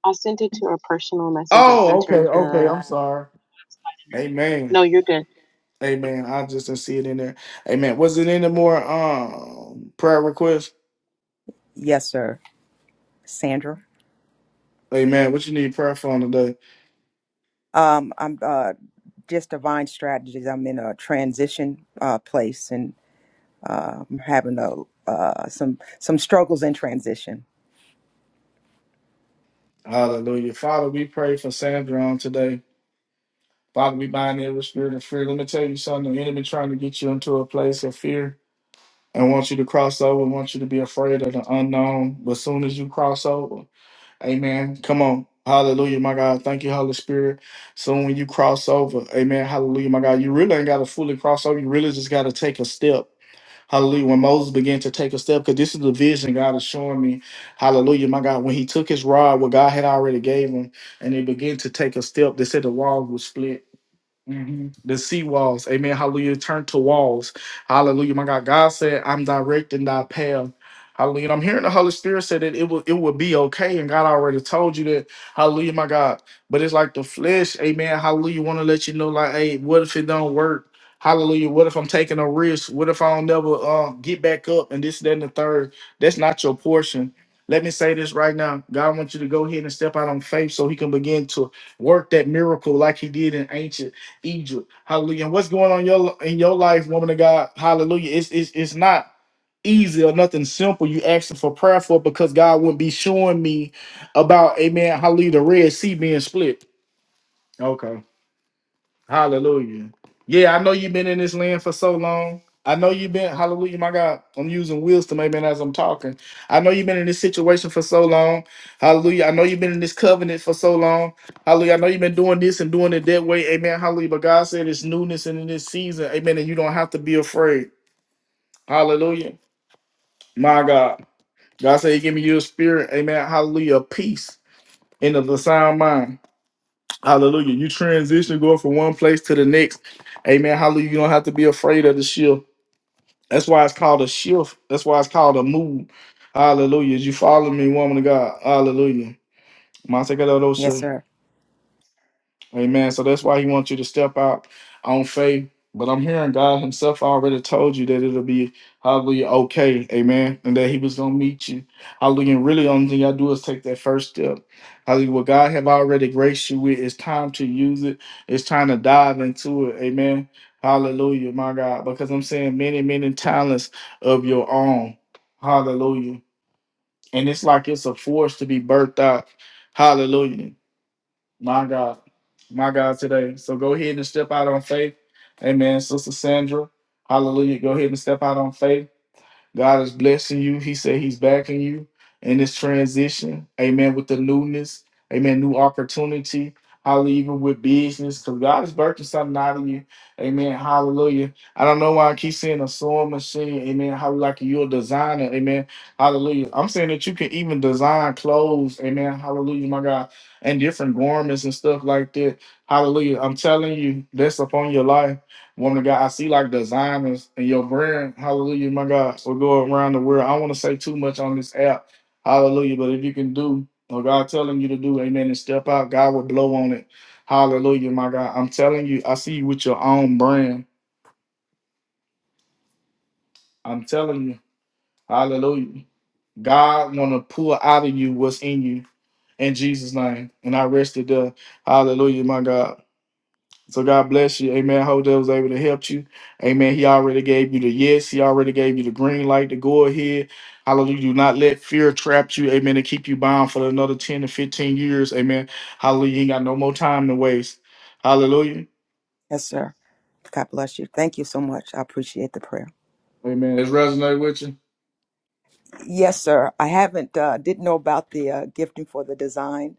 [SPEAKER 4] I sent it to her personal message. I
[SPEAKER 1] Oh,
[SPEAKER 4] sent
[SPEAKER 1] okay,
[SPEAKER 4] her
[SPEAKER 1] okay.
[SPEAKER 4] the,
[SPEAKER 1] I'm sorry. Amen.
[SPEAKER 4] no, you're good.
[SPEAKER 1] Amen. I just didn't see it in there. Amen. Was it any more um prayer requests?
[SPEAKER 7] Yes, sir. Sandra.
[SPEAKER 1] Amen. What you need prayer for on today?
[SPEAKER 7] Um, I'm uh, just divine strategies. I'm in a transition uh, place and uh, I'm having a, uh, some some struggles in transition.
[SPEAKER 1] Hallelujah. Father, we pray for Sandra on today. Father, we bind every spirit of fear. Let me tell you something. The enemy trying to get you into a place of fear and want you to cross over, want you to be afraid of the unknown. But soon as you cross over, amen. Come on. Hallelujah, my God. Thank you, Holy Spirit. Soon when you cross over, amen. Hallelujah, my God. You really ain't got to fully cross over. You really just got to take a step. Hallelujah. When Moses began to take a step, because this is the vision God is showing me. Hallelujah, my God. When he took his rod, what God had already gave him, and he began to take a step, they said the wall was split. Mhm. The sea walls. Amen. Hallelujah. Turn to walls. Hallelujah. My God. God said, I'm directing thy path. Hallelujah. And I'm hearing the Holy Spirit say that it will it will be okay. And God already told you that. Hallelujah, my God. But it's like the flesh, amen. Hallelujah. Want to let you know, like, hey, what if it don't work? Hallelujah. What if I'm taking a risk? What if I don't never uh, get back up? And this, that, and the third. That's not your portion. Let me say this right now. God wants you to go ahead and step out on faith so he can begin to work that miracle like he did in ancient. Egypt. Hallelujah. And what's going on in your in your life, woman of God? Hallelujah. It's it's it's not easy or nothing simple. You asking for prayer for because God wouldn't be showing me about Amen. Hallelujah. The Red Sea being split. Hallelujah. Yeah, I know you've been in this land for so long. I know you've been, hallelujah, my God. I'm using wheels to maybe as I'm talking. I know you've been in this situation for so long. Hallelujah. I know you've been in this covenant for so long. Hallelujah. I know you've been doing this and doing it that way. Amen. Hallelujah. But God said it's newness and in this season. Amen. And you don't have to be afraid. Hallelujah. My God. God said, He gave me your spirit. Amen. Hallelujah. Peace and of the sound mind. Hallelujah. You transition going from one place to the next. Amen. Hallelujah. You don't have to be afraid of the shift. That's why it's called a shift. That's why it's called a move. Hallelujah. You follow me, woman of God. Hallelujah.
[SPEAKER 7] Yes, sir.
[SPEAKER 1] Amen. So that's why he wants you to step out on faith. But I'm hearing God Himself already told you that it'll be hallelujah okay, amen, and that He was gonna meet you. Hallelujah. And really, only thing I do is take that first step. Hallelujah. What God have already graced you with, it's time to use it. It's time to dive into it, amen. Hallelujah, my God. Because I'm saying many, many talents of your own. Hallelujah. And it's like it's a force to be birthed out. Hallelujah my God, my God today. So go ahead and step out on faith. Amen. Sister Sandra, hallelujah. Go ahead and step out on faith. God is blessing you. He said He's backing you in this transition. Amen. With the newness, amen. New opportunity. Hallelujah. Even with business, because God is birthing something out of you. Amen. Hallelujah. I don't know why I keep saying a sewing machine. Amen. How like you're a designer. Amen. Hallelujah. I'm saying that you can even design clothes. Amen. Hallelujah, my God. And different garments and stuff like that. Hallelujah. I'm telling you, that's upon your life. Woman of God, I see like designers and your brand, hallelujah, my God, will go around the world. I don't want to say too much on this app, hallelujah, but if you can do what God telling you to do, amen, and step out, God will blow on it. Hallelujah, my God. I'm telling you, I see you with your own brand. I'm telling you, hallelujah. God want to pull out of you what's in you in Jesus' name. And I rested there. Hallelujah, my God. So God bless you. Amen. I Hope that was able to help you. Amen. He already gave you the yes. He already gave you the green light to go ahead. Hallelujah. Do not let fear trap you. Amen. And keep you bound for another 10 to 15 years. Amen. Hallelujah. You ain't got no more time to waste. Hallelujah.
[SPEAKER 7] Yes, sir. God bless you. Thank you so much. I appreciate the prayer.
[SPEAKER 1] Amen. It's resonate with you.
[SPEAKER 7] Yes, sir. I haven't, uh, didn't know about the uh, gifting for the design,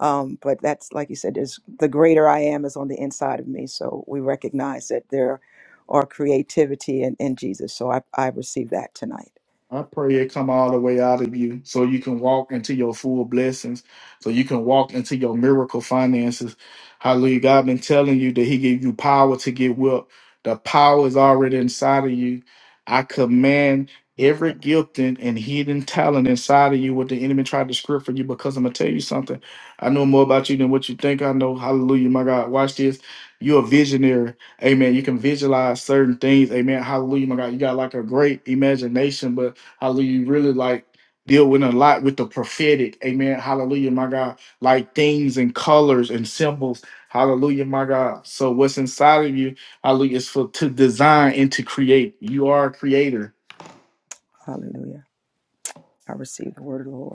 [SPEAKER 7] um, but that's like you said, is the greater I am is on the inside of me. So we recognize that there are creativity in, in Jesus. So I, I received that tonight.
[SPEAKER 1] I pray it come all the way out of you so you can walk into your full blessings, so you can walk into your miracle finances. Hallelujah. God been telling you that He gave you power to get wealth. The power is already inside of you. I command
[SPEAKER 7] My-
[SPEAKER 1] every gifting and hidden talent inside of you what the enemy tried to script for you because I'm gonna tell you something. I know more about you than what you think I know. Hallelujah, my God. Watch this. You're a visionary. Amen. You can visualize certain things. Amen. Hallelujah. My God, you got like a great imagination, but Hallelujah. You really like deal with a lot with the prophetic. Amen. Hallelujah, my God. Like things and colors and symbols. Hallelujah, my God. So what's inside of you, hallelujah, is for to design and to create. You are a creator.
[SPEAKER 7] Hallelujah. I received the word of the Lord.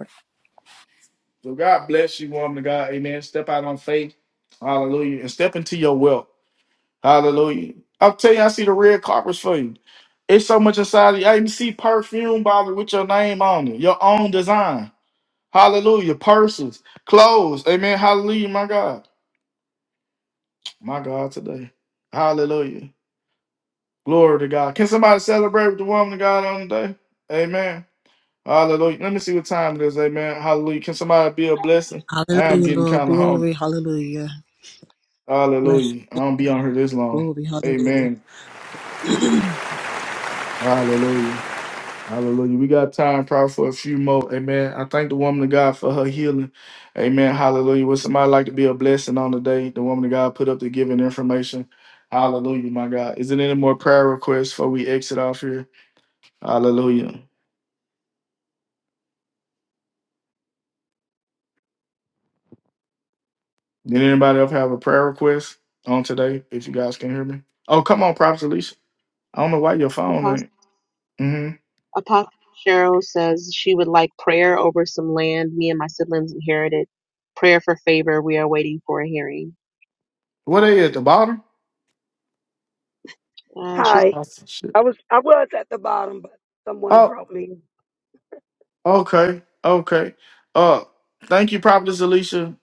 [SPEAKER 1] So God bless you, woman of God. Amen. Step out on faith. Hallelujah. And step into your wealth. Hallelujah. i will tell you, I see the red carpets for you. It's so much inside of you. I even see perfume bottle with your name on it, your own design. Hallelujah. Persons, clothes. Amen. Hallelujah, my God. My God today. Hallelujah. Glory to God. Can somebody celebrate with the woman of God on the day? Amen. Hallelujah. Let me see what time it is. Amen. Hallelujah. Can somebody be a blessing? I am
[SPEAKER 6] Hallelujah,
[SPEAKER 1] getting
[SPEAKER 6] Lord.
[SPEAKER 1] kind of hungry.
[SPEAKER 6] Glory. Hallelujah. Bless you.
[SPEAKER 1] Hallelujah. I don't be on here this long.
[SPEAKER 6] Glory. Hallelujah.
[SPEAKER 1] Amen. Hallelujah. Hallelujah. We got time probably for a few more. Amen. I thank the woman of God for her healing. Amen. Hallelujah. Would somebody like to be a blessing on the day? The woman of God put up the giving information. Hallelujah, my God. Is there any more prayer requests before we exit off here? Hallelujah. Did anybody else have a prayer request on today? If you guys can hear me. Oh, come on, Prophet Alicia. I don't know why your phone
[SPEAKER 4] Apostle,
[SPEAKER 1] ain't. hmm
[SPEAKER 4] Apostle Cheryl says she would like prayer over some land me and my siblings inherited. Prayer for favor. We are waiting for a hearing.
[SPEAKER 1] What are you at the bottom?
[SPEAKER 4] Uh, she's
[SPEAKER 8] Hi.
[SPEAKER 1] Awesome. Shit.
[SPEAKER 8] I was I was at the bottom, but someone
[SPEAKER 1] Oh,
[SPEAKER 8] brought me.
[SPEAKER 1] Okay. Okay. Uh, thank you, Prophetess Alicia.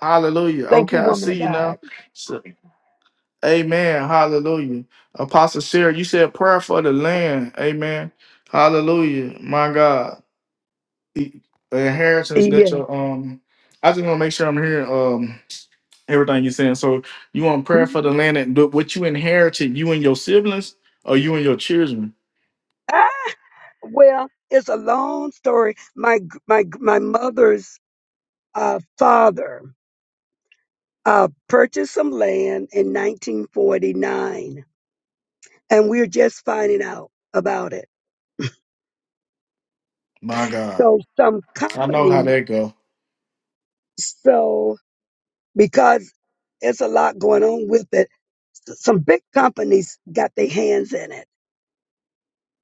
[SPEAKER 1] Hallelujah.
[SPEAKER 8] Thank
[SPEAKER 1] Okay,
[SPEAKER 8] you,
[SPEAKER 1] I
[SPEAKER 8] woman
[SPEAKER 1] see
[SPEAKER 8] of
[SPEAKER 1] you
[SPEAKER 8] God.
[SPEAKER 1] now. So, amen. Hallelujah. Apostle Sarah, you said prayer for the land. Amen. Hallelujah. My God. The the inheritance that
[SPEAKER 8] Yeah.
[SPEAKER 1] your um I just want to make sure I'm hearing um everything you're saying. So you want prayer for the land and what you inherited, you and your siblings or you and your children?
[SPEAKER 8] Ah, well, it's a long story. My g- my g- my mother's uh, father uh, purchased some land in 1949, and we're just finding out about it.
[SPEAKER 1] My God.
[SPEAKER 8] So some
[SPEAKER 1] I know how
[SPEAKER 8] companies,
[SPEAKER 1] that go.
[SPEAKER 8] so because it's a lot going on with it, s- some big companies got their hands in it,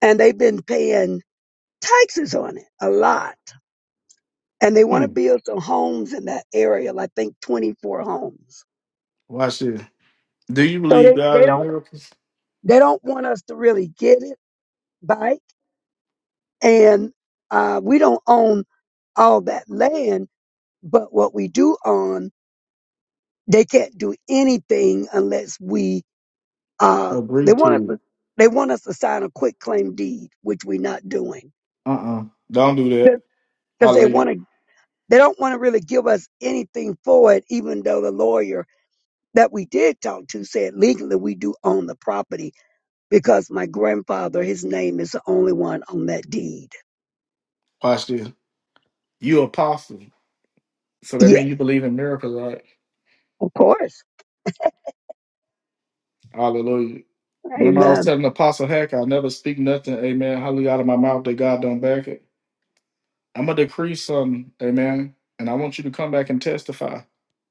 [SPEAKER 8] and they've been paying. taxes on it a lot. And they want to
[SPEAKER 1] Hmm.
[SPEAKER 8] build some homes in that area, like think 24 homes.
[SPEAKER 1] Watch this. Do you
[SPEAKER 8] So
[SPEAKER 1] believe
[SPEAKER 8] they, they
[SPEAKER 1] God in
[SPEAKER 8] don't
[SPEAKER 1] miracles?
[SPEAKER 8] they don't want us to really get it back. And uh, we don't own all that land, but what we do own, they can't do anything unless we uh, they
[SPEAKER 1] Agree
[SPEAKER 8] want us
[SPEAKER 1] to
[SPEAKER 8] to
[SPEAKER 1] it.
[SPEAKER 8] they want us to sign a quit claim deed, which we're not doing
[SPEAKER 1] Uh uh do not do that. I
[SPEAKER 8] because they
[SPEAKER 1] leave.
[SPEAKER 8] want to they don't want to really give us anything for it, even though the lawyer that we did talk to said legally we do own the property because my grandfather, his name is the only one on that deed.
[SPEAKER 1] Watch this. You apostle. So that
[SPEAKER 8] Yeah,
[SPEAKER 1] means you believe in miracles, right?
[SPEAKER 8] of course.
[SPEAKER 1] Hallelujah. Remember I was
[SPEAKER 8] Amen.
[SPEAKER 1] telling Apostle Hack, I never speak nothing, amen, hallelujah, out of my mouth that God don't back it. I'm going to decree something, amen, and I want you to come back and testify.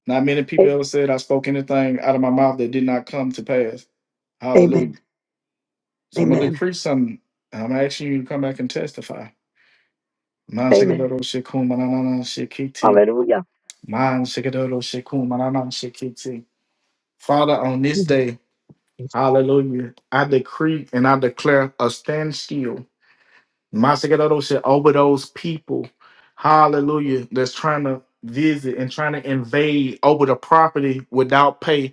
[SPEAKER 1] Not many
[SPEAKER 8] A-
[SPEAKER 1] people ever said I spoke anything out of my mouth that did not come to pass.
[SPEAKER 8] Amen.
[SPEAKER 1] Hallelujah. So I'm going to
[SPEAKER 8] Amen.
[SPEAKER 1] decree something, and I'm asking you to come back and testify. Man
[SPEAKER 8] Amen.
[SPEAKER 1] shekadoro shekum mananana shekiti.
[SPEAKER 8] Hallelujah.
[SPEAKER 1] Man shekadoro shekum mananana shekiti. Father, on this
[SPEAKER 8] Mm,
[SPEAKER 1] day,
[SPEAKER 8] yes.
[SPEAKER 1] hallelujah, I decree and I declare a standstill. Man shekadoro she over those people, hallelujah, that's trying to visit and trying to invade over the property without pay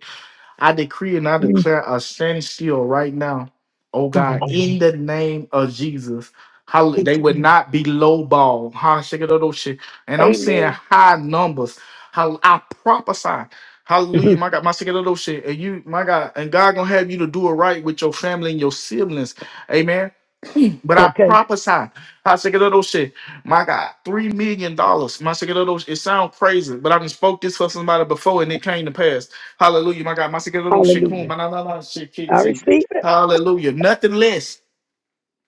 [SPEAKER 1] I decree and I
[SPEAKER 8] Mm,
[SPEAKER 1] declare a standstill right now, oh God,
[SPEAKER 8] Hallelujah.
[SPEAKER 1] in the name of Jesus. How
[SPEAKER 8] Thank
[SPEAKER 1] they
[SPEAKER 8] you.
[SPEAKER 1] would
[SPEAKER 8] Lord.
[SPEAKER 1] not be lowball, ball, how shake it up, oh shit. And I'm seeing
[SPEAKER 8] Amen.
[SPEAKER 1] high numbers. How I prophesy. Hallelujah,
[SPEAKER 8] Mhm.
[SPEAKER 1] my God, my second of those shit. And you, my God, and God gonna have you to do it right with your family and your siblings. Amen me, but I
[SPEAKER 8] Okay.
[SPEAKER 1] prophesy. I said, "Get those shit, my God, three million dollars. My second those. It sounds crazy, but I done spoke this for somebody before, and it came to pass. Hallelujah, my God, my second those shit, cool,
[SPEAKER 8] Hallelujah.
[SPEAKER 1] my la la la shit, kick
[SPEAKER 8] I
[SPEAKER 1] too.
[SPEAKER 8] receive it.
[SPEAKER 1] Hallelujah, nothing less.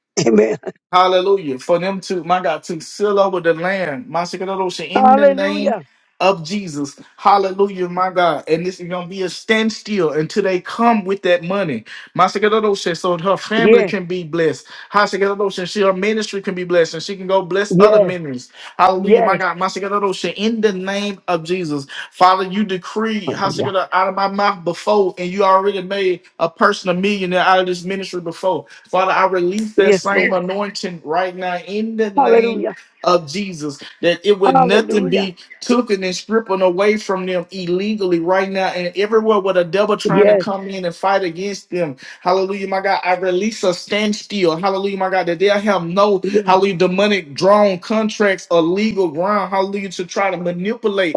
[SPEAKER 8] Amen.
[SPEAKER 1] Hallelujah. For them to, my God, to seal over the land, my Shikadosha, in the name
[SPEAKER 8] Hallelujah.
[SPEAKER 1] of Jesus. Hallelujah, my God. And this is going to be a standstill until they come with that money. My Shikadosha, so her family
[SPEAKER 8] Yes.
[SPEAKER 1] can be blessed. Ha Shikadosha, she her ministry can be blessed and she can go bless other
[SPEAKER 8] Yes.
[SPEAKER 1] ministries. Hallelujah, my
[SPEAKER 8] Yes.
[SPEAKER 1] God. My Shikadosha, in the name of Jesus. Father, you decree, Ha
[SPEAKER 8] Hallelujah.
[SPEAKER 1] Shikadosha, out of my mouth before, and you already made a person a millionaire out of this ministry before. Father, I release that
[SPEAKER 8] Yes,
[SPEAKER 1] same
[SPEAKER 8] Lord.
[SPEAKER 1] anointing right now in the name
[SPEAKER 8] Hallelujah.
[SPEAKER 1] of Jesus, that it would nothing
[SPEAKER 8] Hallelujah.
[SPEAKER 1] be taken and stripping away from them illegally right now, and everywhere where the devil trying to
[SPEAKER 8] Yes.
[SPEAKER 1] come in and fight against them. Hallelujah, my God. I release a standstill. Hallelujah, my God, that they'll have no
[SPEAKER 8] Yes.
[SPEAKER 1] hallelujah demonic drawn contracts or legal ground. Hallelujah, to try to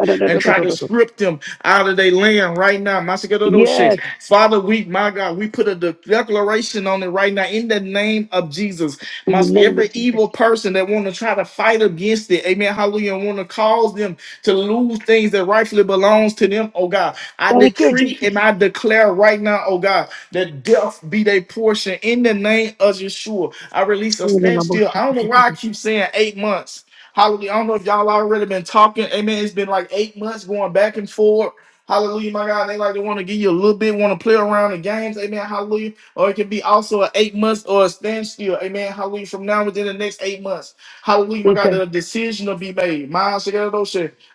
[SPEAKER 8] Da, da, da, da,
[SPEAKER 1] and
[SPEAKER 8] da,
[SPEAKER 1] try
[SPEAKER 8] da,
[SPEAKER 1] to
[SPEAKER 8] da,
[SPEAKER 1] script them out of their land right now.
[SPEAKER 8] Yes.
[SPEAKER 1] Father, we, my God, we put a de- declaration on it right now in the name of Jesus.
[SPEAKER 8] In the
[SPEAKER 1] Must
[SPEAKER 8] name of
[SPEAKER 1] every
[SPEAKER 8] Jesus.
[SPEAKER 1] evil person that want to try to fight against it, amen, hallelujah, and want to cause them to lose things that rightfully belongs to them, oh God. I
[SPEAKER 8] Thank you,
[SPEAKER 1] decree
[SPEAKER 8] Jesus.
[SPEAKER 1] and I declare right now, oh God, that death be their portion in the name of Yeshua. I release a standstill. I don't know why I keep saying eight months. Hallelujah. I don't know if y'all already been talking. Amen. It's been like eight months going back and forth. Hallelujah, my God. They like to want to give you a little bit, want to play around the games. Amen. Hallelujah. Or it could be also an eight months or a standstill. Amen. Hallelujah. From now within the next eight months. Hallelujah, my God.
[SPEAKER 8] Okay.
[SPEAKER 1] The decision will be made. My shit.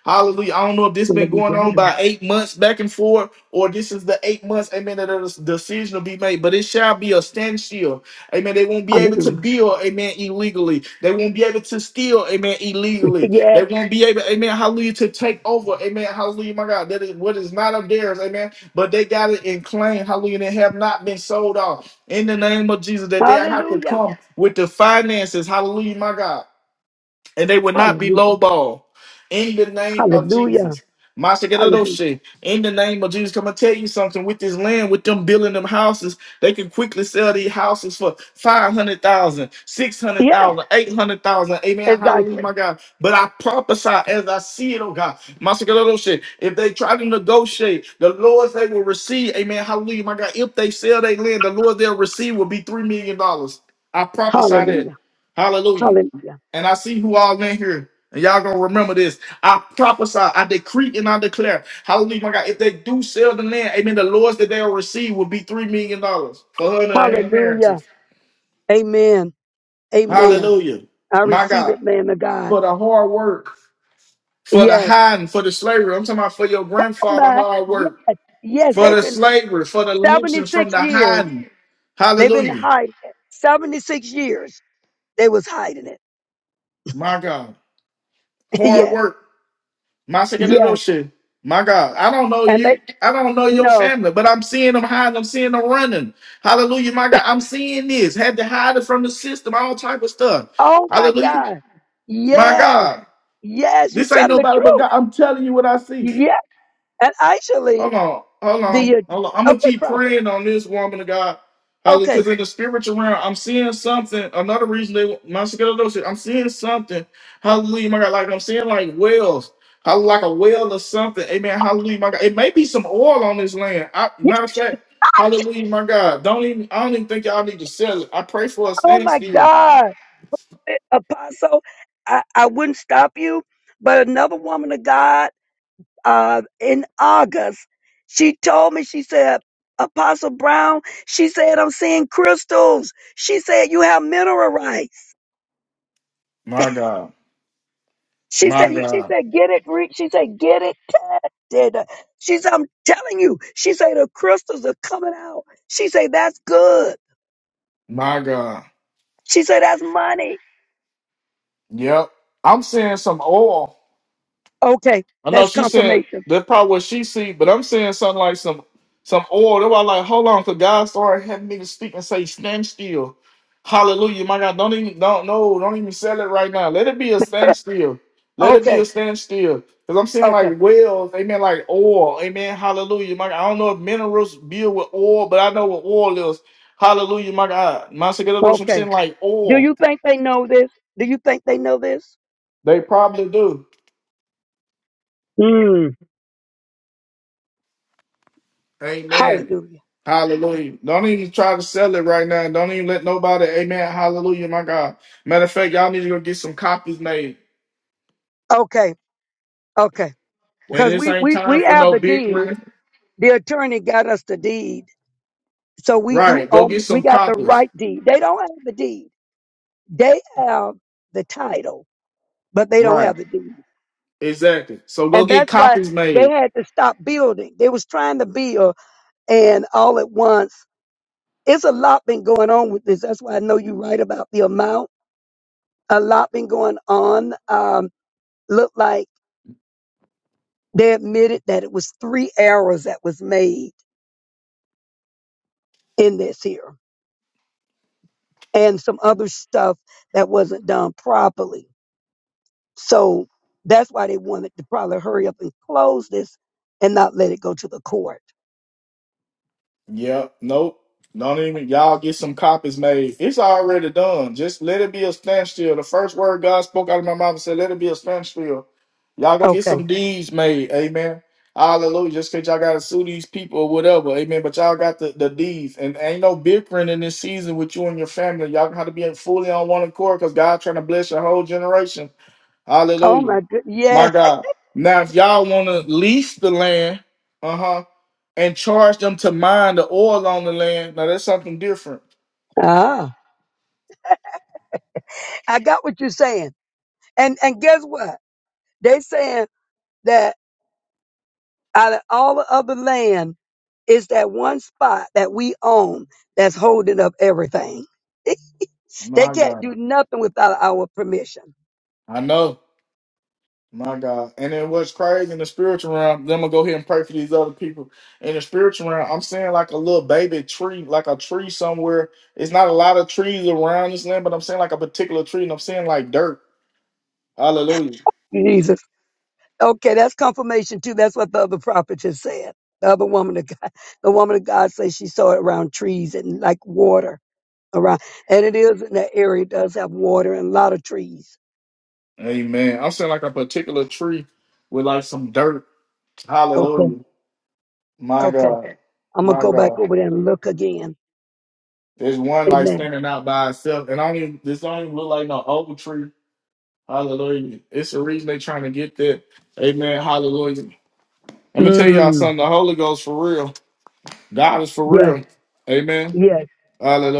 [SPEAKER 1] Hallelujah. I don't know if this been going on
[SPEAKER 8] Hallelujah.
[SPEAKER 1] by eight months back and forth, or this is the eight months, amen, that a decision will be made. But it shall be a standstill. Amen. They won't be able to
[SPEAKER 8] Hallelujah.
[SPEAKER 1] build, amen, illegally. They won't be able to steal, amen,
[SPEAKER 8] Hallelujah.
[SPEAKER 1] illegally.
[SPEAKER 8] Yeah.
[SPEAKER 1] They won't be able, amen, hallelujah, to take over. Amen. Hallelujah, my God. That is what is not of theirs, amen. But they got it in claim, hallelujah, and they have not been sold off. In the name of Jesus, that they have to
[SPEAKER 8] Hallelujah.
[SPEAKER 1] come with the finances. Hallelujah, my God and they would not be
[SPEAKER 8] Hallelujah.
[SPEAKER 1] lowballed. In the name of
[SPEAKER 8] Hallelujah.
[SPEAKER 1] Jesus. Master, get out of those
[SPEAKER 8] Hallelujah.
[SPEAKER 1] shit. In the name of Jesus, come and tell you something. With this land, with them building them houses, they can quickly sell these houses for 500,000, six hundred
[SPEAKER 8] Yeah,
[SPEAKER 1] thousand, 800,000. Amen. Hallelujah,
[SPEAKER 8] exactly.
[SPEAKER 1] my God. But I prophesy as I see it, oh God. Master, get out of those shit. If they try to negotiate, the Lord they will receive. Amen. Hallelujah, my God. If they sell their land, the Lord they'll receive will be $3 million. dollars. I prophesy that.
[SPEAKER 8] Hallelujah.
[SPEAKER 1] Hallelujah.
[SPEAKER 8] Hallelujah.
[SPEAKER 1] And I see who all in here. And y'all gonna remember this. I prophesy, I decree, and I declare. Hallelujah, my God. If they do sell the land, amen, the lords that they'll receive will be $3 million dollars for her and her
[SPEAKER 8] Hallelujah.
[SPEAKER 1] inheritance.
[SPEAKER 8] Amen. Amen.
[SPEAKER 1] Hallelujah.
[SPEAKER 8] I
[SPEAKER 1] My
[SPEAKER 8] receive it,
[SPEAKER 1] God.
[SPEAKER 8] man of God.
[SPEAKER 1] For the hard work, for the
[SPEAKER 8] Yes.
[SPEAKER 1] hiding, for the slavery. I'm talking about for your
[SPEAKER 8] Oh
[SPEAKER 1] grandfather
[SPEAKER 8] my.
[SPEAKER 1] hard
[SPEAKER 8] Yes.
[SPEAKER 1] work,
[SPEAKER 8] Yes.
[SPEAKER 1] for
[SPEAKER 8] They've
[SPEAKER 1] the
[SPEAKER 8] been
[SPEAKER 1] slavery, for the lynchings from
[SPEAKER 8] 76
[SPEAKER 1] the
[SPEAKER 8] years.
[SPEAKER 1] hiding.
[SPEAKER 8] They've been
[SPEAKER 1] Hallelujah.
[SPEAKER 8] hiding it. 76 years. They was hiding it.
[SPEAKER 1] My God. Hard
[SPEAKER 8] yes.
[SPEAKER 1] work. My second
[SPEAKER 8] Yes.
[SPEAKER 1] shit. My God, I don't know
[SPEAKER 8] And they,
[SPEAKER 1] you. I don't know your
[SPEAKER 8] no.
[SPEAKER 1] family, but I'm seeing them hiding. I'm seeing them running. Hallelujah, my God. I'm seeing this. Had to hide it from the system, all type of stuff.
[SPEAKER 8] Oh my
[SPEAKER 1] Hallelujah,
[SPEAKER 8] God.
[SPEAKER 1] my
[SPEAKER 8] Yes.
[SPEAKER 1] God.
[SPEAKER 8] Yes. You
[SPEAKER 1] This ain't
[SPEAKER 8] tell them the
[SPEAKER 1] nobody but
[SPEAKER 8] truth.
[SPEAKER 1] God. I'm telling you what I see.
[SPEAKER 8] Yeah. And actually,
[SPEAKER 1] Hold on, hold
[SPEAKER 8] the,
[SPEAKER 1] on, hold on. I'm
[SPEAKER 8] uh,
[SPEAKER 1] gonna
[SPEAKER 8] okay,
[SPEAKER 1] keep
[SPEAKER 8] prophet.
[SPEAKER 1] praying on this woman of God,
[SPEAKER 8] Okay.
[SPEAKER 1] because in the spiritual realm, I'm seeing something. Another reason they my shit. I'm seeing something. Hallelujah, my God. Like I'm seeing like wells, how like a well or something. Amen. Hallelujah, my God. It may be some oil on this land. I,
[SPEAKER 8] Yeah.
[SPEAKER 1] matter of fact, Hallelujah, my God. Don't even. I don't even think y'all need to sell it. I pray for a
[SPEAKER 8] Oh my
[SPEAKER 1] standstill.
[SPEAKER 8] God. Eh, Apostle, I, I wouldn't stop you, but another woman of God, uh, in August, she told me, she said, Apostle Brown, she said, I'm seeing crystals. She said, you have mineral rights.
[SPEAKER 1] My God,
[SPEAKER 8] She
[SPEAKER 1] my
[SPEAKER 8] said, you- she
[SPEAKER 1] God,
[SPEAKER 8] said, get it, re-" she said, get it tested. She said, I'm telling you, she said, the crystals are coming out. She said, that's good.
[SPEAKER 1] my God.
[SPEAKER 8] She said, that's money.
[SPEAKER 1] Yep. I'm seeing some oil.
[SPEAKER 8] Okay.
[SPEAKER 1] I know
[SPEAKER 8] That's
[SPEAKER 1] she's saying
[SPEAKER 8] confirmation.
[SPEAKER 1] that's probably what she see, but I'm saying something like some some oil. That's why i like, hold on, cause God started having me to speak and say, stand still. Hallelujah. My God, don't even don't no, don't even sell it right now. Let it be a standstill. Let it be a
[SPEAKER 8] Okay.
[SPEAKER 1] standstill. Because I'm saying
[SPEAKER 8] Okay.
[SPEAKER 1] like wells, amen, like oil. Amen. Hallelujah. My God. I don't know if minerals build with oil, but I know what oil is. Hallelujah, my God. My God, I'm
[SPEAKER 8] Okay.
[SPEAKER 1] saying like
[SPEAKER 8] Do
[SPEAKER 1] oil.
[SPEAKER 8] you think they know this? Do you think they know this?
[SPEAKER 1] They probably do.
[SPEAKER 8] Mm.
[SPEAKER 1] Amen.
[SPEAKER 8] Hallelujah.
[SPEAKER 1] Hallelujah. Don't even try to sell it right now. Don't even let nobody, amen. Hallelujah, my God. Matter of fact, y'all need to go get some copies made.
[SPEAKER 8] Okay. Okay.
[SPEAKER 1] And
[SPEAKER 8] Because
[SPEAKER 1] this
[SPEAKER 8] we,
[SPEAKER 1] ain't
[SPEAKER 8] we,
[SPEAKER 1] time
[SPEAKER 8] we
[SPEAKER 1] for
[SPEAKER 8] have
[SPEAKER 1] no
[SPEAKER 8] the
[SPEAKER 1] big
[SPEAKER 8] deed.
[SPEAKER 1] one.
[SPEAKER 8] The attorney got us the deed. So we do
[SPEAKER 1] Right. Go
[SPEAKER 8] own,
[SPEAKER 1] get
[SPEAKER 8] we
[SPEAKER 1] some
[SPEAKER 8] got the
[SPEAKER 1] copies.
[SPEAKER 8] right deed. They don't have the deed. They have the title, but they don't have
[SPEAKER 1] Right.
[SPEAKER 8] the deed.
[SPEAKER 1] Exactly. So go
[SPEAKER 8] And
[SPEAKER 1] get
[SPEAKER 8] that's why
[SPEAKER 1] copies
[SPEAKER 8] they
[SPEAKER 1] made.
[SPEAKER 8] had to stop building. They was trying to build and all at once. It's a lot been going on with this. That's why I know you're right about the amount. A lot been going on. Um, looked like they admitted that it was three errors that was made in this here and some other stuff that wasn't done properly. So that's why they wanted to probably hurry up and close this and not let it go to the court.
[SPEAKER 1] Yeah, Nope. Don't even y'all get some copies made. It's already done. Just let it be a standstill. The first word God spoke out of my mouth and said, "Let it be a standstill." Y'all go get
[SPEAKER 8] Okay.
[SPEAKER 1] some deeds made. Amen. Hallelujah. Just cause y'all gotta sue these people or whatever. Amen. But y'all got the, the deeds. And ain't no bickering in this season with you and your family. Y'all got to be fully on one accord because God trying to bless your whole generation.
[SPEAKER 8] Oh
[SPEAKER 1] Hallelujah.
[SPEAKER 8] my good.
[SPEAKER 1] My
[SPEAKER 8] Yes.
[SPEAKER 1] God. Now, if y'all want to lease the land, uh huh, and charge them to mine the oil on the land, now that's something different.
[SPEAKER 8] Ah. I got what you're saying. And and guess what? They saying that out of all the other land, it's that one spot that we own that's holding up everything. They
[SPEAKER 1] My
[SPEAKER 8] can't
[SPEAKER 1] God.
[SPEAKER 8] do nothing without our permission.
[SPEAKER 1] I know. My God. And then what's crazy in the spiritual realm, then I'm going to go ahead and pray for these other people. In the spiritual realm, I'm seeing like a little baby tree, like a tree somewhere. It's not a lot of trees around this land, but I'm seeing like a particular tree and I'm seeing like dirt. Hallelujah.
[SPEAKER 8] Jesus. Okay, that's confirmation too. That's what the other prophet just said. The other woman of God, the woman of God says she saw it around trees and like water around. And it is in that area, it does have water and a lot of trees.
[SPEAKER 1] Amen. I'm seeing like a particular tree with like some dirt.
[SPEAKER 8] Okay.
[SPEAKER 1] Hallelujah. My
[SPEAKER 8] Okay.
[SPEAKER 1] God.
[SPEAKER 8] I'm gonna
[SPEAKER 1] My
[SPEAKER 8] go back
[SPEAKER 1] God.
[SPEAKER 8] over there and look again.
[SPEAKER 1] There's one like
[SPEAKER 8] Amen.
[SPEAKER 1] standing out by itself. And I don't even this don't even look like no oak tree. Hallelujah. It's the reason they trying to get that. Amen. Hallelujah. Let me tell y'all
[SPEAKER 8] Mm,
[SPEAKER 1] something. The Holy Ghost for real. God is for
[SPEAKER 8] yes,
[SPEAKER 1] real. Amen.
[SPEAKER 8] yes,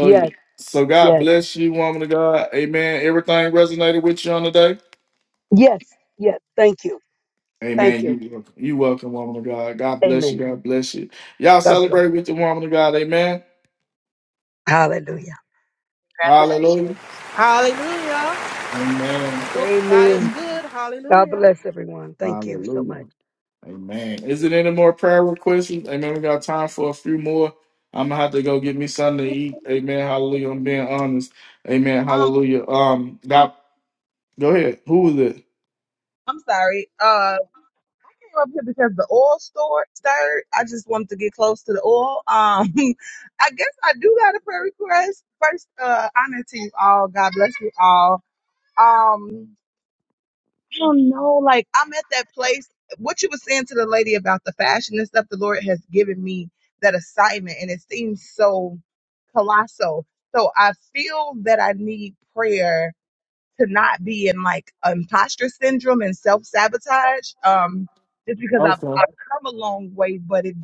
[SPEAKER 8] yes,
[SPEAKER 1] So God
[SPEAKER 8] yes,
[SPEAKER 1] bless you, woman of God. Amen. Everything resonated with you on the day.
[SPEAKER 8] yes, yes. Thank you. Thank
[SPEAKER 1] Amen.
[SPEAKER 8] you.
[SPEAKER 1] You welcome. You welcome, woman of God. God bless you.
[SPEAKER 8] Amen.
[SPEAKER 1] God bless you. Y'all
[SPEAKER 8] God bless.
[SPEAKER 1] celebrate with the woman of God. Amen.
[SPEAKER 8] Hallelujah.
[SPEAKER 1] Hallelujah.
[SPEAKER 6] Hallelujah.
[SPEAKER 1] Amen.
[SPEAKER 6] God is
[SPEAKER 8] Amen.
[SPEAKER 6] good.
[SPEAKER 8] God
[SPEAKER 6] Hallelujah.
[SPEAKER 8] bless everyone. Thank you so
[SPEAKER 1] Hallelujah.
[SPEAKER 8] much.
[SPEAKER 1] Amen. Is it any more prayer requests? Amen. We got time for a few more. I'm gonna have to go get me something to eat. Amen. Hallelujah. I'm being honest. Amen.
[SPEAKER 9] Um,
[SPEAKER 1] Hallelujah. Um, God, go ahead. Who was it?
[SPEAKER 9] I'm sorry. Uh, I came up here because the oil store started. I just wanted to get close to the oil. Um, I guess I do got a prayer request. First, uh, honor to you all. God bless you all. Um, I don't know. Like I'm at that place. What you were saying to the lady about the fashion and stuff, the Lord has given me that assignment, and it seems so colossal. So I feel that I need prayer to not be in like imposter syndrome and self sabotage. Um, just because I've
[SPEAKER 1] Okay.
[SPEAKER 9] I've come a long way, but it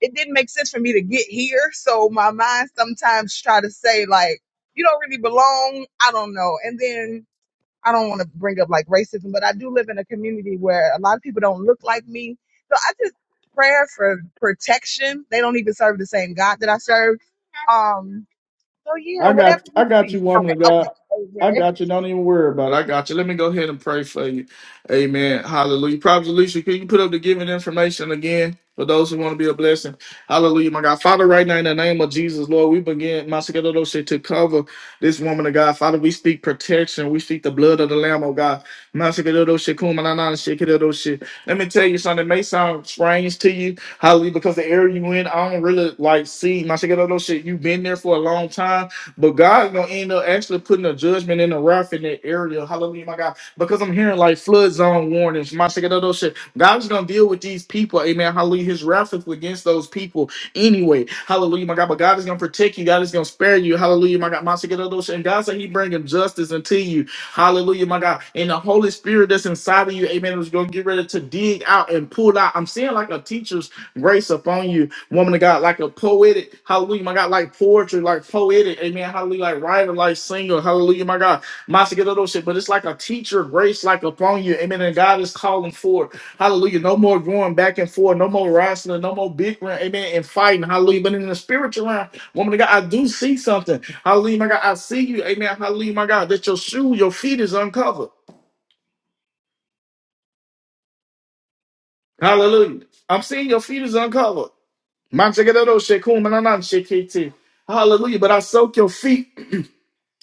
[SPEAKER 9] it didn't make sense for me to get here. So my mind sometimes try to say like, you don't really belong. I don't know. And then I don't want to bring up like racism, but I do live in a community where a lot of people don't look like me. So I just prayer for protection. They don't even serve the same God that I serve. Um. So yeah,
[SPEAKER 1] I
[SPEAKER 9] whatever
[SPEAKER 1] got I
[SPEAKER 9] you
[SPEAKER 1] got
[SPEAKER 9] see.
[SPEAKER 1] you, woman
[SPEAKER 9] Okay.
[SPEAKER 1] of
[SPEAKER 9] Okay.
[SPEAKER 1] God. I
[SPEAKER 9] Amen.
[SPEAKER 1] got you. Don't even worry about it. I got you. Let me go ahead and pray for you. Amen. Hallelujah. Prophet Alicia, can you put up the giving information again for those who want to be a blessing? Hallelujah, my God. Father, right now in the name of Jesus, Lord, we begin, Master God, shit to cover this woman of God. Father, we speak protection. We speak the blood of the Lamb, oh God. Master God, those shit, kuma na na, shit, God, those shit. Let me tell you something. It may sound strange to you, hallelujah, because the area you in, I don't really like see, Master God, shit. You've been there for a long time. But God's gonna end up actually putting a judgment in the wrath in that area. Hallelujah, my God. Because I'm hearing like flood zone warnings, my second of those shit. God's gonna deal with these people. Amen. Hallelujah. His wrath is against those people anyway. Hallelujah, my God. But God is gonna protect you. God is gonna spare you. Hallelujah, my God. My second of those shit. And God said He bringing justice unto you. Hallelujah, my God. And the Holy Spirit that's inside of you, Amen, is gonna get ready to dig out and pull out. I'm seeing like a teacher's grace upon you Woman of God, like a poetic, hallelujah, my God, like poetry, like poetic, amen, hallelujah, like writer, like singer, hallelujah, my God, Master, get all those shit, but it's like a teacher, grace, like upon you, amen, and God is calling for, hallelujah, no more going back and forth, no more wrestling, no more bickering, amen, and fighting, hallelujah, but in the spiritual realm, woman of God, I do see something, hallelujah, my God, I see you, amen, hallelujah, my God, that your shoe, your feet is uncovered, hallelujah, I'm seeing your feet is uncovered. oh, cool, Hallelujah. But I soak your feet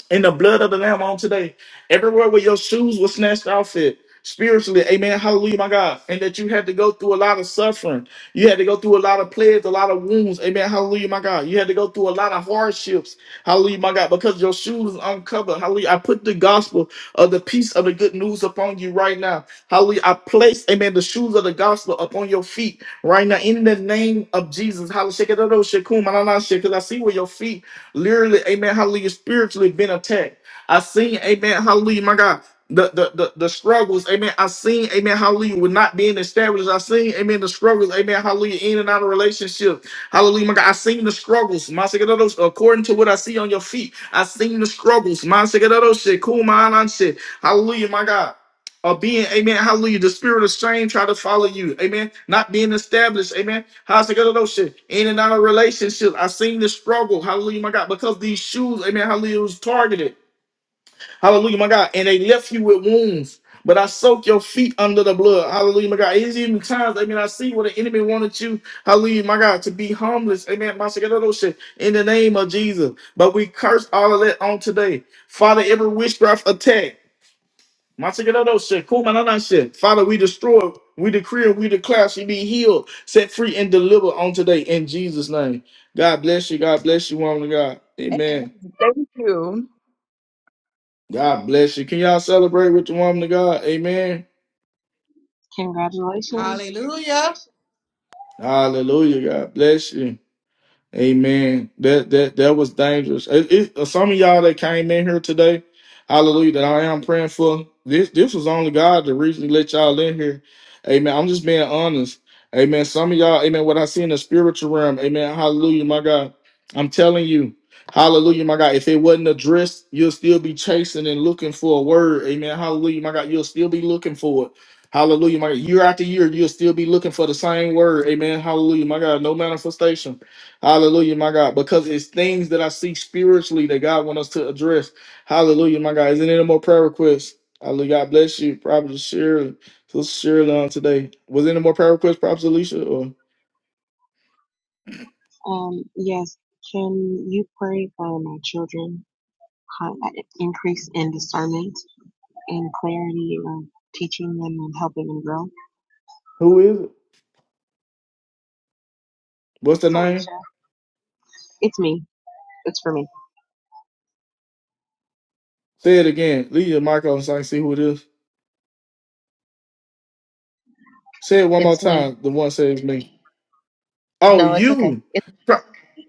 [SPEAKER 1] in the blood of the Lamb on today. Everywhere where your shoes were snatched off it. Spiritually, amen. Hallelujah, my God. And that you had to go through a lot of suffering. You had to go through a lot of plagues, a lot of wounds. Amen. Hallelujah, my God. You had to go through a lot of hardships. Hallelujah, my God. Because your shoes is uncovered. Hallelujah. I put the gospel of the peace of the good news upon you right now. Hallelujah. I place, amen, the shoes of the gospel upon your feet right now. In the name of Jesus. Hallelujah. Because I see where your feet literally, amen, hallelujah, spiritually been attacked. I seen, amen, hallelujah, my God, the, the, the, the struggles, amen. I seen, amen, hallelujah, with not being established. I seen, amen, the struggles, amen, hallelujah, in and out of relationship. Hallelujah, my God. I seen the struggles, my secretaros, according to what I see on your feet. I seen the struggles, my secretaros, shit, cool, my shit. Hallelujah, my God of being, amen, hallelujah, the spirit of shame try to follow you, amen, not being established, amen, how's it gonna know shit, in and out of relationships, I've seen the struggle, hallelujah, my God, because these shoes, amen, hallelujah, was targeted, hallelujah, my God, and they left you with wounds, but I soak your feet under the blood, hallelujah, my God, it's even times, amen, I see what the enemy wanted you, hallelujah, my God, to be homeless, amen, my second little shit, in the name of Jesus, but we curse all of that on today, Father, every witchcraft attack, Masagadado said, Kumanana said, Father, we destroy, we decree, and we declare she be healed, set free, and delivered on today in Jesus' name. God bless you. God bless you, woman of God. Amen.
[SPEAKER 9] Thank you.
[SPEAKER 1] God bless you. Can y'all celebrate with the woman of God? Amen.
[SPEAKER 4] congratulations. Congratulations.
[SPEAKER 6] Hallelujah.
[SPEAKER 1] Hallelujah. God bless you. Amen. That that that was dangerous. It, it, some of y'all that came in here today, hallelujah, that I am praying for. This this was only God to recently let y'all in here. Amen. I'm just being honest. Amen. Some of y'all, amen, what I see in the spiritual realm, amen. Hallelujah, my God. I'm telling you, hallelujah, my God. If it wasn't addressed, you'll still be chasing and looking for a word. Amen. Hallelujah, my God. You'll still be looking for it. Hallelujah, my God. Year after year, you'll still be looking for the same word. Amen. Hallelujah, my God. No manifestation. Hallelujah, my God, because it's things that I see spiritually that God wants us to address. Hallelujah, my God. Is there any more prayer requests? Hallelujah. God bless you, Prophet Shirley. So Shirley on today. Was there any more prayer requests, Prophet Alicia? Or
[SPEAKER 4] Um, yes. Can you pray for my children? kind of an increase in discernment and clarity and teaching them and helping them grow.
[SPEAKER 1] who is it? What's the
[SPEAKER 4] It's
[SPEAKER 1] name?
[SPEAKER 4] Alicia. It's me. It's for me.
[SPEAKER 1] Say it again. Leave your mic on so I can see who it is. Say it one more
[SPEAKER 4] It's me.
[SPEAKER 1] time. The one says me. Oh,
[SPEAKER 4] No, it's okay.
[SPEAKER 1] you.
[SPEAKER 4] It's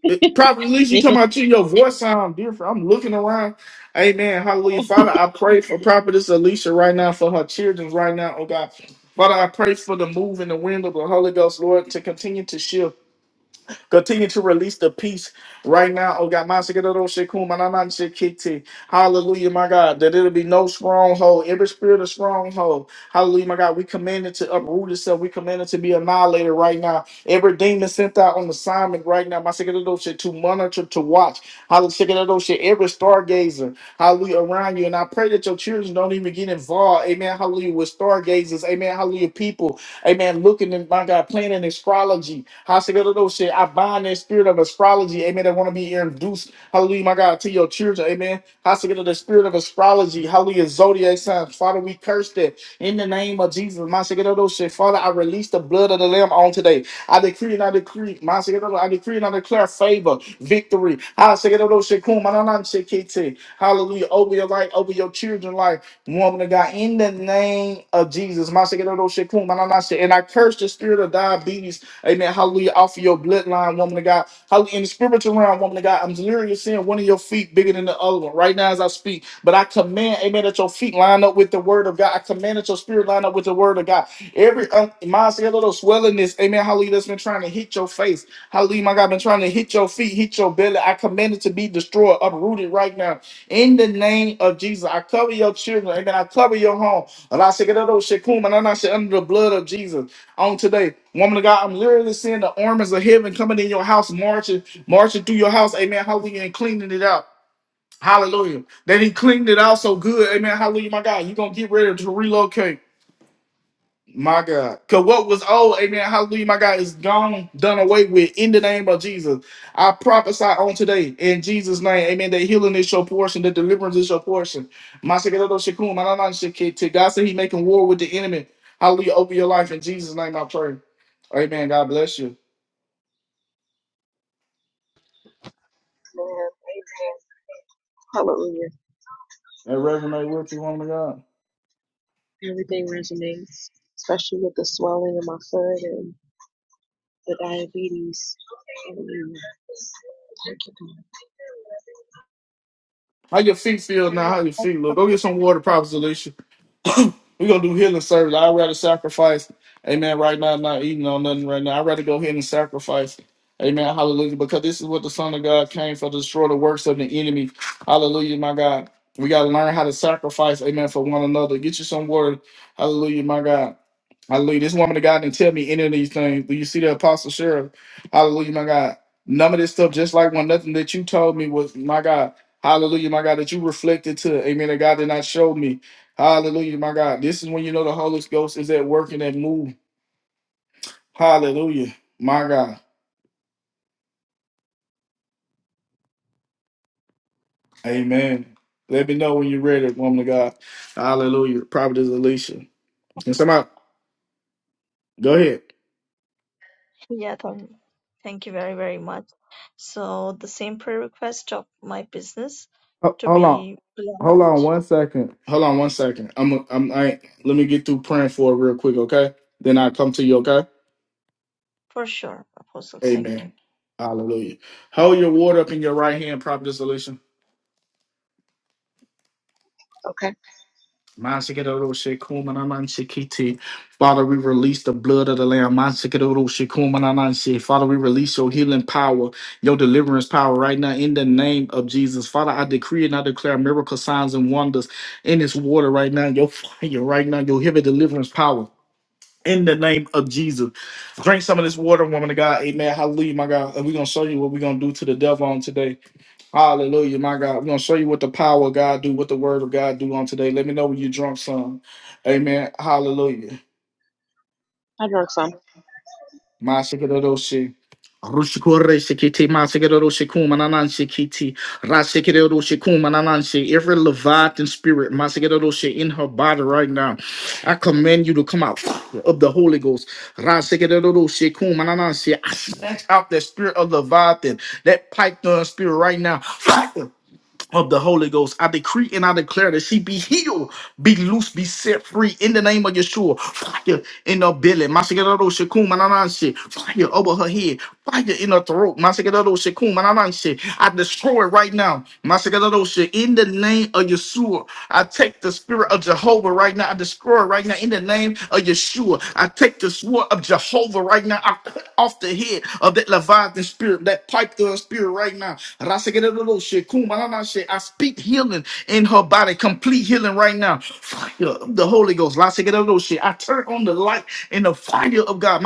[SPEAKER 1] It, probably at least you
[SPEAKER 4] me.
[SPEAKER 1] talking about you, your voice sound different. I'm looking around. Amen. Hallelujah. Father, I pray for prophetess Alicia right now, for her children right now, oh God. Father, I pray for the move and the wind of the Holy Ghost, Lord, to continue to shift. Continue to release the peace right now. Oh God, my Sekedodo Shekuma, na na Shekiti. Hallelujah, my God. That it'll be no stronghold. Every spirit of stronghold. Hallelujah, my God. We command it to uproot itself. We command it to be annihilated right now. Every demon sent out on assignment right now. My Sekedodo Shek, to monitor, to watch. Hallelujah, Sekedodo Shek, every stargazer. Hallelujah around you. And I pray that your children don't even get involved. Amen. Hallelujah with stargazers. Amen. Hallelujah people Amen. Looking in my God, playing in astrology. Hashimoto's I bind that spirit of astrology. Amen. That want to be induced. Hallelujah, my God, to your children. Amen. Hashimoto, the spirit of astrology. Hallelujah, zodiac signs. Father, we curse that in the name of Jesus. My Father, I release the blood of the Lamb on today. I decree and I decree. My I decree and I declare favor, victory. Hashimoto, Hallelujah. Over your life, over your children's life. Woman of God, in the name of Jesus, Masekedodoshikun, mananase. and I curse the spirit of diabetes, amen. Hallelujah, off of your bloodline, woman of God. Hallelujah, in the spiritual realm, woman of God, I'm literally seeing one of your feet bigger than the other one right now as I speak. But I command, amen, that your feet line up with the word of God. I command that your spirit line up with the word of God. Every um, little swellingness, amen, hallelujah, that's been trying to hit your face, hallelujah, my God, been trying to hit your feet, hit your belly. I command it to be destroyed, uprooted right now in the name of Jesus, I cover your children and I cover your home. And I say, get out of those shikuma, and I say, under the blood of Jesus. On today, woman of God, I'm literally seeing the armies of heaven coming in your house, marching, marching through your house. Amen. Hallelujah. And cleaning it out. Hallelujah. That he cleaned it out so good. Amen. Hallelujah, my God. You're going to get ready to relocate. My God. Because what was old, amen, hallelujah, my God, is gone, done away with in the name of Jesus. I prophesy on today in Jesus' name, amen, that healing is your portion, that deliverance is your portion. My Shekinah Shekun, my Nana Shekit, to God said he making war with the enemy. Hallelujah, over your life in Jesus' name, I pray. Amen, God bless you.
[SPEAKER 4] Man, amen. Hallelujah.
[SPEAKER 1] And Reverend, I work you, woman of God.
[SPEAKER 4] Everything resonates, especially with the swelling in my foot and the diabetes. Hallelujah. Thank you,
[SPEAKER 1] How your feet feel
[SPEAKER 3] Prayer
[SPEAKER 1] now? How your feet look? Go
[SPEAKER 3] request.
[SPEAKER 1] get some water, Prophet Alicia. We're gonna do healing service. I'd rather sacrifice. Amen. Right now, I'm not eating on nothing right now. I'd rather go ahead and sacrifice. Amen. Hallelujah. Because this is what the Son of God came for to destroy the works of the enemy. Hallelujah, my God. We gotta learn how to sacrifice, amen, for one another. Get you some word. Hallelujah, my God. Hallelujah. This woman of God didn't tell me any of these things. Do you see the apostle sheriff? Hallelujah, my God. None of this stuff, just like one, nothing that you told me was my God. Hallelujah, my God, that you reflected to. Amen. That God did not show me. Hallelujah, my God. This is when you know the Holy Ghost is at work and at move. Hallelujah, my God. Amen. Let me know when you're ready, woman of God. Hallelujah. Prophetess Alicia. Can somebody go ahead?
[SPEAKER 3] Yeah, thank, thank you very, very much. So the same prayer request of my business
[SPEAKER 1] Ho-
[SPEAKER 3] to
[SPEAKER 1] Hold on.
[SPEAKER 3] be
[SPEAKER 1] Hold on
[SPEAKER 3] blessed
[SPEAKER 1] one second. Hold on one second. I'm I'm I let me get through praying for it real quick, okay? Then I'll come to you, okay?
[SPEAKER 3] for sure, Apostle. Thank you.
[SPEAKER 1] Amen. Hallelujah. Hold your ward up in your right hand, Prophetess Alicia.
[SPEAKER 4] God. Okay.
[SPEAKER 1] Masikadoro Shikumanan Shikiti. Father, we release the blood of the Lamb. Masikadoro Shikumanan Shi. Father, we release your healing power, your deliverance power right now in the name of Jesus. Father, I decree and I declare miracle signs and wonders in this water right now. Your fire right now, your heavy deliverance power. In the name of Jesus. Drink some of this water, woman of God. Amen. Hallelujah, my God. And we're going to show you what we're going to do to the devil on today. Hallelujah, my God. We're gonna show you what the power of God do, what the word of God do on today. Let me know when you drunk some. Amen. Hallelujah.
[SPEAKER 4] I drank some.
[SPEAKER 1] My shikadoroshi. Rushikore shikiti, my shikadoroshi kumananan shikiti. Rashikadoroshi kumanananshi. Every Leviathan spirit, my shikadoroshi in her body right now. I command you to come out of the Holy Ghost. Rashikadoroshi kumanananshi. I snatch out that spirit of Leviathan, that python spirit right now. of the Holy Ghost. I decree and I declare that she be healed, be loose, be set free in the name of Yeshua. Fire in her belly. Masikadado shakum manananshi. Fire over her head. Fire in her throat. Masikadado shakum manananshi. I destroy it right now in the name of Yeshua. I take the spirit of Jehovah right now. I destroy it right now in the name of Yeshua. I take the sword of Jehovah right now. I cut off the head of that Leviathan spirit, that pipe through spirit right now. I speak healing in her body, complete healing right now. Fire of the Holy Ghost. I turn on the light in the fire of God.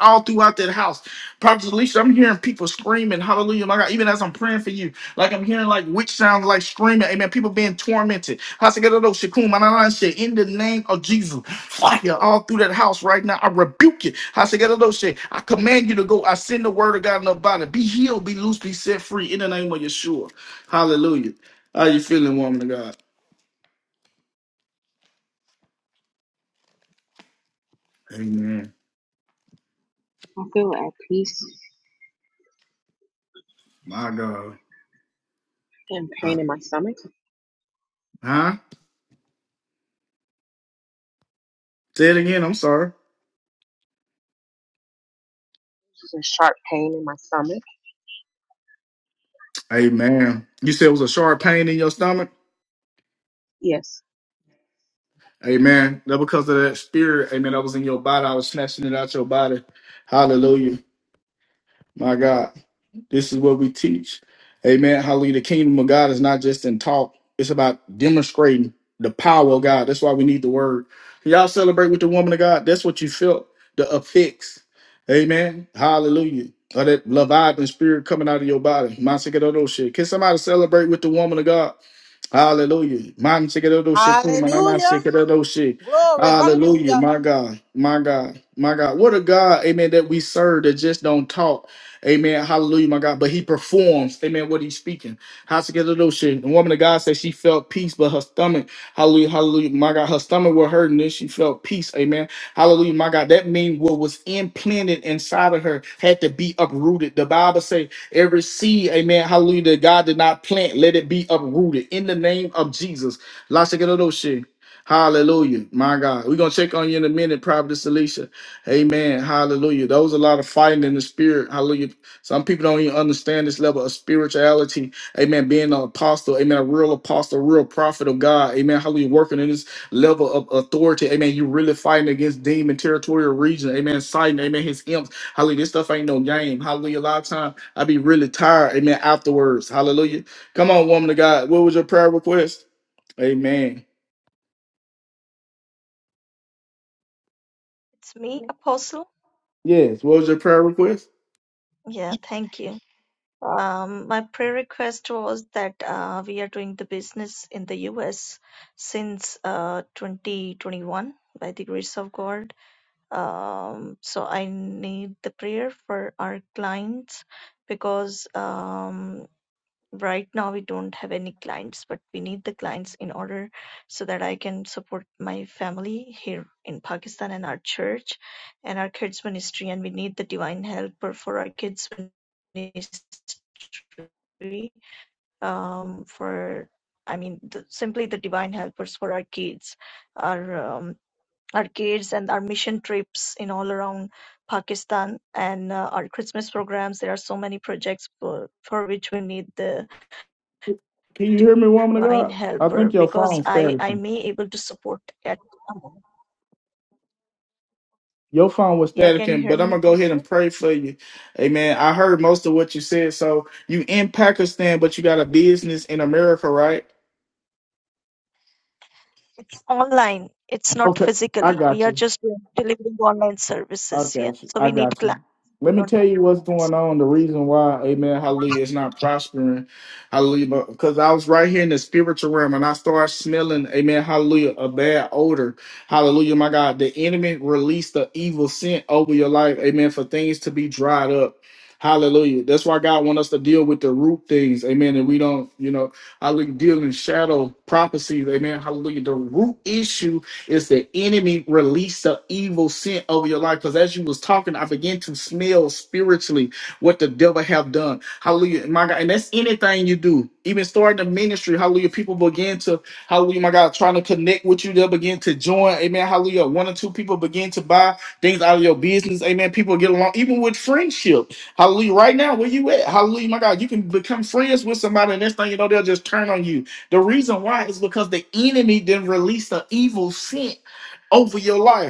[SPEAKER 1] All throughout that house. Prophet Alicia, I'm hearing people screaming, hallelujah, my God, even as I'm praying for you. Like I'm hearing like witch sounds like screaming, amen. People being tormented. Hasegadodo, shakum, manana, shit. In the name of Jesus, fire all through that house right now. I rebuke you. Hasegadodo, shit. I command you to go. I send the word of God in the body. Be healed, be loose, be set free in the name of Yeshua. Hallelujah. How you feeling, woman of God? Amen.
[SPEAKER 4] I feel at peace
[SPEAKER 1] My God.
[SPEAKER 4] and
[SPEAKER 1] Huh?
[SPEAKER 4] pain in my stomach.
[SPEAKER 1] Huh? Say it again. I'm sorry.
[SPEAKER 4] There's a sharp pain in my stomach.
[SPEAKER 1] Amen. You said it was a sharp pain in your stomach?
[SPEAKER 4] Yes.
[SPEAKER 1] Amen. That because of that spirit, amen, that was in your body. I was snatching it out your body. Hallelujah. My God. This is what we teach. Amen. Hallelujah. The kingdom of God is not just in talk, it's about demonstrating the power of God. That's why we need the word. Y'all celebrate with the woman of God. That's what you felt. The affix. Amen. Hallelujah. Or that Leviathan spirit coming out of your body. My second shit. Can somebody celebrate with the woman of God? Hallelujah. Man, shikedodo shikun, manana
[SPEAKER 6] Hallelujah.
[SPEAKER 1] shikedodo shi.
[SPEAKER 6] Glory.
[SPEAKER 1] Hallelujah.
[SPEAKER 6] Hallelujah.
[SPEAKER 1] My God. My God. My God. What a God, amen, that we serve that just don't talk. Amen. Hallelujah, my God. But he performs, amen, what he's speaking. How Hashikedodo shi. The woman of God said she felt peace, but her stomach, hallelujah, hallelujah, my God, her stomach was hurting, then she felt peace, amen. Hallelujah, my God. That means what was implanted inside of her had to be uprooted. The Bible say Every seed, amen, hallelujah, that God did not plant, let it be uprooted in the name of Jesus. La shikadoshe. Hallelujah. My God. We're going to check on you in a minute, Prophetess Alicia. Amen. Hallelujah. There was a lot of fighting in the spirit. Hallelujah. Some people don't even understand this level of spirituality. Amen. Being an apostle. Amen. A real apostle, a real prophet of God. Amen. Hallelujah. Working in this level of authority. Amen. You really fighting against demon territorial region. Amen. Sighting. Amen. His imps. Hallelujah. This stuff ain't no game. Hallelujah. A lot of times. I be really tired. Amen. Afterwards. Hallelujah. Come on, woman of God. What was your prayer request? Amen.
[SPEAKER 3] It's me, Apostle.
[SPEAKER 1] Yes. What was your prayer request?
[SPEAKER 3] Yeah, thank you. Um, my prayer request was that uh, we are doing the business in the US since uh, 2021 by the grace of God. Um, so I need the prayer for our clients because um, right now we don't have any clients but we need the clients in order so that i can support my family here in pakistan and our church and our kids ministry and we need the divine helper for our kids ministry um, for i mean the, simply the divine helpers for our kids our um, our kids and our mission trips in all around pakistan and uh, our christmas programs there are so many projects for, for which we need the
[SPEAKER 1] Can you hear me, woman of
[SPEAKER 3] divine
[SPEAKER 1] God? I think
[SPEAKER 3] helper
[SPEAKER 1] your
[SPEAKER 3] because
[SPEAKER 1] phone's
[SPEAKER 3] I, I
[SPEAKER 1] staticking.
[SPEAKER 3] may able to support at
[SPEAKER 1] Your phone was
[SPEAKER 3] Yeah, can you
[SPEAKER 1] staticking,
[SPEAKER 3] hear
[SPEAKER 1] but I'm
[SPEAKER 3] me,
[SPEAKER 1] gonna go ahead and
[SPEAKER 3] Apostle?
[SPEAKER 1] pray for you. Amen. I heard most of what you said. So you in Pakistan, but you got a business in America, right?
[SPEAKER 3] it's online it's not
[SPEAKER 1] Okay. I
[SPEAKER 3] physically we
[SPEAKER 1] got
[SPEAKER 3] are
[SPEAKER 1] you.
[SPEAKER 3] just delivering online
[SPEAKER 1] I
[SPEAKER 3] services yeah
[SPEAKER 1] got you.
[SPEAKER 3] so
[SPEAKER 1] I
[SPEAKER 3] we need
[SPEAKER 1] got you.
[SPEAKER 3] class we
[SPEAKER 1] Let me
[SPEAKER 3] don't
[SPEAKER 1] tell
[SPEAKER 3] have
[SPEAKER 1] you what's
[SPEAKER 3] it
[SPEAKER 1] going
[SPEAKER 3] now
[SPEAKER 1] on. The reason why, Amen, Hallelujah, it's not prospering, Hallelujah, because I was right here in the spiritual realm and I started smelling, Amen, Hallelujah, a bad odor, Hallelujah, my God. The enemy released the evil scent over your life, Amen, for things to be dried up. Hallelujah. That's why God wants us to deal with the root things, Amen. And we don't, you know, Hallelujah, deal in shadow prophecies, Amen, Hallelujah. The root issue it's the enemy release the evil scent over your life. Because as you was talking, I began to smell spiritually what the devil have done. Hallelujah, my God. And that's anything you do. Even starting the ministry, hallelujah. People begin to, hallelujah, my God, trying to connect with you. They'll begin to join. Amen. Hallelujah. One or two people begin to buy things out of your business. Amen. People get along, even with friendship. Hallelujah. Right now, where you at? Hallelujah, my God. You can become friends with somebody, and next thing you know, they'll just turn on you. The reason why is because the enemy didn't release the evil scent over your life.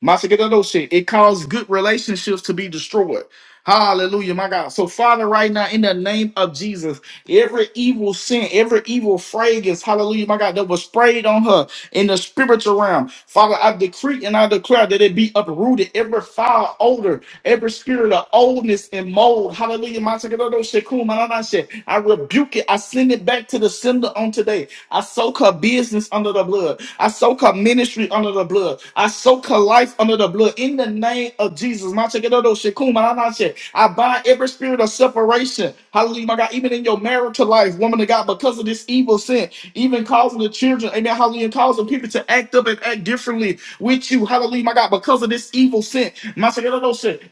[SPEAKER 1] Master, get those shit. It caused good relationships to be destroyed. Hallelujah, my God. So, Father, right now, in the name of Jesus, every evil sin, every evil fragrance, hallelujah, my God, that was sprayed on her in the spiritual realm. Father, I decree and I declare that it be uprooted. Every foul odor, every spirit of oldness and mold, hallelujah, my God, those shit, cool, my God, that shit. I rebuke it. I send it back to the sender on today. I soak her business under the blood. I soak her ministry under the blood. I soak her life under the blood. In the name of Jesus. Ma che kedodo shekuma la na che. I bind every spirit of separation. Hallelujah, my God. Even in your marital life, woman of God, because of this evil sin, even causing the children, amen, hallelujah, causing people to act up and act differently with you. Hallelujah, my God, because of this evil sin. My second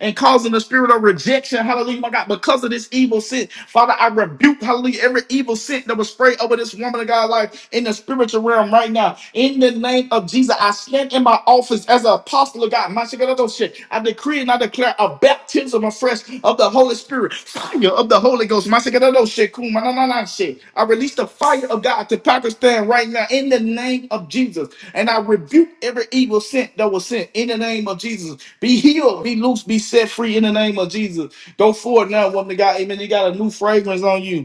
[SPEAKER 1] and causing the spirit of rejection. Hallelujah, my God, because of this evil sin. Father, I rebuke, hallelujah, every evil sin that was sprayed over this woman of God's life in the spiritual realm right now. In the name of Jesus, I stand in my office as an apostle of God. My I decree and I declare a baptism afresh of the Holy Spirit, fire of the Holy Ghost. My second I release the fire of God to Pakistan right now in the name of Jesus. And I rebuke every evil sin that was sent in the name of Jesus. Be healed, be loose, be set free in the name of Jesus. Go forward now, woman of God. Amen. You got a new fragrance on you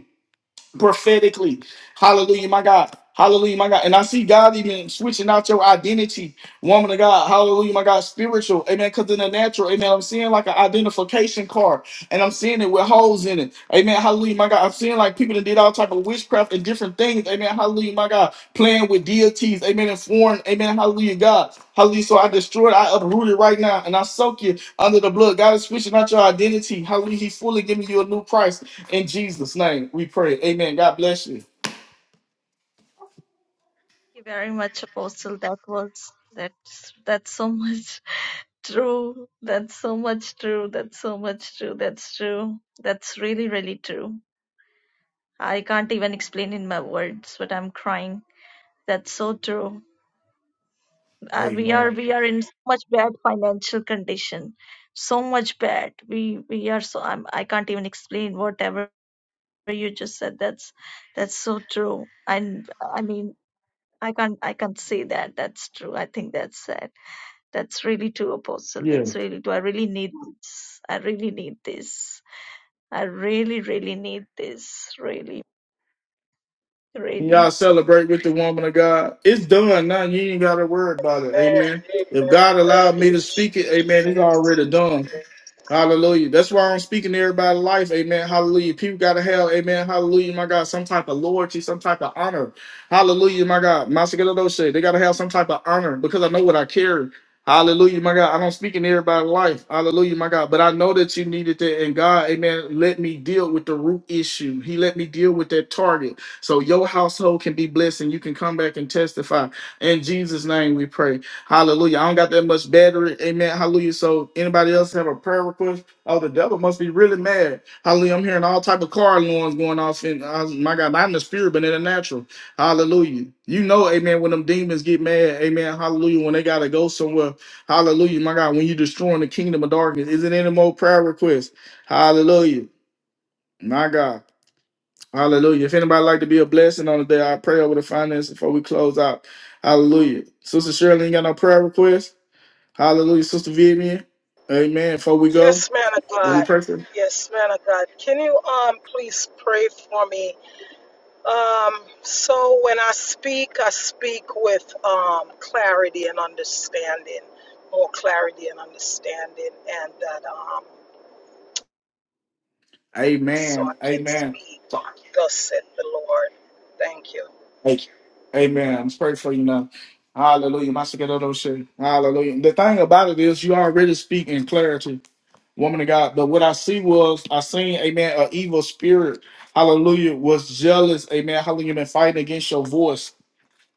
[SPEAKER 1] prophetically. Hallelujah, my God. Hallelujah, my God. And I see God even switching out your identity, woman of God. Hallelujah, my God. Spiritual, amen. Because in the natural, amen. I'm seeing like an identification card, and I'm seeing it with holes in it, amen. Hallelujah, my God. I'm seeing like people that did all type of witchcraft and different things, amen. Hallelujah, my God. Playing with deities, amen. And foreign, amen. Hallelujah, God. Hallelujah. So I destroyed, I uprooted right now, and I soak you under the blood. God is switching out your identity. Hallelujah. He's fully giving you a new price. In Jesus' name, we pray. Amen. God bless you.
[SPEAKER 3] Thank you very much, Apostle. That was that's that's so much true. That's so much true. That's so much true. That's true. That's really, really true. I can't even explain in my words, but I'm crying. That's so true. uh, we are
[SPEAKER 1] Amen.
[SPEAKER 3] we are in so much bad financial condition so much bad we we are so I'm, i can't even explain whatever you just said that's that's so true and i mean i can't i can't say that that's true i think that's sad that's really true apostle
[SPEAKER 1] Yeah.
[SPEAKER 3] that's really true i really need this i really need this i really really need this really
[SPEAKER 1] Can
[SPEAKER 3] really
[SPEAKER 1] y'all celebrate with the woman of God? It's done now. You ain't got to worry about it. Amen.
[SPEAKER 5] Amen. Amen.
[SPEAKER 1] If God allowed
[SPEAKER 5] Thank
[SPEAKER 1] me
[SPEAKER 5] you,
[SPEAKER 1] to speak it, amen, it's
[SPEAKER 5] Jesus.
[SPEAKER 1] already done. Hallelujah. That's why I'm speaking to everybody life. Amen. Hallelujah. People got to have, amen. Hallelujah, my God, some type of loyalty, some type of honor. Hallelujah, my God. Masagalado said they got to have some type of honor because I know what I carry. Hallelujah, my God. I don't speak in everybody's life. Hallelujah, my God. But I know that you needed that. And God, amen, let me deal with the root issue. He let me deal with that target. So your household can be blessed and you can come back and testify. In Jesus' name we pray. Hallelujah. I don't got that much battery. Amen. Hallelujah. So anybody else have a prayer request? Oh, the devil must be really mad. Hallelujah. I'm hearing all type of car alarms going off. And uh, my God, not in the spirit, but in the natural. Hallelujah. You know, amen, when them demons get mad. Amen. Hallelujah. When they got to go somewhere. Hallelujah. My God, when you destroying the kingdom of darkness, is it any more prayer requests? Hallelujah. My God. Hallelujah. If anybody like to be a blessing on the day, I pray over the finances before we close out. Hallelujah. Sister Shirley, ain't got no prayer requests? Hallelujah, Sister Vivian. Amen. Before we go,
[SPEAKER 5] Yes, man of
[SPEAKER 1] do
[SPEAKER 6] Uh,
[SPEAKER 5] God.
[SPEAKER 1] we pray for? you?
[SPEAKER 5] Yes, man of God. Can you um please pray for me? Um, so when I speak, I speak with um clarity and understanding, more clarity and understanding, and that um so I
[SPEAKER 1] Amen.
[SPEAKER 5] can
[SPEAKER 1] Amen.
[SPEAKER 5] speak. Thus said the Lord. Thank you.
[SPEAKER 1] Thank you. Amen. I'm praying for you now. Hallelujah. Master God, those Hallelujah. The thing about it is, you already speak in clarity, woman of God. But what I see was, I seen, amen, an evil spirit, hallelujah, was jealous, amen, hallelujah, been fighting against your voice.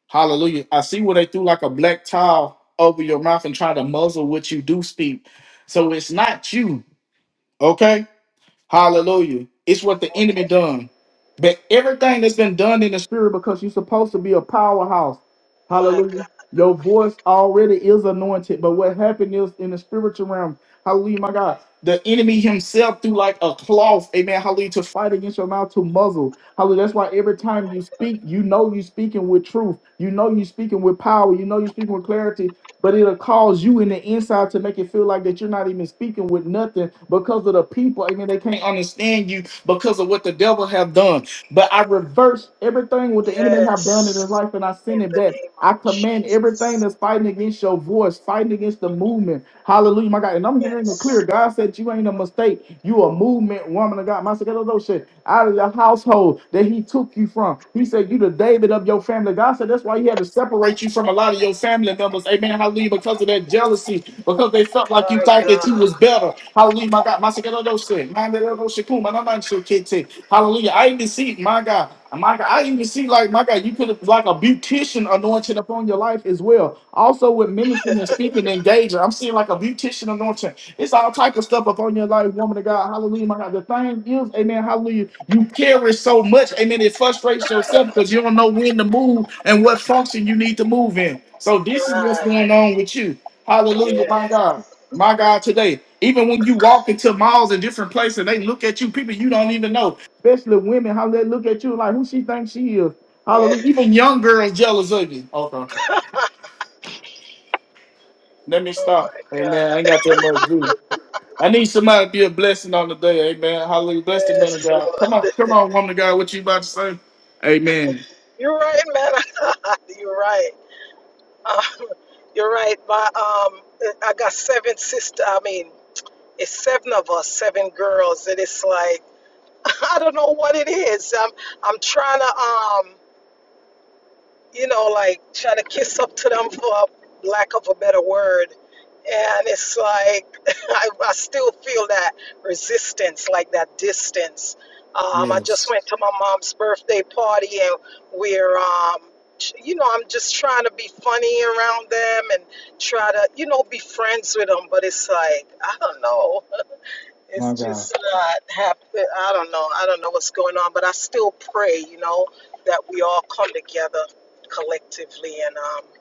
[SPEAKER 1] Hallelujah. I see where they threw like a black towel over your mouth and try to muzzle what you do speak. So it's not you, okay? Hallelujah. It's what the enemy
[SPEAKER 5] Okay.
[SPEAKER 1] done. But everything that's been done in the spirit because you're supposed to be a powerhouse.
[SPEAKER 5] My
[SPEAKER 1] Hallelujah.
[SPEAKER 5] God.
[SPEAKER 1] Your voice already is anointed. But what happened is in the spiritual realm, hallelujah, my God, the enemy himself threw like a cloth, amen, hallelujah, to fight against your mouth to muzzle. Hallelujah. That's why every time you speak, you know you're speaking with truth. You know you're speaking with power. You know you're speaking with clarity but it'll cause you in the inside to make it feel like that you're not even speaking with nothing because of the people. I mean, they can't understand you because of what the devil have done. But I reverse everything what the enemy have done in his
[SPEAKER 5] Yes.
[SPEAKER 1] life, and I send
[SPEAKER 5] In
[SPEAKER 1] it
[SPEAKER 5] the
[SPEAKER 1] back.
[SPEAKER 5] name
[SPEAKER 1] I
[SPEAKER 5] of
[SPEAKER 1] command everything
[SPEAKER 5] Jesus.
[SPEAKER 1] that's fighting against your voice, fighting against the movement, Hallelujah, my God. And I'm hearing it clear.
[SPEAKER 5] Yes.
[SPEAKER 1] God said you ain't a mistake. You a movement woman of God. My those shit out of the household that he took you from. He said you the David of your family. God said that's why he had to separate you from a lot of your family members. Amen. Hallelujah. Because of that jealousy because they felt like you
[SPEAKER 5] My
[SPEAKER 1] thought that you
[SPEAKER 5] God.
[SPEAKER 1] was better. Hallelujah, my God. Masakedose, manderedoshiku, manamansukete. Hallelujah. I even see, my God, my God, I even see like my God, you could have like a beautician anointing upon your life as well. Also with ministering and speaking and engaging. I'm seeing like a beautician anointing. It's all type of stuff upon your life, woman of God. Hallelujah, my God. The thing is, amen, hallelujah. You carry so much, amen. It frustrates yourself because you don't know when to move and what function you need to move in. So this is what's
[SPEAKER 5] Right.
[SPEAKER 1] going on with you.
[SPEAKER 5] Yeah.
[SPEAKER 1] Hallelujah, my God. My God, today, even when you walk into malls and different places and they look at you, people you don't even know, especially women, how they look at you like who she thinks she is.
[SPEAKER 5] Yeah.
[SPEAKER 1] Hallelujah. Even young girls jealous of you. Okay, okay. Let me
[SPEAKER 5] Oh
[SPEAKER 1] stop.
[SPEAKER 5] my God.
[SPEAKER 1] Amen. I ain't got that much juice. I need somebody to be a blessing on the day. Amen. Hallelujah. Bless the man of
[SPEAKER 5] Yes,
[SPEAKER 1] God.
[SPEAKER 5] Lord.
[SPEAKER 1] Come on, come on, woman of God. What you about to say? Amen.
[SPEAKER 5] You're right, man. You're right. Um, you're right. My um, I got seven sisters. I mean, it's seven of us, seven girls, and it's like I don't know what it is. I'm I'm trying to um. you know, like try to kiss up to them for lack of a better word. And it's like I, I still feel that resistance, like that distance. Um, I just
[SPEAKER 1] Yes.
[SPEAKER 5] went to my mom's birthday party, and we're, um, sh- you know, I'm just trying to be funny around them and try to, you know, be friends with them. But it's like I don't know
[SPEAKER 1] My
[SPEAKER 5] it's
[SPEAKER 1] God.
[SPEAKER 5] just not happening. I don't know. I don't know what's going on, but I still pray, you know, that we all come together collectively. And um,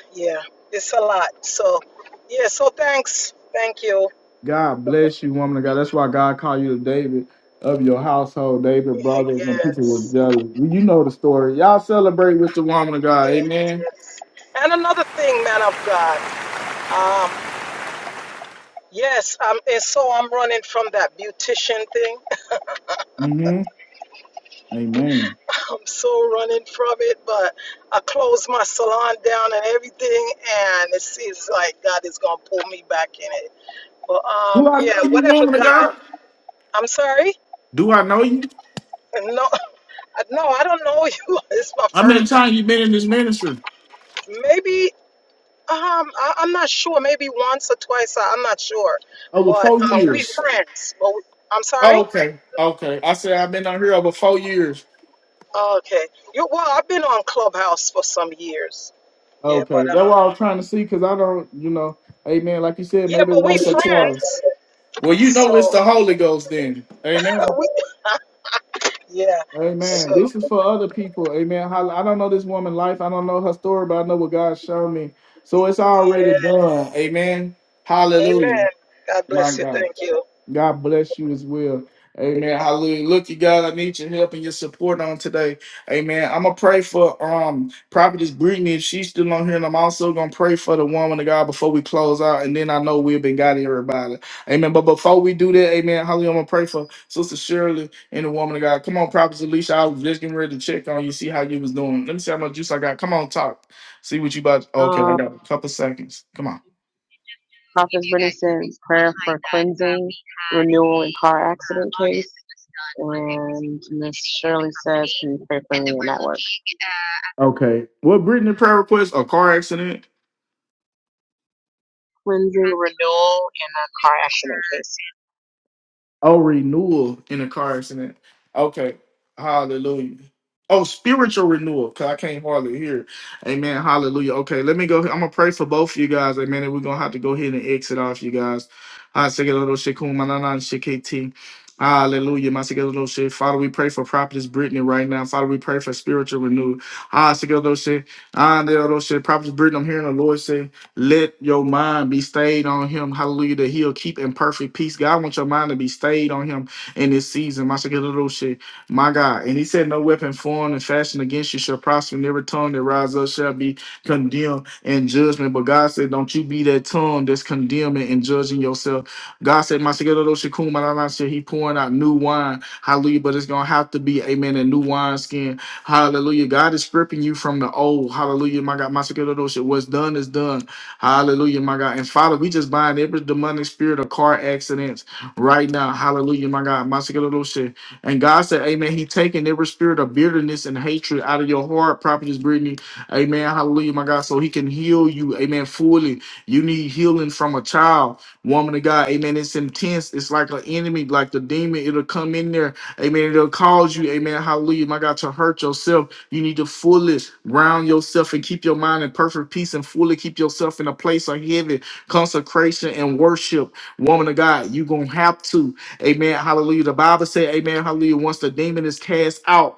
[SPEAKER 5] yeah, it's a lot. So, yeah, so thanks. Thank you.
[SPEAKER 1] God bless you, woman of God. That's why God called you the David of your household, David brothers, and people was
[SPEAKER 5] yes,
[SPEAKER 1] jealous. Well, You know the story. Y'all celebrate with the woman of God.
[SPEAKER 5] yes,
[SPEAKER 1] Amen.
[SPEAKER 5] yes. And another thing, man of God. Um, yes, um, and so I'm running from that beautician thing.
[SPEAKER 1] Mm-hmm. Amen.
[SPEAKER 5] I'm so running from it, but I closed my salon down and everything, and it seems like God is gonna pull me back in it. But um,
[SPEAKER 1] Do I
[SPEAKER 5] yeah,
[SPEAKER 1] know you,
[SPEAKER 5] whatever
[SPEAKER 1] woman of
[SPEAKER 5] God.
[SPEAKER 1] God?
[SPEAKER 5] I'm sorry.
[SPEAKER 1] Do I know you?
[SPEAKER 5] No, no, I don't know you. It's my
[SPEAKER 1] How
[SPEAKER 5] first.
[SPEAKER 1] many times you been in this ministry?
[SPEAKER 5] Maybe um, I, I'm not sure. Maybe once or twice. I, I'm not sure.
[SPEAKER 1] Over
[SPEAKER 5] But
[SPEAKER 1] four
[SPEAKER 5] um, we
[SPEAKER 1] years.
[SPEAKER 5] friends. But we- I'm
[SPEAKER 1] Oh,
[SPEAKER 5] sorry.
[SPEAKER 1] okay. Okay. I said I've been on here over four years.
[SPEAKER 5] Okay. You well, I've been on Clubhouse for some years. Yeah,
[SPEAKER 1] Okay.
[SPEAKER 5] but
[SPEAKER 1] That's
[SPEAKER 5] um,
[SPEAKER 1] what I was trying to see because I don't, you know, amen. Like you said,
[SPEAKER 5] yeah,
[SPEAKER 1] maybe
[SPEAKER 5] but we
[SPEAKER 1] once or twice.
[SPEAKER 5] friends.
[SPEAKER 1] Well, you know it's
[SPEAKER 5] So
[SPEAKER 1] the Holy Ghost then. Amen.
[SPEAKER 5] we. Yeah. So,
[SPEAKER 1] Amen. This is for other people. Amen. How- I don't know this woman's life. I don't know her story, but I know what God showed me. So it's
[SPEAKER 5] yeah.
[SPEAKER 1] already done. Amen.
[SPEAKER 5] Amen.
[SPEAKER 1] Hallelujah.
[SPEAKER 5] God
[SPEAKER 1] My
[SPEAKER 5] bless you.
[SPEAKER 1] God.
[SPEAKER 5] Thank you.
[SPEAKER 1] God bless you as well. Amen. Hallelujah. Look, you God, I need your help and your support on today. Amen. I'm gonna pray for um Prophetess Brittany if she's still on here, and I'm also gonna pray for the woman of God before we close out, and then I know we've been got everybody. Amen. But before we do that, amen, hallelujah, I'm gonna pray for Sister Shirley and the woman of God. Come on, Prophetess Alicia. I was just getting ready to check on you, see how you was doing. Let me see how much juice I got. Come on, talk. See what you about. Okay,
[SPEAKER 4] Um.
[SPEAKER 1] I got a couple seconds. Come on.
[SPEAKER 4] Prophetess Renaissance prayer for cleansing, renewal, and car accident case. And Miss Shirley says, can you pray for me in that work?
[SPEAKER 1] Okay. What Brittany prayer request? A car accident?
[SPEAKER 4] Cleansing, renewal, and a car accident case.
[SPEAKER 1] Oh, renewal in a car accident. Okay. Hallelujah. Oh, spiritual renewal, because I can't hardly hear. Amen. Hallelujah. Okay, let me go. I'm going to pray for both of you guys. Amen. And we're going to have to go ahead and exit off, you guys. Ah, sekelelo shekum, manana, sheketi. Hallelujah. My sekelelo she- Father, we pray for Prophetess Brittany right now. Father, we pray for spiritual renewal. Ah, sekelelo she- ah, nelelo she. Prophetess Brittany, I'm hearing the Lord say. Let your mind be stayed on him. Hallelujah. That he'll keep in perfect peace. God, I want your mind to be stayed on him in this season. My shit. My God. And he said, No weapon formed and fashioned against you shall prosper, and every tongue that rises up shall be condemned in judgment. But God said, Don't you be that tongue that's condemning and judging yourself. God said, My shit. He pouring out new wine. Hallelujah. But it's gonna have to be, amen, a new wine skin. Hallelujah. God is stripping you from the old. Hallelujah. My God, my shit. What's done is done. Hallelujah, my God. And Father, we just bind every demonic spirit of car accidents right now. Hallelujah, my God. Masakaloshe. And God said, Amen. He taking every spirit of bitterness and hatred out of your heart, prophetess Brittany. Amen. Hallelujah, my God. So he can heal you. Amen. Fully. You need healing from a child, woman of God. Amen. It's intense. It's like an enemy, like the demon. It'll come in there. Amen. It'll cause you, amen. Hallelujah, my God, to hurt yourself. You need to fully ground yourself and keep your mind in perfect peace and fully keep yourself in a place of heaven, consecration, and worship. Woman of God, you're going to have to. Amen. Hallelujah. The Bible said, Amen. Hallelujah. Once the demon is cast out,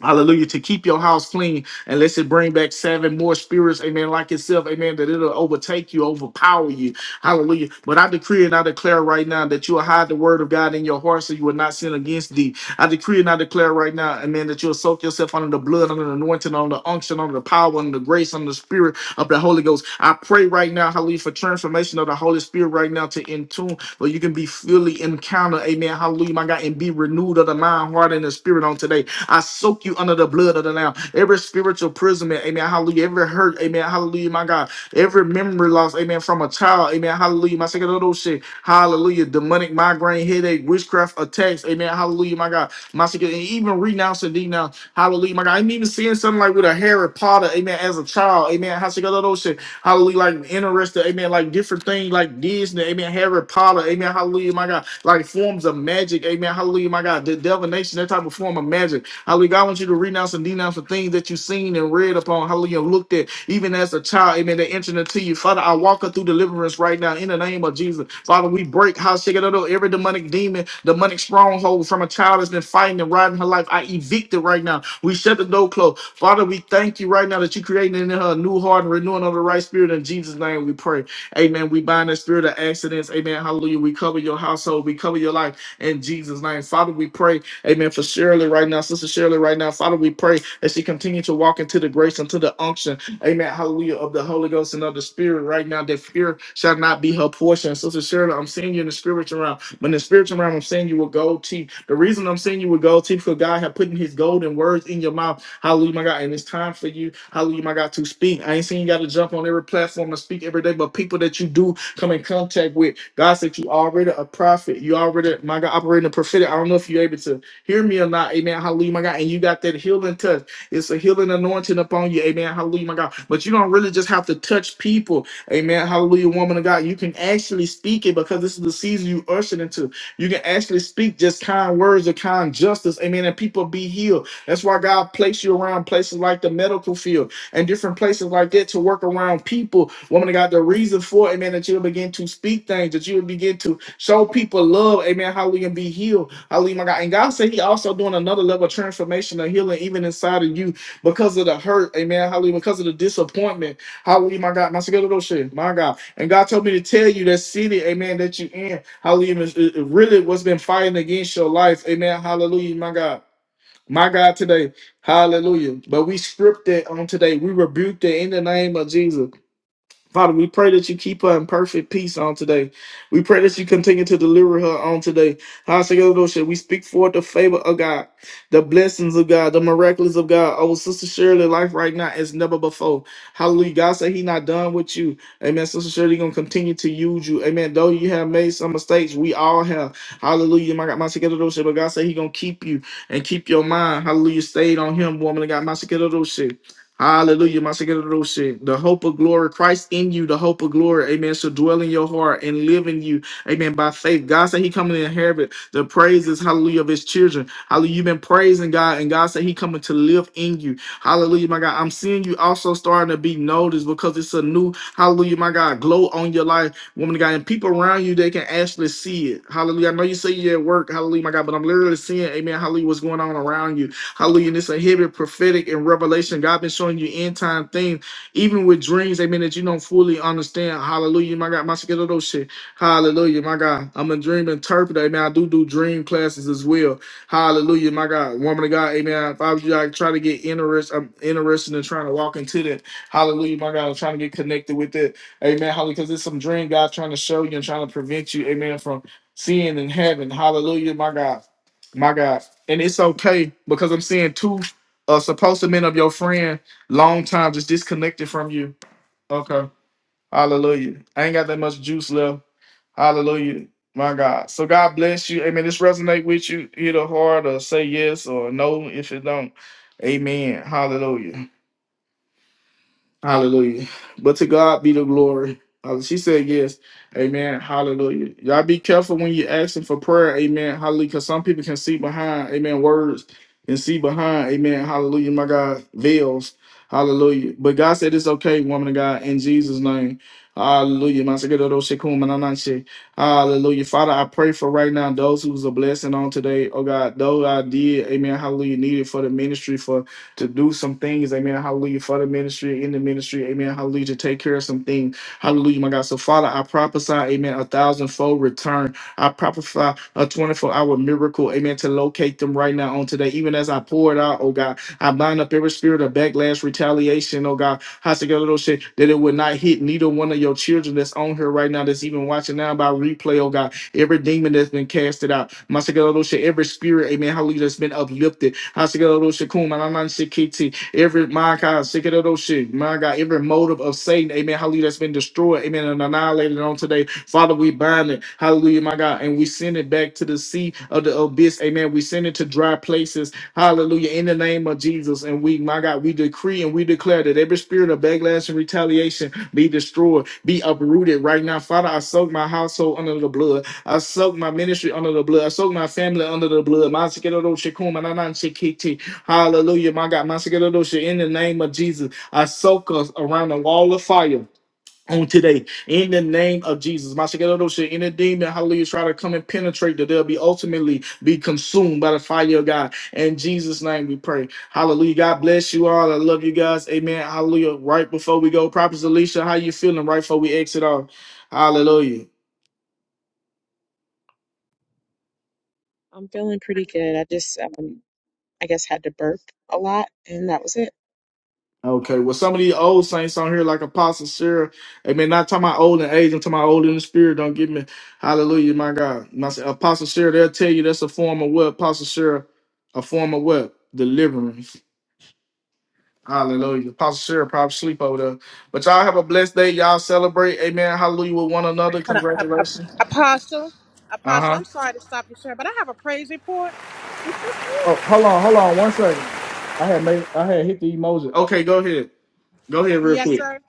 [SPEAKER 1] Hallelujah. To keep your house clean and let us it bring back seven more spirits, amen, like itself, amen, that it'll overtake you, overpower you. Hallelujah. But I decree and I declare right now that you will hide the word of God in your heart so you will not sin against thee. I decree and I declare right now, amen, that you'll soak yourself under the blood, under the anointing, under the unction, under the power, under the grace, under the spirit of the Holy Ghost. I pray right now, hallelujah, for transformation of the Holy Spirit right now to in tune where you can be fully encountered, amen, hallelujah, my God, and be renewed of the mind, heart, and the spirit on today. I soak you under the blood of the Lamb. Every spiritual imprisonment, amen, hallelujah. Every hurt, amen, hallelujah, my God. Every memory loss, amen, from a child, amen, hallelujah, my second little shit, hallelujah. Demonic migraine, headache, witchcraft attacks, amen, hallelujah, my God. My second, and even renounce and denounce, hallelujah, my God. I'm even seeing something like with a Harry Potter, amen, as a child, amen, how second little shit, hallelujah, like interested, amen, like different things like Disney, amen, Harry Potter, amen, hallelujah, my God, like forms of magic, amen, hallelujah, my God, the divination, that type of form of magic. Hallelujah. God wants you to renounce and denounce the things that you've seen and read upon. Hallelujah. Looked at even as a child. Amen. They entered into you. Father, I walk her through deliverance right now in the name of Jesus. Father, we break how shake it up every demonic demon, demonic stronghold from a child that's been fighting and riding her life. I evict it right now. We shut the door closed. Father, we thank you right now that you're creating in her a new heart and renewing of the right spirit. In Jesus' name we pray. Amen. We bind the spirit of accidents. Amen. Hallelujah. We cover your household. We cover your life in Jesus' name. Father, we pray. Amen. For Shirley right now, Sister Shirley right now, Father, we pray as she continue to walk into the grace and to the unction. Amen. Hallelujah of the Holy Ghost and of the Spirit right now. That fear shall not be her portion. Sister Shirley, I'm seeing you in the spiritual realm. But in the spiritual realm, I'm seeing you with gold teeth. The reason I'm seeing you with gold teeth, because God had put in his golden words in your mouth. Hallelujah, my God. And it's time for you, hallelujah, my God, to speak. I ain't saying you got to jump on every platform and speak every day, but people that you do come in contact with. God said you already a prophet. You already, my God, operating a prophetic. I don't know if you're able to. Hear me or not, amen. Hallelujah, my God. And you got that healing touch. It's a healing anointing upon you, amen. Hallelujah, my God. But you don't really just have to touch people, amen. Hallelujah, woman of God. You can actually speak it because this is the season you ushered into. You can actually speak just kind words of kind justice, amen. And people be healed. That's why God placed you around places like the medical field and different places like that to work around people. Woman of God, the reason for it, amen, that you'll begin to speak things, that you'll begin to show people love, amen. Hallelujah, and be healed. Hallelujah, my God. And God said He also doing another level of transformation and healing even inside of you because of the hurt. Amen. Hallelujah. Because of the disappointment. Hallelujah, my God. My secret little My God. And God told me to tell you that city, amen, that you in. Hallelujah. Is is- is really what's been fighting against your life. Amen. Hallelujah, my God. My God today. Hallelujah. But we stripped it on today. We rebuked it in the name of Jesus. Father, we pray that you keep her in perfect peace on today. We pray that you continue to deliver her on today. Hashakadosha, We speak forth the favor of God, the blessings of God, the miracles of God. Oh, Sister Shirley, life right now is never before. Hallelujah. God said he not done with you. Amen. Sister Shirley going to continue to use you. Amen. Though you have made some mistakes, we all have. Hallelujah. My God, my But God said he going to keep you and keep your mind. Hallelujah. Stayed on him, woman of God. My Hallelujah. my second little shit. The hope of glory, Christ in you, the hope of glory, amen, So dwell in your heart and live in you, amen, by faith. God said he coming to inherit the praises, hallelujah, of his children. Hallelujah. You've been praising God, and God said he coming to live in you. Hallelujah, my God. I'm seeing you also starting to be noticed because it's a new, hallelujah, my God, glow on your life, woman of God. And people around you, they can actually see it. Hallelujah. I know you say you're at work, hallelujah, my God, but I'm literally seeing, amen, hallelujah, what's going on around you. Hallelujah. And it's a hidden prophetic and revelation. God been showing you end time things, even with dreams, amen, that you don't fully understand. Hallelujah. My God, my skill of those shit. Hallelujah. My God. I'm a dream interpreter. Amen. I do do dream classes as well. Hallelujah. My God. Woman of God. Amen. If I was you, I try to get interest. I'm interested in trying to walk into that. Hallelujah. My God. I'm trying to get connected with it. Amen. Hallelujah. Because it's some dream God trying to show you and trying to prevent you. Amen. From seeing in heaven. Hallelujah. My God. My God and it's okay because I'm seeing two uh supposed to men of your friend long time just disconnected from you. Okay. Hallelujah. I ain't got that much juice left. Hallelujah. My God. So God bless you. Amen. This resonate with you. Hit a heart or say yes or no if it don't. Amen. Hallelujah. Hallelujah. But to God be the glory. Uh, She said yes. Amen. Hallelujah. Y'all be careful when you're asking for prayer. Amen. Hallelujah. Because some people can see behind, amen, words and see behind, amen. Hallelujah. My God, veils. Hallelujah. But God said it's okay, woman of God, in Jesus' name. Hallelujah. My Sekedodo Shekum and Ananshi. Hallelujah. Father, I pray for right now those who's a blessing on today. Oh God, those I did, amen. Hallelujah. Needed for the ministry, for to do some things, amen, hallelujah, for the ministry, in the ministry, amen, hallelujah, to take care of some things, hallelujah, my God. So, Father, I prophesy, amen, a thousandfold return. I prophesy a 24 hour miracle, amen, to locate them right now on today. Even as I pour it out, oh God, I bind up every spirit of backlash, retaliation, oh God, Hasagadoshe, that it would not hit neither one of your children that's on here right now, that's even watching now by replay, oh God every demon that's been casted out. Masakarosha, every spirit, amen, hallelujah, that's been uplifted. Hasakarosha, kum, anansikiti, every, my God, sikarosha, my God, every motive of Satan, amen, hallelujah, that's been destroyed, amen, and annihilated on today. Father, we bind it, hallelujah, my God, and we send it back to the sea of the abyss, amen. We send it to dry places, hallelujah, in the name of Jesus. And we, my God, we decree and we declare that every spirit of backlash and retaliation be destroyed, be uprooted right now. Father, I soak my household under the blood. I soak my ministry under the blood. I soak my family under the blood. Masikiroroshi kumanananshikichi. Hallelujah, my God. Masikiroroshi, In the name of Jesus, I soak us around the wall of fire. On today, in the name of Jesus, Masikiroroshi, any demon, hallelujah, try to come and penetrate that they'll be ultimately be consumed by the fire of God. In Jesus' name we pray. Hallelujah. God bless you all. I love you guys. Amen. Hallelujah. Right before we go, Prophet Alicia, how you feeling right before we exit off? Hallelujah.
[SPEAKER 4] I'm feeling pretty good. I just, um, I guess, had to burp a lot, and that was it.
[SPEAKER 1] Okay, well, some of these old saints on here, like Apostle Sarah, amen. Not talking about old in age, I'm talking about old in the spirit. Don't get me, hallelujah, my God. My Apostle Sarah, they'll tell you that's a form of what? Apostle Sarah, a form of what? Deliverance. Hallelujah. Apostle Sarah probably sleep over there. But y'all have a blessed day. Y'all celebrate, amen. Hallelujah with one another.
[SPEAKER 6] hold on, uh, uh,
[SPEAKER 1] Congratulations.
[SPEAKER 6] Apostle,
[SPEAKER 1] Uh
[SPEAKER 6] Apostle,
[SPEAKER 1] huh.
[SPEAKER 6] I'm sorry to stop you, sir, but I have a praise report.
[SPEAKER 1] Oh, hold on, hold on, one second. I had made, I had hit the emoji. Okay, go ahead. Go ahead, real
[SPEAKER 6] Yes,
[SPEAKER 1] quick.
[SPEAKER 6] sir.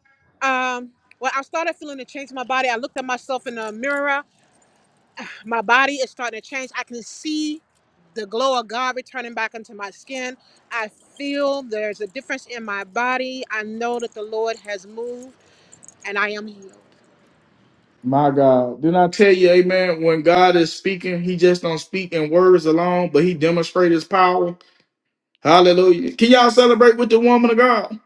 [SPEAKER 6] Um, well, I started feeling a change in my body. I looked at myself in the mirror. My body is starting to change. I can see. the glow of God returning back into my skin. I feel there's a difference in my body. I know that the Lord has moved and I am healed.
[SPEAKER 1] My God. Didn't I tell you, amen, when God is speaking, he just don't speak in words alone, but he demonstrates his power. Hallelujah. Can y'all celebrate with the woman of God?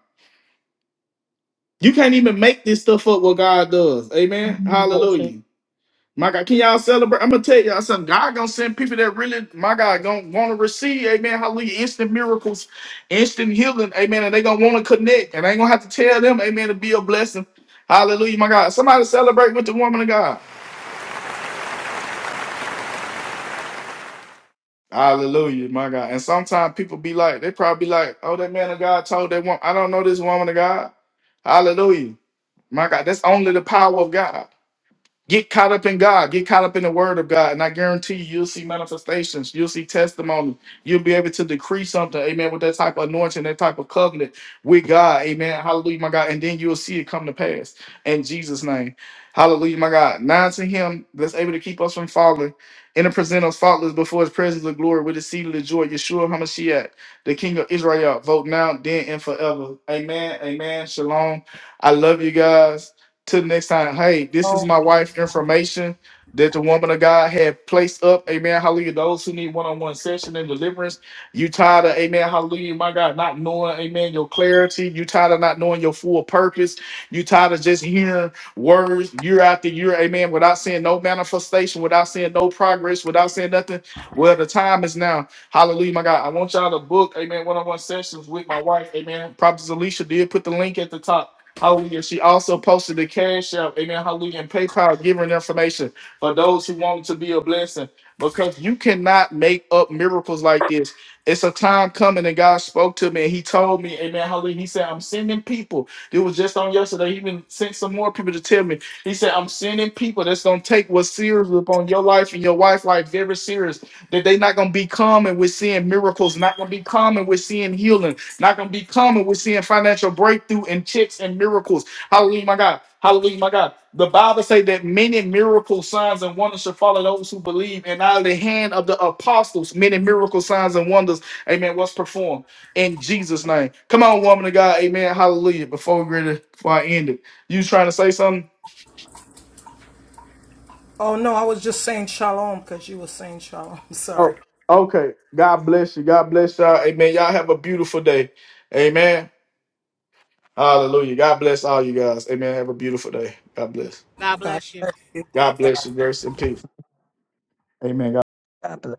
[SPEAKER 1] You can't even make this stuff up what God does. Amen. Hallelujah. My God, can y'all celebrate? I'm gonna tell y'all something. God gonna send people that really, my God, gonna wanna receive, amen. Hallelujah. Instant miracles, instant healing, amen. And they gonna wanna connect. And I ain't gonna have to tell them, amen, to be a blessing. Hallelujah, my God. Somebody celebrate with the woman of God. Hallelujah, my God. And sometimes people be like, they probably be like, oh, that man of God told that woman, I don't know this woman of God. Hallelujah. My God, that's only the power of God. Get caught up in God. Get caught up in the word of God. And I guarantee you, you'll see manifestations. You'll see testimony. You'll be able to decree something. Amen. With that type of anointing, that type of covenant with God. Amen. Hallelujah, my God. And then you'll see it come to pass in Jesus' name. Hallelujah, my God. Now to him that's able to keep us from falling and to present us faultless before his presence of glory with the seed of the joy, Yeshua HaMashiach, the King of Israel. Vote now, then, and forever. Amen. Amen. Shalom. I love you guys to the next time. Hey, this is my wife information that the woman of God had placed up. Amen. Hallelujah. Those who need one-on-one session and deliverance. You tired of amen. Hallelujah. My God, not knowing, amen, your clarity. You tired of not knowing your full purpose. You tired of just hearing words year after year, amen, without seeing no manifestation, without seeing no progress, without seeing nothing. Well, the time is now. Hallelujah, my God. I want y'all to book, amen, one-on-one sessions with my wife, amen. Prophet Alicia did put the link at the top. Hallelujah. She also posted the cash app. Amen. Hallelujah. And PayPal giving information for those who want to be a blessing. Because you cannot make up miracles like this. It's a time coming, and God spoke to me and He told me, Amen. Hallelujah. He said, I'm sending people. It was just on yesterday. He even sent some more people to tell me. He said, I'm sending people that's gonna take what's serious upon your life and your wife's life very serious. That they not gonna be common with seeing miracles, not gonna be common with seeing healing it's not going to be common. We're seeing financial breakthrough and checks and miracles. Hallelujah, my God. Hallelujah, my God. The Bible say that many miracle signs and wonders shall follow those who believe, and out of the hand of the apostles, many miracle signs and wonders, amen, was performed in Jesus' name. Come on, woman of God, amen, hallelujah. Before we ready, before I end it, you trying to say something?
[SPEAKER 5] Oh no, I was just saying shalom because you were saying shalom. Sorry.
[SPEAKER 1] Oh, okay. God bless you. God bless y'all. Amen. Y'all have a beautiful day. Amen. Hallelujah. God bless all you guys. Amen. Have a beautiful day. God bless.
[SPEAKER 6] God bless you.
[SPEAKER 1] God bless you. Grace and peace. Amen. God
[SPEAKER 8] God bless.